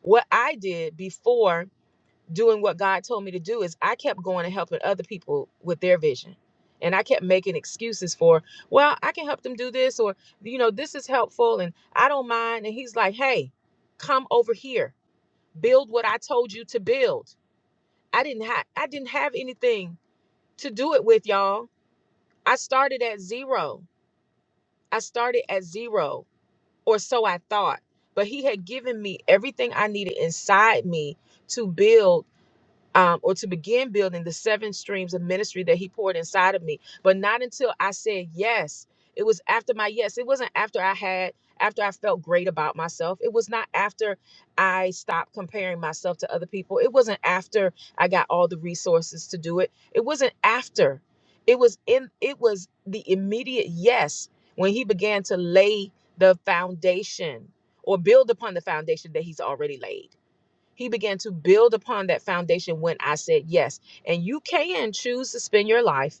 Speaker 4: what I did before doing what God told me to do is I kept going and helping other people with their vision. And I kept making excuses for, well, I can help them do this, or, you know, this is helpful and I don't mind. And he's like, hey, come over here, build what I told you to build. I didn't have I didn't have anything to do it with, y'all I started at zero. I started at zero, or so I thought. But he had given me everything I needed inside me to build um, or to begin building the seven streams of ministry that he poured inside of me. But not until I said yes. It was after my yes. It wasn't after I had, after I felt great about myself. It was not after I stopped comparing myself to other people. It wasn't after I got all the resources to do it. It wasn't after. It was in, it was the immediate yes when he began to lay the foundation or build upon the foundation that he's already laid. He began to build upon that foundation when I said yes. And you can choose to spend your life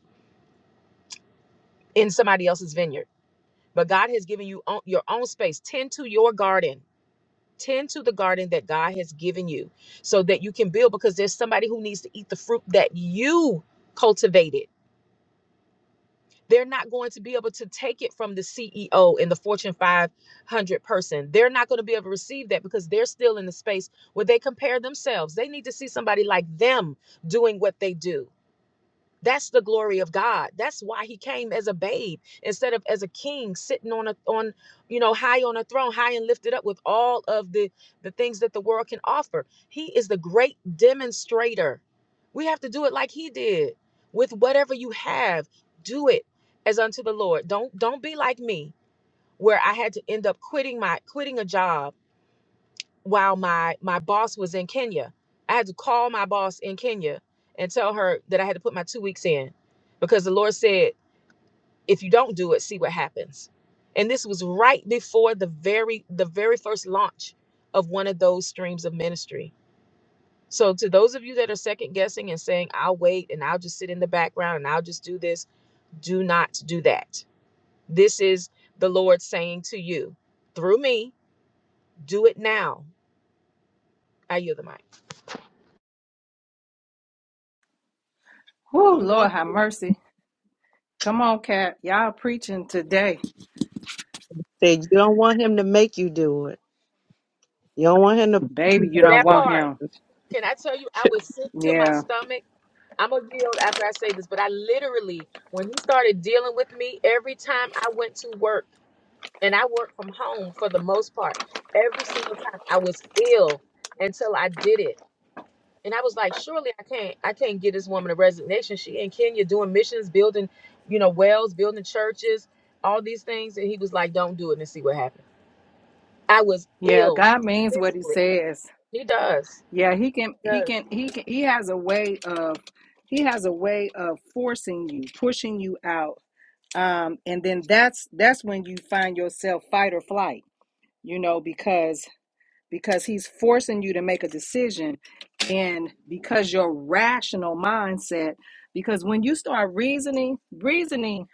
Speaker 4: in somebody else's vineyard, but God has given you own, your own space. Tend to your garden. Tend to the garden that God has given you so that you can build because there's somebody who needs to eat the fruit that you cultivated. They're not going to be able to take it from the CEO and the Fortune 500 person. They're not going to be able to receive that because they're still in the space where they compare themselves. They need to see somebody like them doing what they do That's the glory of God. That's why he came as a babe instead of as a king sitting on a on you know high on a throne, high and lifted up with all of the the things that the world can offer. He is the great demonstrator. We have to do it like he did. With whatever you have, do it as unto the Lord. Don't don't be like me where I had to end up quitting my quitting a job while my my boss was in Kenya. I had to call my boss in Kenya and tell her that I had to put my two weeks in because the Lord said, if you don't do it, see what happens. And this was right before the very the very first launch of one of those streams of ministry. So to those of you that are second guessing and saying, I'll wait and I'll just sit in the background and I'll just do this, do not do that. This is the Lord saying to you, through me, do it now. I yield the mic.
Speaker 8: You
Speaker 1: Whew,
Speaker 8: don't want
Speaker 1: Lord have
Speaker 8: him
Speaker 1: mercy. Come on, cat. Y'all preaching today.
Speaker 8: to, you don't want him to make you do it. You don't want him to.
Speaker 1: Baby, you don't
Speaker 4: That
Speaker 1: want
Speaker 4: part.
Speaker 1: him.
Speaker 4: Can I tell you, I was sick to my
Speaker 1: Yeah.
Speaker 4: stomach. I'm gonna yield after I say this, but I literally, when he started dealing with me, every time I went to work, and I worked from home for the most part, every single time I was ill until I did it. And I was like, surely I can't, I can't get this woman a resignation. She in Kenya doing missions, building, you know, wells, building churches, all these things. And he was like, don't do it and see what happens. I was
Speaker 1: Yeah.
Speaker 4: ill
Speaker 1: God means what he
Speaker 4: physically.
Speaker 1: says.
Speaker 4: He does.
Speaker 1: Yeah, he can
Speaker 4: He
Speaker 1: he
Speaker 4: does.
Speaker 1: can he can he has a way of he has a way of forcing you, pushing you out. Um, and then that's that's when you find yourself fight or flight, you know, because because he's forcing you to make a decision and because your rational mindset, because when you start reasoning, reasoning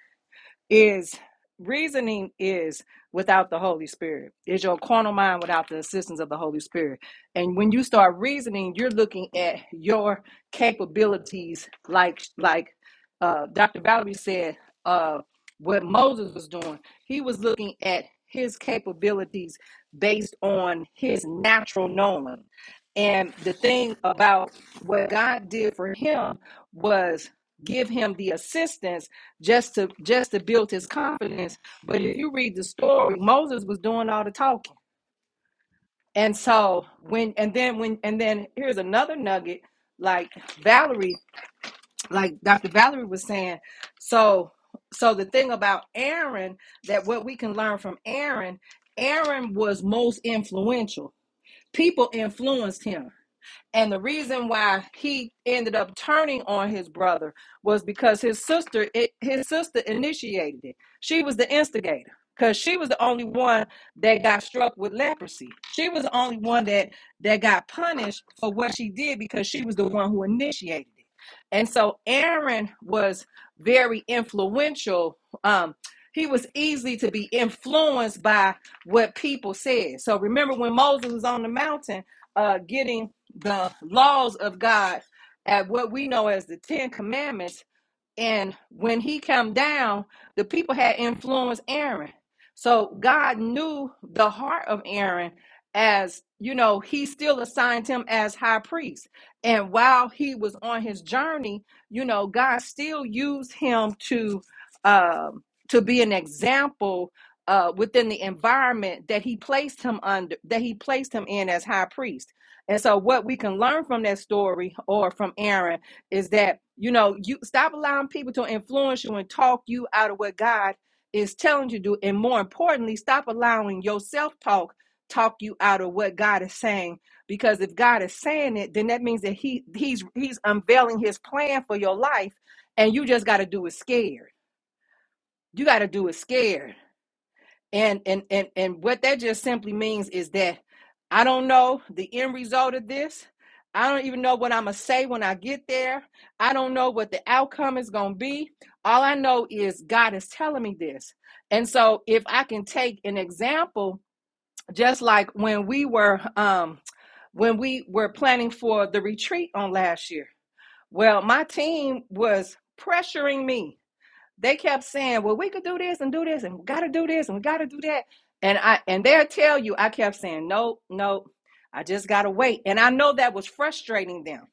Speaker 1: is reasoning is without the holy spirit is your carnal mind without the assistance of the holy spirit and when you start reasoning you're looking at your capabilities like like uh, dr valerie said uh, what moses was doing he was looking at his capabilities based on his natural knowing and the thing about what god did for him was give him the assistance just to just to build his confidence. But if you read the story, Moses was doing all the talking. And so when and then when and then here's another nugget, like Valerie, like Dr. Valerie was saying. So so the thing about Aaron that what we can learn from Aaron, Aaron was most influential. People influenced him and the reason why he ended up turning on his brother was because his sister, it, his sister initiated it. She was the instigator because she was the only one that got struck with leprosy. She was the only one that that got punished for what she did because she was the one who initiated it. And so Aaron was very influential. Um, he was easy to be influenced by what people said. So remember when Moses was on the mountain uh, getting the laws of God at what we know as the Ten Commandments and when he came down, the people had influenced Aaron. So God knew the heart of Aaron as, you know, he still assigned him as high priest. And while he was on his journey, you know, God still used him to um to be an example uh within the environment that he placed him under that he placed him in as high priest. And so what we can learn from that story or from Aaron is that you know you stop allowing people to influence you and talk you out of what god is telling you to do and more importantly stop allowing your self-talk talk you out of what god is saying because if god is saying it then that means that he he's he's unveiling his plan for your life and you just got to do it scared you got to do it scared and and and and what that just simply means is that I don't know the end result of this. I don't even know what I'm gonna say when I get there. I don't know what the outcome is gonna be. All I know is God is telling me this. And so if I can take an example, just like when we were um when we were planning for the retreat on last year. Well, my team was pressuring me they kept saying, "Well, we could do this and do this and we got to do this and we got to do that." And I and they'll tell you, I kept saying, "No, no, I just got to wait." And I know that was frustrating them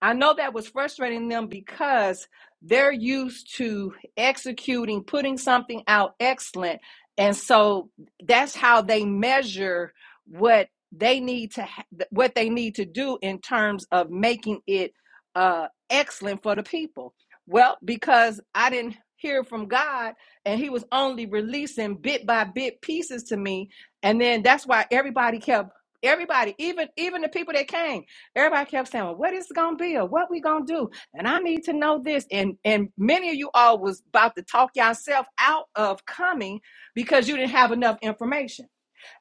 Speaker 1: I know that was frustrating them because they're used to executing, putting something out excellent. And so that's how they measure what they need to ha- what they need to do in terms of making it uh excellent for the people. Well, because I didn't hear from God and he was only releasing bit by bit pieces to me and then that's why everybody kept everybody even even the people that came Everybody kept saying, well, what is it gonna be or what we gonna do? And I need to know this. And and many of you all was about to talk yourself out of coming because you didn't have enough information.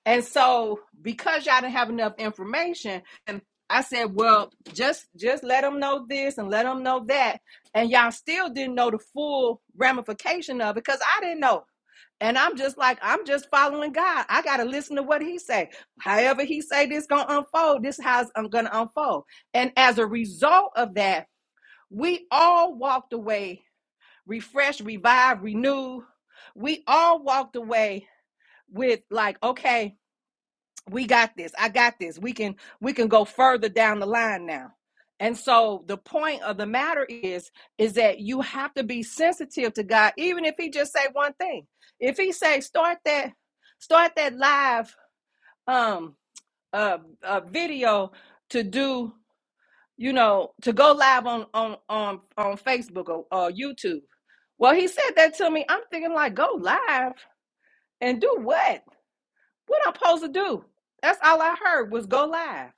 Speaker 1: And so because y'all didn't have enough information, and I said, well, just just let them know this and let them know that. And y'all still didn't know the full ramification of it because I didn't know. And I'm just like, I'm just following God. I gotta listen to what He say. However He say this gonna unfold, this how I'm gonna unfold. And as a result of that, we all walked away refreshed, revived, renewed. We all walked away with like, okay, we got this i got this we can we can go further down the line now and so the point of the matter is is that you have to be sensitive to god even if he just say one thing if he say start that start that live um uh, uh video to do you know to go live on on on on facebook or, or youtube well he said that to me i'm thinking like go live and do what what I'm supposed to do? That's all I heard was go live.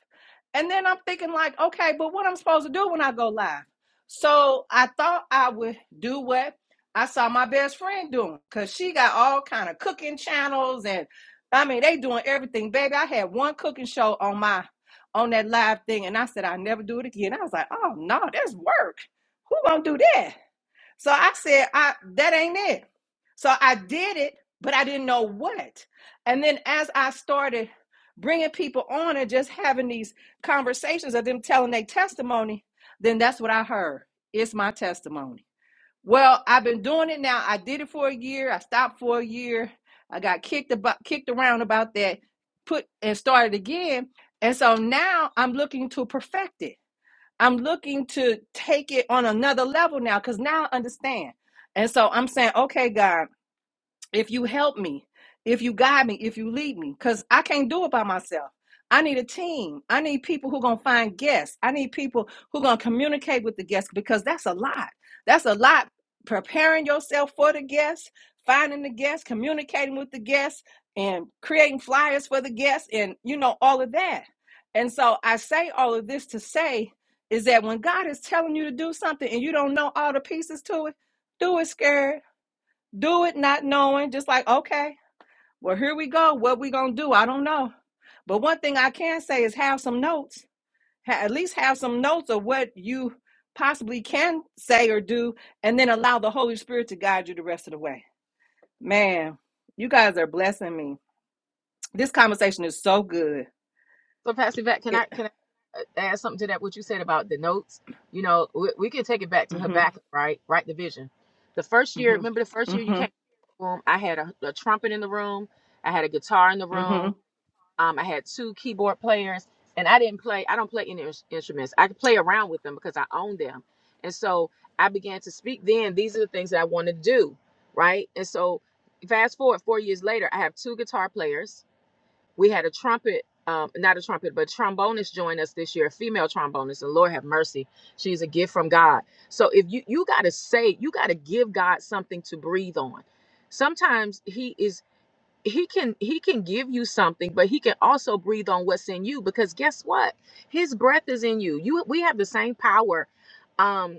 Speaker 1: And then I'm thinking like, okay, but what I'm supposed to do when I go live? So I thought I would do what I saw my best friend doing, cause she got all kind of cooking channels and I mean they doing everything. Baby, I had one cooking show on my on that live thing, and I said I never do it again. I was like, oh no, that's work. Who gonna do that? So I said, I that ain't it. So I did it, but I didn't know what. And then as I started bringing people on and just having these conversations of them telling their testimony, then that's what I heard. It's my testimony. Well, I've been doing it now. I did it for a year. I stopped for a year. I got kicked about kicked around about that, put and started again. And so now I'm looking to perfect it. I'm looking to take it on another level now because now I understand. And so I'm saying, okay, God if you help me, if you guide me, if you lead me, because I can't do it by myself. I need a team. I need people who are going to find guests. I need people who are going to communicate with the guests because that's a lot. That's a lot preparing yourself for the guests, finding the guests, communicating with the guests, and creating flyers for the guests, and you know, all of that. And so I say all of this to say is that when God is telling you to do something and you don't know all the pieces to it, do it scared do it not knowing just like okay well here we go what we gonna do i don't know but one thing i can say is have some notes at least have some notes of what you possibly can say or do and then allow the holy spirit to guide you the rest of the way man you guys are blessing me this conversation is so good
Speaker 4: So, Pastor Vet, can
Speaker 1: it,
Speaker 4: I can I add something to that? What you said about the notes, you know, we, we can take it back to
Speaker 1: hmm
Speaker 4: Habakkuk, right? Right, the vision. The first year,
Speaker 1: hmm
Speaker 4: remember the first year you
Speaker 1: hmm
Speaker 4: came in the room, I had a, a trumpet in the room, I had a guitar in the
Speaker 1: hmm
Speaker 4: room, um, I had two keyboard players, and I didn't play. I don't play any ins- instruments. I could play around with them because I own them, and so I began to speak. Then these are the things that I want to do, right? And so, fast forward four years later, I have two guitar players. We had a trumpet, um, not a trumpet, but trombonist join us this year, a female trombonist, and Lord have mercy, she's a gift from God. So if you you gotta say, you gotta give God something to breathe on. Sometimes He is he can he can give you something but he can also breathe on what's in you because guess what his breath is in you you we have the same power Um,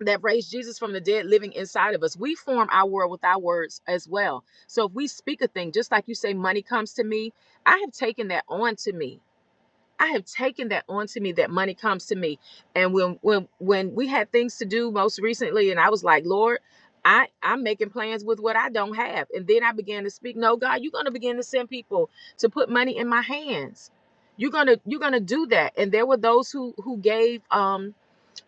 Speaker 4: that raised Jesus from the dead living inside of us. We form our world with our words as well. So if we speak a thing, just like you say, money comes to me, I have taken that on to me. I have taken that on to me that money comes to me. And when when when we had things to do most recently, and I was like, Lord, I, I'm making plans with what I don't have. And then I began to speak, no, God, you're gonna begin to send people to put money in my hands. You're gonna you're gonna do that. And there were those who who gave um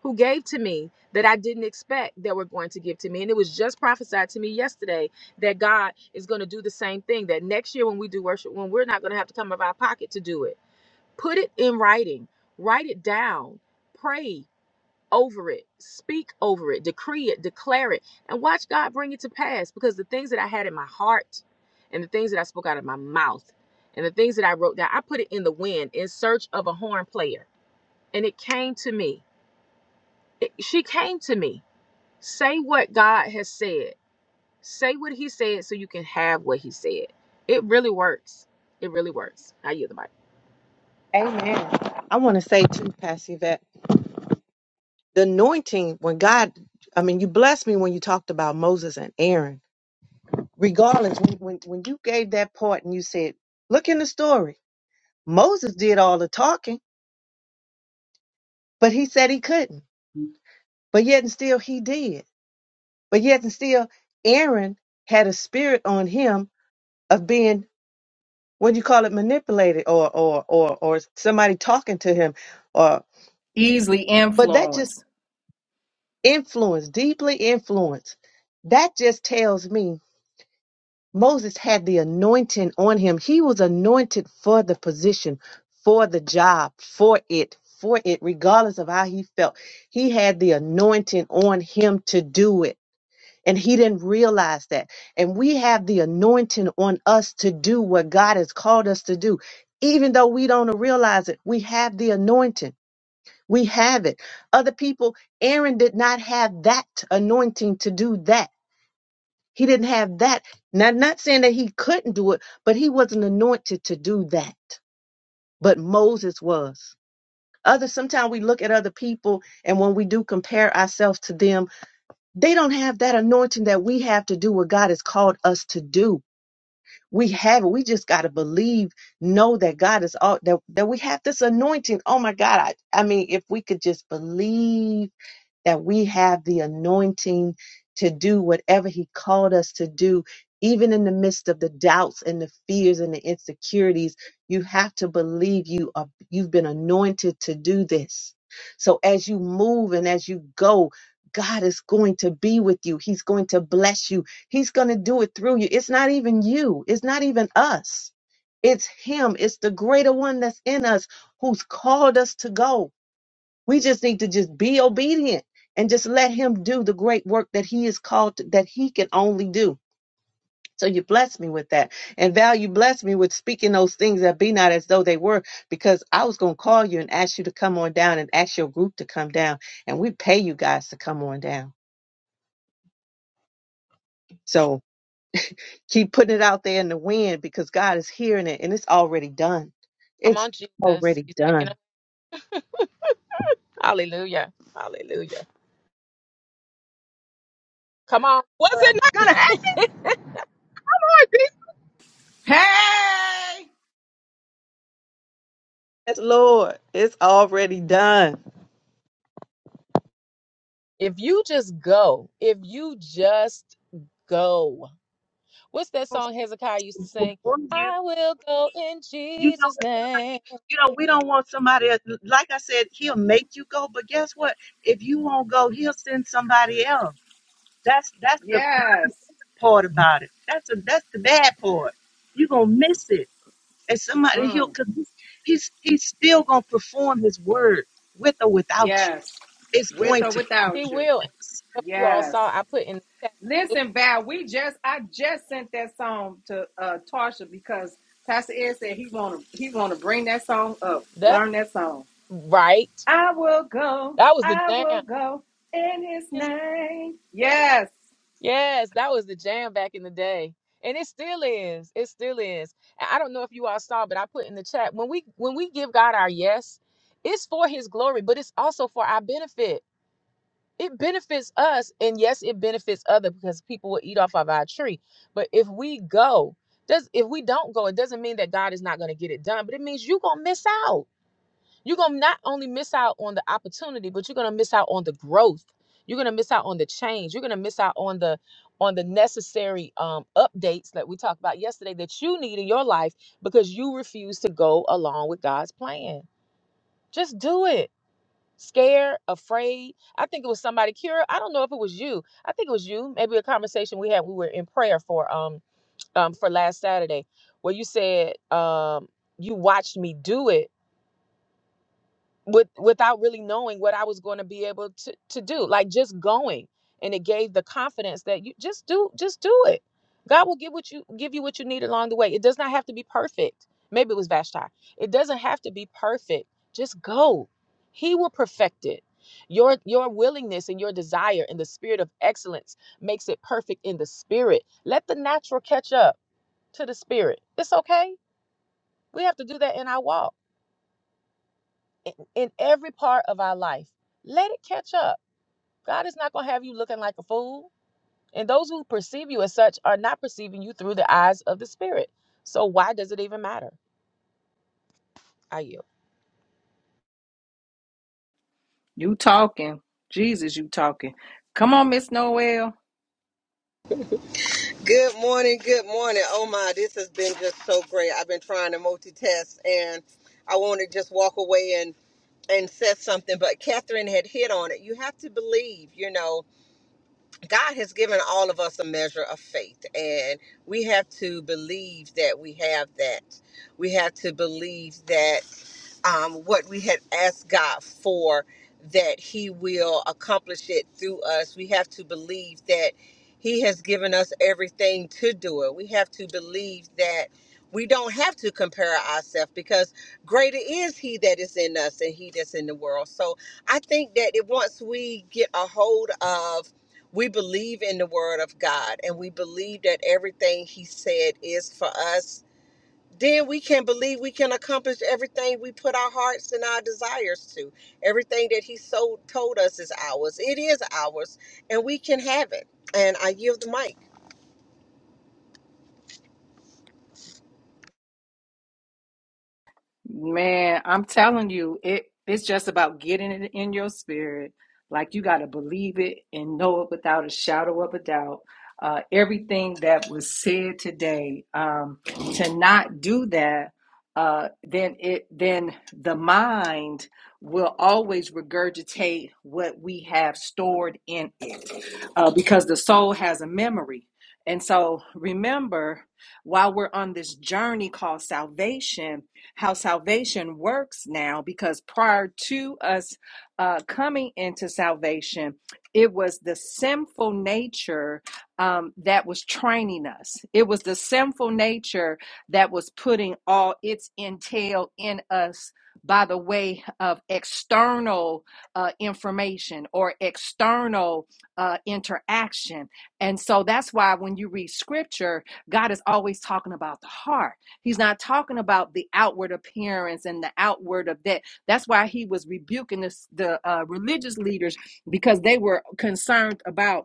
Speaker 4: who gave to me that I didn't expect that were going to give to me. And it was just prophesied to me yesterday that God is going to do the same thing, that next year when we do worship, when we're not going to have to come out of our pocket to do it. Put it in writing, write it down, pray over it, speak over it, decree it, declare it, and watch God bring it to pass because the things that I had in my heart and the things that I spoke out of my mouth and the things that I wrote down, I put it in the wind in search of a horn player. And it came to me. It, she came to me Say what God has said. Say what He said so you can have what He said. It really works. It really works. I yield the mic.
Speaker 8: Amen. I want to say too, Pastor Yvette, the anointing when God, I mean, you blessed me when you talked about Moses and Aaron. Regardless, when, when, when you gave that part and you said, look in the story, Moses did all the talking, but he said he couldn't. But yet and still he did. But yet and still Aaron had a spirit on him of being, what do you call it, manipulated or or or or somebody talking to him or
Speaker 1: easily
Speaker 8: but that just
Speaker 1: influenced
Speaker 8: influence, deeply influenced. That just tells me Moses had the anointing on him. He was anointed for the position, for the job, for it, for it, regardless of how he felt. He had the anointing on him to do it. And he didn't realize that. And we have the anointing on us to do what God has called us to do. Even though we don't realize it, we have the anointing. We have it. Other people, Aaron did not have that anointing to do that he didn't have that. Now, not saying that he couldn't do it, but he wasn't anointed to do that. But Moses was. Others, sometimes we look at other people, and when we do compare ourselves to them, they don't have that anointing that we have to do what God has called us to do. We have it. We just got to believe, know that God is all that, that we have this anointing. Oh my God. I, I mean, if we could just believe that we have the anointing to do whatever He called us to do, even in the midst of the doubts and the fears and the insecurities. You have to believe you are, you've been anointed to do this. So as you move and as you go, God is going to be with you. He's going to bless you. He's going to do it through you. It's not even you. It's not even us. It's Him. It's the greater one that's in us who's called us to go. We just need to just be obedient and just let him do the great work that he is called to, that he can only do. So you bless me with that. And Val, you bless me with speaking those things that be not as though they were, because I was gonna call you and ask you to come on down and ask your group to come down. And we pay you guys to come on down. So keep putting it out there in the wind because God is hearing it and it's already done.
Speaker 4: Come
Speaker 8: It's
Speaker 4: on, Jesus.
Speaker 8: already
Speaker 4: He's making
Speaker 8: done.
Speaker 4: it. Hallelujah. Hallelujah. Come on,
Speaker 5: Was it
Speaker 4: Sarah.
Speaker 5: not going to happen? like this?
Speaker 1: hey
Speaker 8: Yes, Lord, it's already done.
Speaker 4: If you just go, if you just go. What's that song Hezekiah used to sing?
Speaker 8: For you,
Speaker 4: I will go in
Speaker 8: you know,
Speaker 4: Jesus' name.
Speaker 8: you know, we don't want somebody else. Like I said, he'll make you go, but guess what? If you won't go, he'll send somebody else. That's that's the
Speaker 1: yes
Speaker 8: bad part about it. That's a, that's the bad part. You're gonna miss it. And somebody he'll
Speaker 1: Mm,
Speaker 8: cause he's he's he's still gonna perform his word with or without you.
Speaker 1: yes
Speaker 8: It's
Speaker 1: with
Speaker 8: going
Speaker 1: or
Speaker 8: to come
Speaker 4: He
Speaker 1: without
Speaker 8: to
Speaker 1: you
Speaker 4: will. And
Speaker 8: pass.
Speaker 4: if you all saw,
Speaker 1: Yes.
Speaker 4: I put in the chat.
Speaker 1: Listen, Val, we just I just sent that song to uh Tarsha because Pastor Ed said he wanna he wanna bring that song up,
Speaker 4: That's
Speaker 1: learn that song.
Speaker 4: right.
Speaker 1: I will go,
Speaker 4: That was the
Speaker 1: I will
Speaker 4: jam.
Speaker 1: go in his
Speaker 4: His
Speaker 1: name.
Speaker 4: name.
Speaker 1: Yes.
Speaker 4: Yes, that was the jam back in the day. And it still is. It still is. And I don't know if you all saw, but I put in the chat when we when we give God our yes, it's for his glory, but it's also for our benefit. It benefits us, and yes, it benefits other because people will eat off of our tree. But if we go, does if we don't go, it doesn't mean that God is not going to get it done, but it means you're gonna miss out you're going to not only miss out on the opportunity, but you're going to miss out on the growth. You're going to miss out on the change. You're going to miss out on the on the necessary um, updates that we talked about yesterday that you need in your life because you refuse to go along with God's plan. Just do it. Scared, afraid. I think it was somebody. Kira, I don't know if it was you. I think it was you. Maybe a conversation we had. We were in prayer for um um for last Saturday, where you said um you watched me do it with without really knowing what I was going to be able to to do. Like just going, and it gave the confidence that you just do, just do it. God will give what you give you what you need along the way. It does not have to be perfect. Maybe it was Vashti. It doesn't have to be perfect. Just go. He will perfect it. Your your willingness and your desire and the spirit of excellence makes it perfect in the spirit. Let the natural catch up to the spirit. It's okay. We have to do that in our walk in, in every part of our life. Let it catch up. God is not going to have you looking like a fool. And those who perceive you as such are not perceiving you through the eyes of the Spirit. So why does it even matter? Are you?
Speaker 1: You talking. Jesus, you talking. Come on, Miss Noel.
Speaker 9: Good morning, good morning. Oh my, this has been just so great. I've been trying to multitask and I want to just walk away and and said something, but Catherine had hit on it. You have to believe, you know, God has given all of us a measure of faith, and we have to believe that we have that. We have to believe that um, what we had asked God for, that He will accomplish it through us. We have to believe that He has given us everything to do it. We have to believe that we don't have to compare ourselves because greater is He that is in us than He that's in the world. So I think that it, once we get a hold of we believe in the word of God and we believe that everything he said is for us then we can believe we can accomplish everything we put our hearts and our desires to. Everything that He so told us is ours. It is ours, and we can have it. And I yield the mic.
Speaker 1: Man, I'm telling you, it it's just about getting it in your spirit. Like you got to believe it and know it without a shadow of a doubt. Uh, everything that was said today, um, to not do that, uh, then it then the mind will always regurgitate what we have stored in uh, because the soul has a memory. And so remember, while we're on this journey called salvation, how salvation works now, because prior to us uh, coming into salvation, it was the sinful nature um, that was training us. It was the sinful nature that was putting all its entail in us by the way of external uh, information or external uh, interaction. And so that's why when you read scripture, God is always talking about the heart. He's not talking about the outward appearance and the outward of that. That's why he was rebuking this, the uh, religious leaders because they were concerned about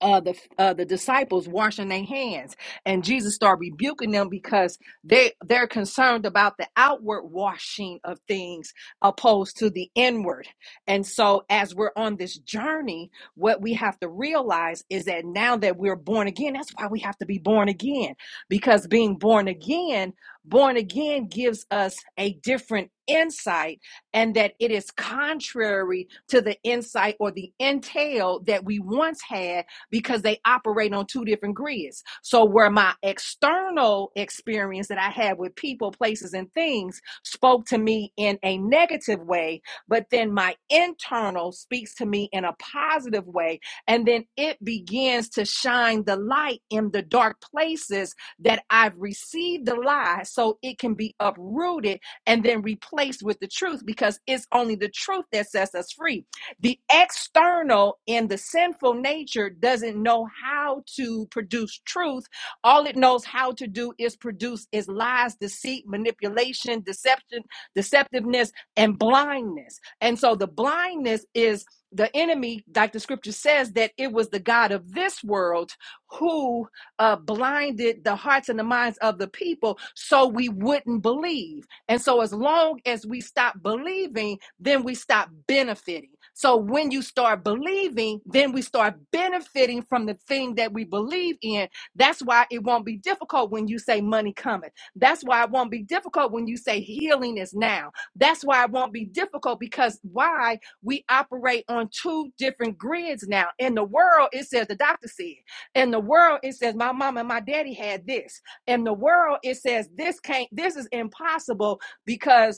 Speaker 1: uh, the uh, the disciples washing their hands, and Jesus started rebuking them because they they're concerned about the outward washing of things opposed to the inward. And so, as we're on this journey, what we have to realize is that now that we're born again, that's why we have to be born again because being born again, born again gives us a different insight and that it is contrary to the insight or the entail that we once had because they operate on two different grids. So where my external experience that I had with people, places, and things spoke to me in a negative way, but then my internal speaks to me in a positive way, and then it begins to shine the light in the dark places that I've received the lie, so it can be uprooted and then replaced with the truth because it's only the truth that sets us free. The external in the sinful nature doesn't know how to produce truth. All it knows how to do is produce is lies, deceit, manipulation, deception, deceptiveness, and blindness. And so the blindness is the enemy, like the scripture says, that it was the God of this world who uh, blinded the hearts and the minds of the people so we wouldn't believe. And so, as long as we stop believing, then we stop benefiting. So when you start believing, then we start benefiting from the thing that we believe in. That's why it won't be difficult when you say money cometh. That's why it won't be difficult when you say healing is now. That's why it won't be difficult because why we operate on two different grids now. In the world, it says the doctor said. In the world, it says my mom and my daddy had this. In the world, it says this can't, this is impossible because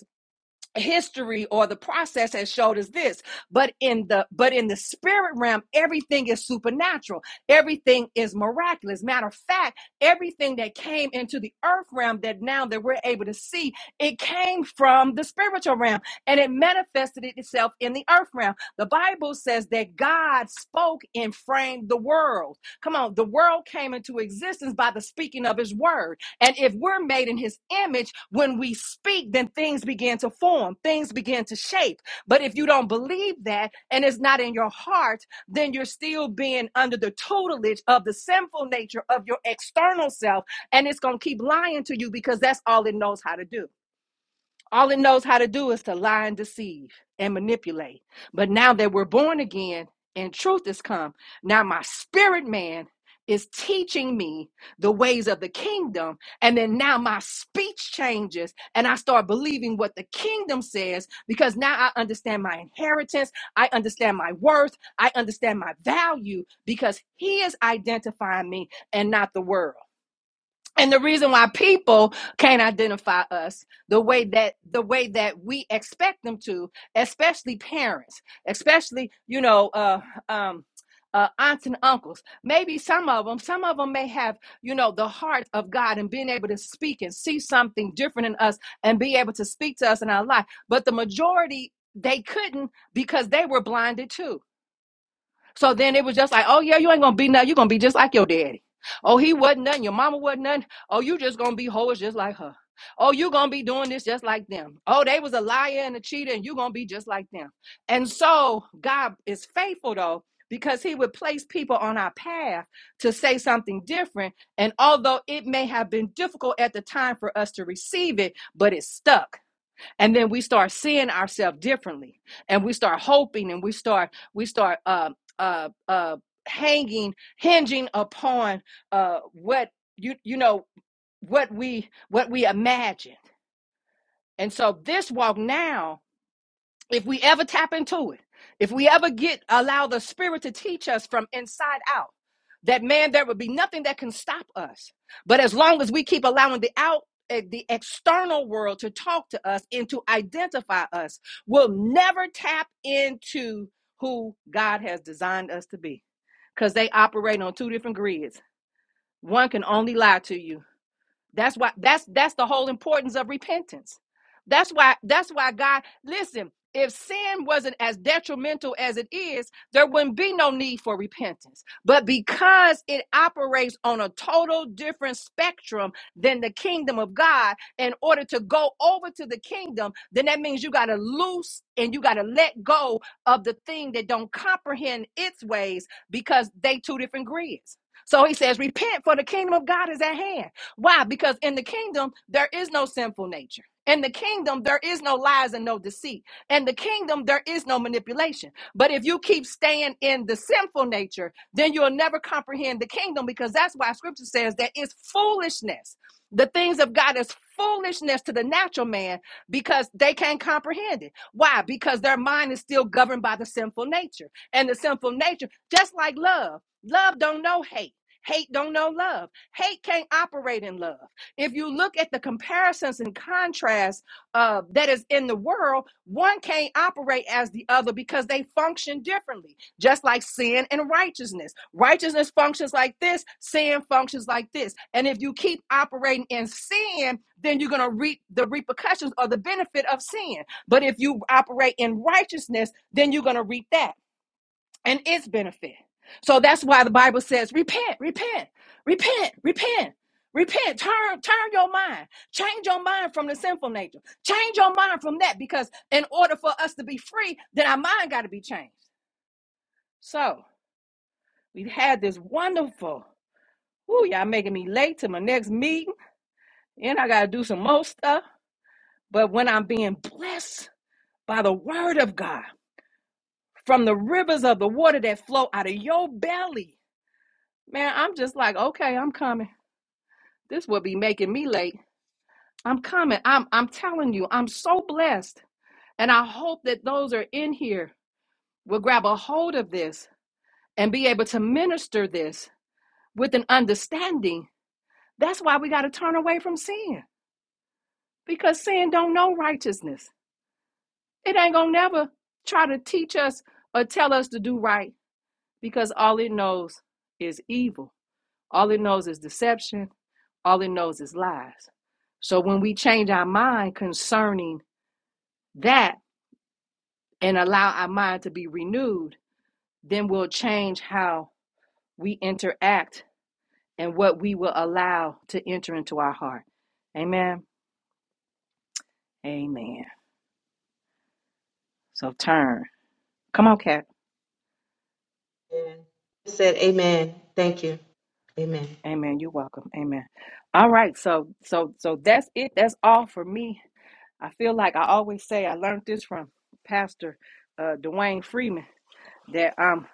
Speaker 1: history or the process has showed us this but in the but in the spirit realm everything is supernatural everything is miraculous matter of fact everything that came into the earth realm that now that we're able to see it came from the spiritual realm and it manifested itself in the earth realm the bible says that god spoke and framed the world come on the world came into existence by the speaking of his word and if we're made in his image, when we speak, then things begin to form, things begin to shape. But if you don't believe that and it's not in your heart, then you're still being under the tutelage of the sinful nature of your external self. And it's going to keep lying to you because that's all it knows how to do. All it knows how to do is to lie and deceive and manipulate. But now that we're born again and truth has come, now my spirit man is teaching me the ways of the kingdom. And then now my speech changes and I start believing what the kingdom says because now I understand my inheritance. I understand my worth. I understand my value because he is identifying me and not the world and the reason why people can't identify us the way that the way that we expect them to especially parents especially you know uh um uh, aunts and uncles maybe some of them some of them may have you know the heart of god and being able to speak and see something different in us and be able to speak to us in our life but the majority they couldn't because they were blinded too so then it was just like, oh yeah, you ain't gonna be nothing. You're gonna be just like your daddy. Oh, he wasn't nothing. Your mama wasn't nothing. Oh, you just gonna be hoes just like her. Oh, you gonna be doing this just like them. Oh, they was a liar and a cheater, and you gonna be just like them. And so God is faithful though, because he would place people on our path to say something different. And although it may have been difficult at the time for us to receive it, but it stuck and then we start seeing ourselves differently and we start hoping and we start we start uh, uh, uh, hanging hinging upon uh, what you you know what we what we imagined, and so this walk now if we ever tap into it, if we ever get allow the spirit to teach us from inside out, that man, there would be nothing that can stop us. But as long as we keep allowing the out eh, the external world to talk to us and to identify us, we'll never tap into who God has designed us to be. Because they operate on two different grids. One can only lie to you, that's why that's that's the whole importance of repentance. That's why that's why God listen, if sin wasn't as detrimental as it is, there wouldn't be no need for repentance. But because it operates on a total different spectrum than the kingdom of God, in order to go over to the kingdom, then that means you got to loose and you got to let go of the thing that don't comprehend its ways because they two different grids. So he says, repent for the kingdom of God is at hand. Why? Because in the kingdom, there is no sinful nature. In the kingdom, there is no lies and no deceit. In the kingdom, there is no manipulation. But if you keep staying in the sinful nature, then you'll never comprehend the kingdom because that's why scripture says that it's foolishness. The things of God is foolishness to the natural man because they can't comprehend it. Why? Because their mind is still governed by the sinful nature. And the sinful nature, just like love, love don't know hate. Hate don't know love Hate can't operate in love. If you look at the comparisons and contrasts uh, that is in the world, one can't operate as the other because they function differently, just like sin and righteousness. Righteousness functions like this, sin functions like this. And if you keep operating in sin, then you're going to reap the repercussions or the benefit of sin. But if you operate in righteousness, then you're going to reap that and its benefit. So that's why the Bible says, repent, repent, repent, repent, repent, turn, turn your mind, change your mind from the sinful nature, change your mind from that, because in order for us to be free, then our mind got to be changed. So we've had this wonderful, ooh, y'all making me late to my next meeting, and I got to do some more stuff. But when I'm being blessed by the word of God, from the rivers of the water that flow out of your belly, man, I'm just like, okay, I'm coming. This will be making me late. I'm coming. I'm I'm telling you, I'm so blessed. And I hope that those are in here will grab a hold of this and be able to minister this with an understanding. That's why we got to turn away from sin. Because sin don't know righteousness. It ain't gonna never try to teach us or tell us to do right because all it knows is evil. All it knows is deception. All it knows is lies. So when we change our mind concerning that, and allow our mind to be renewed, then we'll change how we interact and what we will allow to enter into our heart. Amen. Amen. So turn. Come on, Cat.
Speaker 8: Yeah. Said amen. Thank you. Amen.
Speaker 1: Amen. You're welcome. Amen. All right. So so so that's it. That's all for me. I feel like I always say I learned this from Pastor uh Dwayne Freeman that um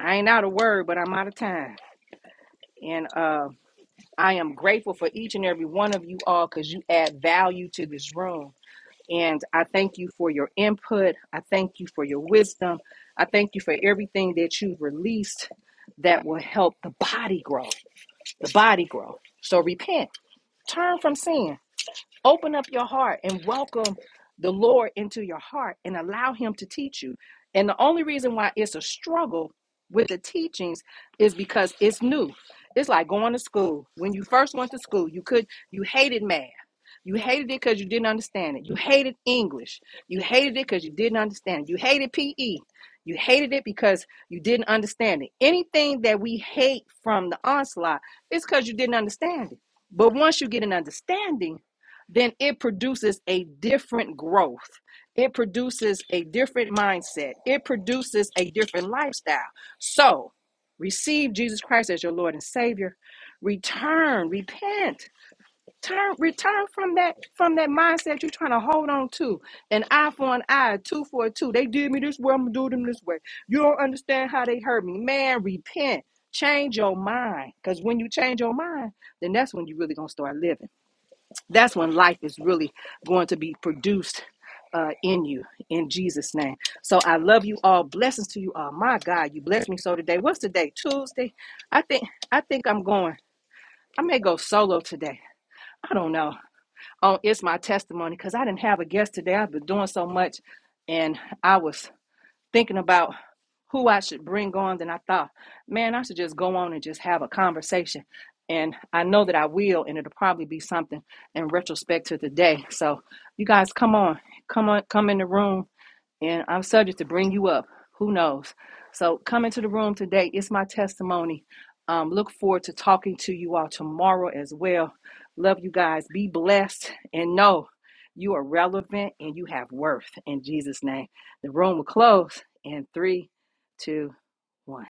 Speaker 1: I ain't out of word, but I'm out of time. And um I am grateful for each and every one of you all because you add value to this room. And I thank you for your input. I thank you for your wisdom. I thank you for everything that you've released that will help the body grow. The body grow. So repent, turn from sin Open up your heart and welcome the Lord into your heart and allow Him to teach you. And the only reason why it's a struggle with the teachings is because it's new. It's like going to school. When you first went to school, you could you hated math. You hated it because you didn't understand it. You hated English. You hated it because you didn't understand it. You hated PE. You hated it because you didn't understand it. Anything that we hate from the onslaught is because you didn't understand it. But once you get an understanding, then it produces a different growth. It produces a different mindset. It produces a different lifestyle. So receive Jesus Christ as your Lord and Savior. Return, repent, turn, return from that from that mindset you're trying to hold on to. An eye for an eye, two for a two. They did me this way, I'm gonna do them this way. You don't understand how they hurt me. Man, repent. Change your mind. Because when you change your mind, then that's when you really gonna start living. That's when life is really going to be produced uh, in you, in Jesus' name. So I love you all. Blessings to you all. My God, you blessed me so today. What's today? Tuesday. I think I think I'm going. I may go solo today. I don't know. Oh, it's my testimony because I didn't have a guest today. I've been doing so much, and I was thinking about who I should bring on, then I thought, man, I should just go on and just have a conversation. And I know that I will, and it'll probably be something in retrospect to today. So you guys come on, come on, come in the room and I'm subject to bring you up. Who knows? So come into the room today. It's my testimony. Um, look forward to talking to you all tomorrow as well. Love you guys. Be blessed and know you are relevant and you have worth in Jesus' name. The room will close in three, two, one.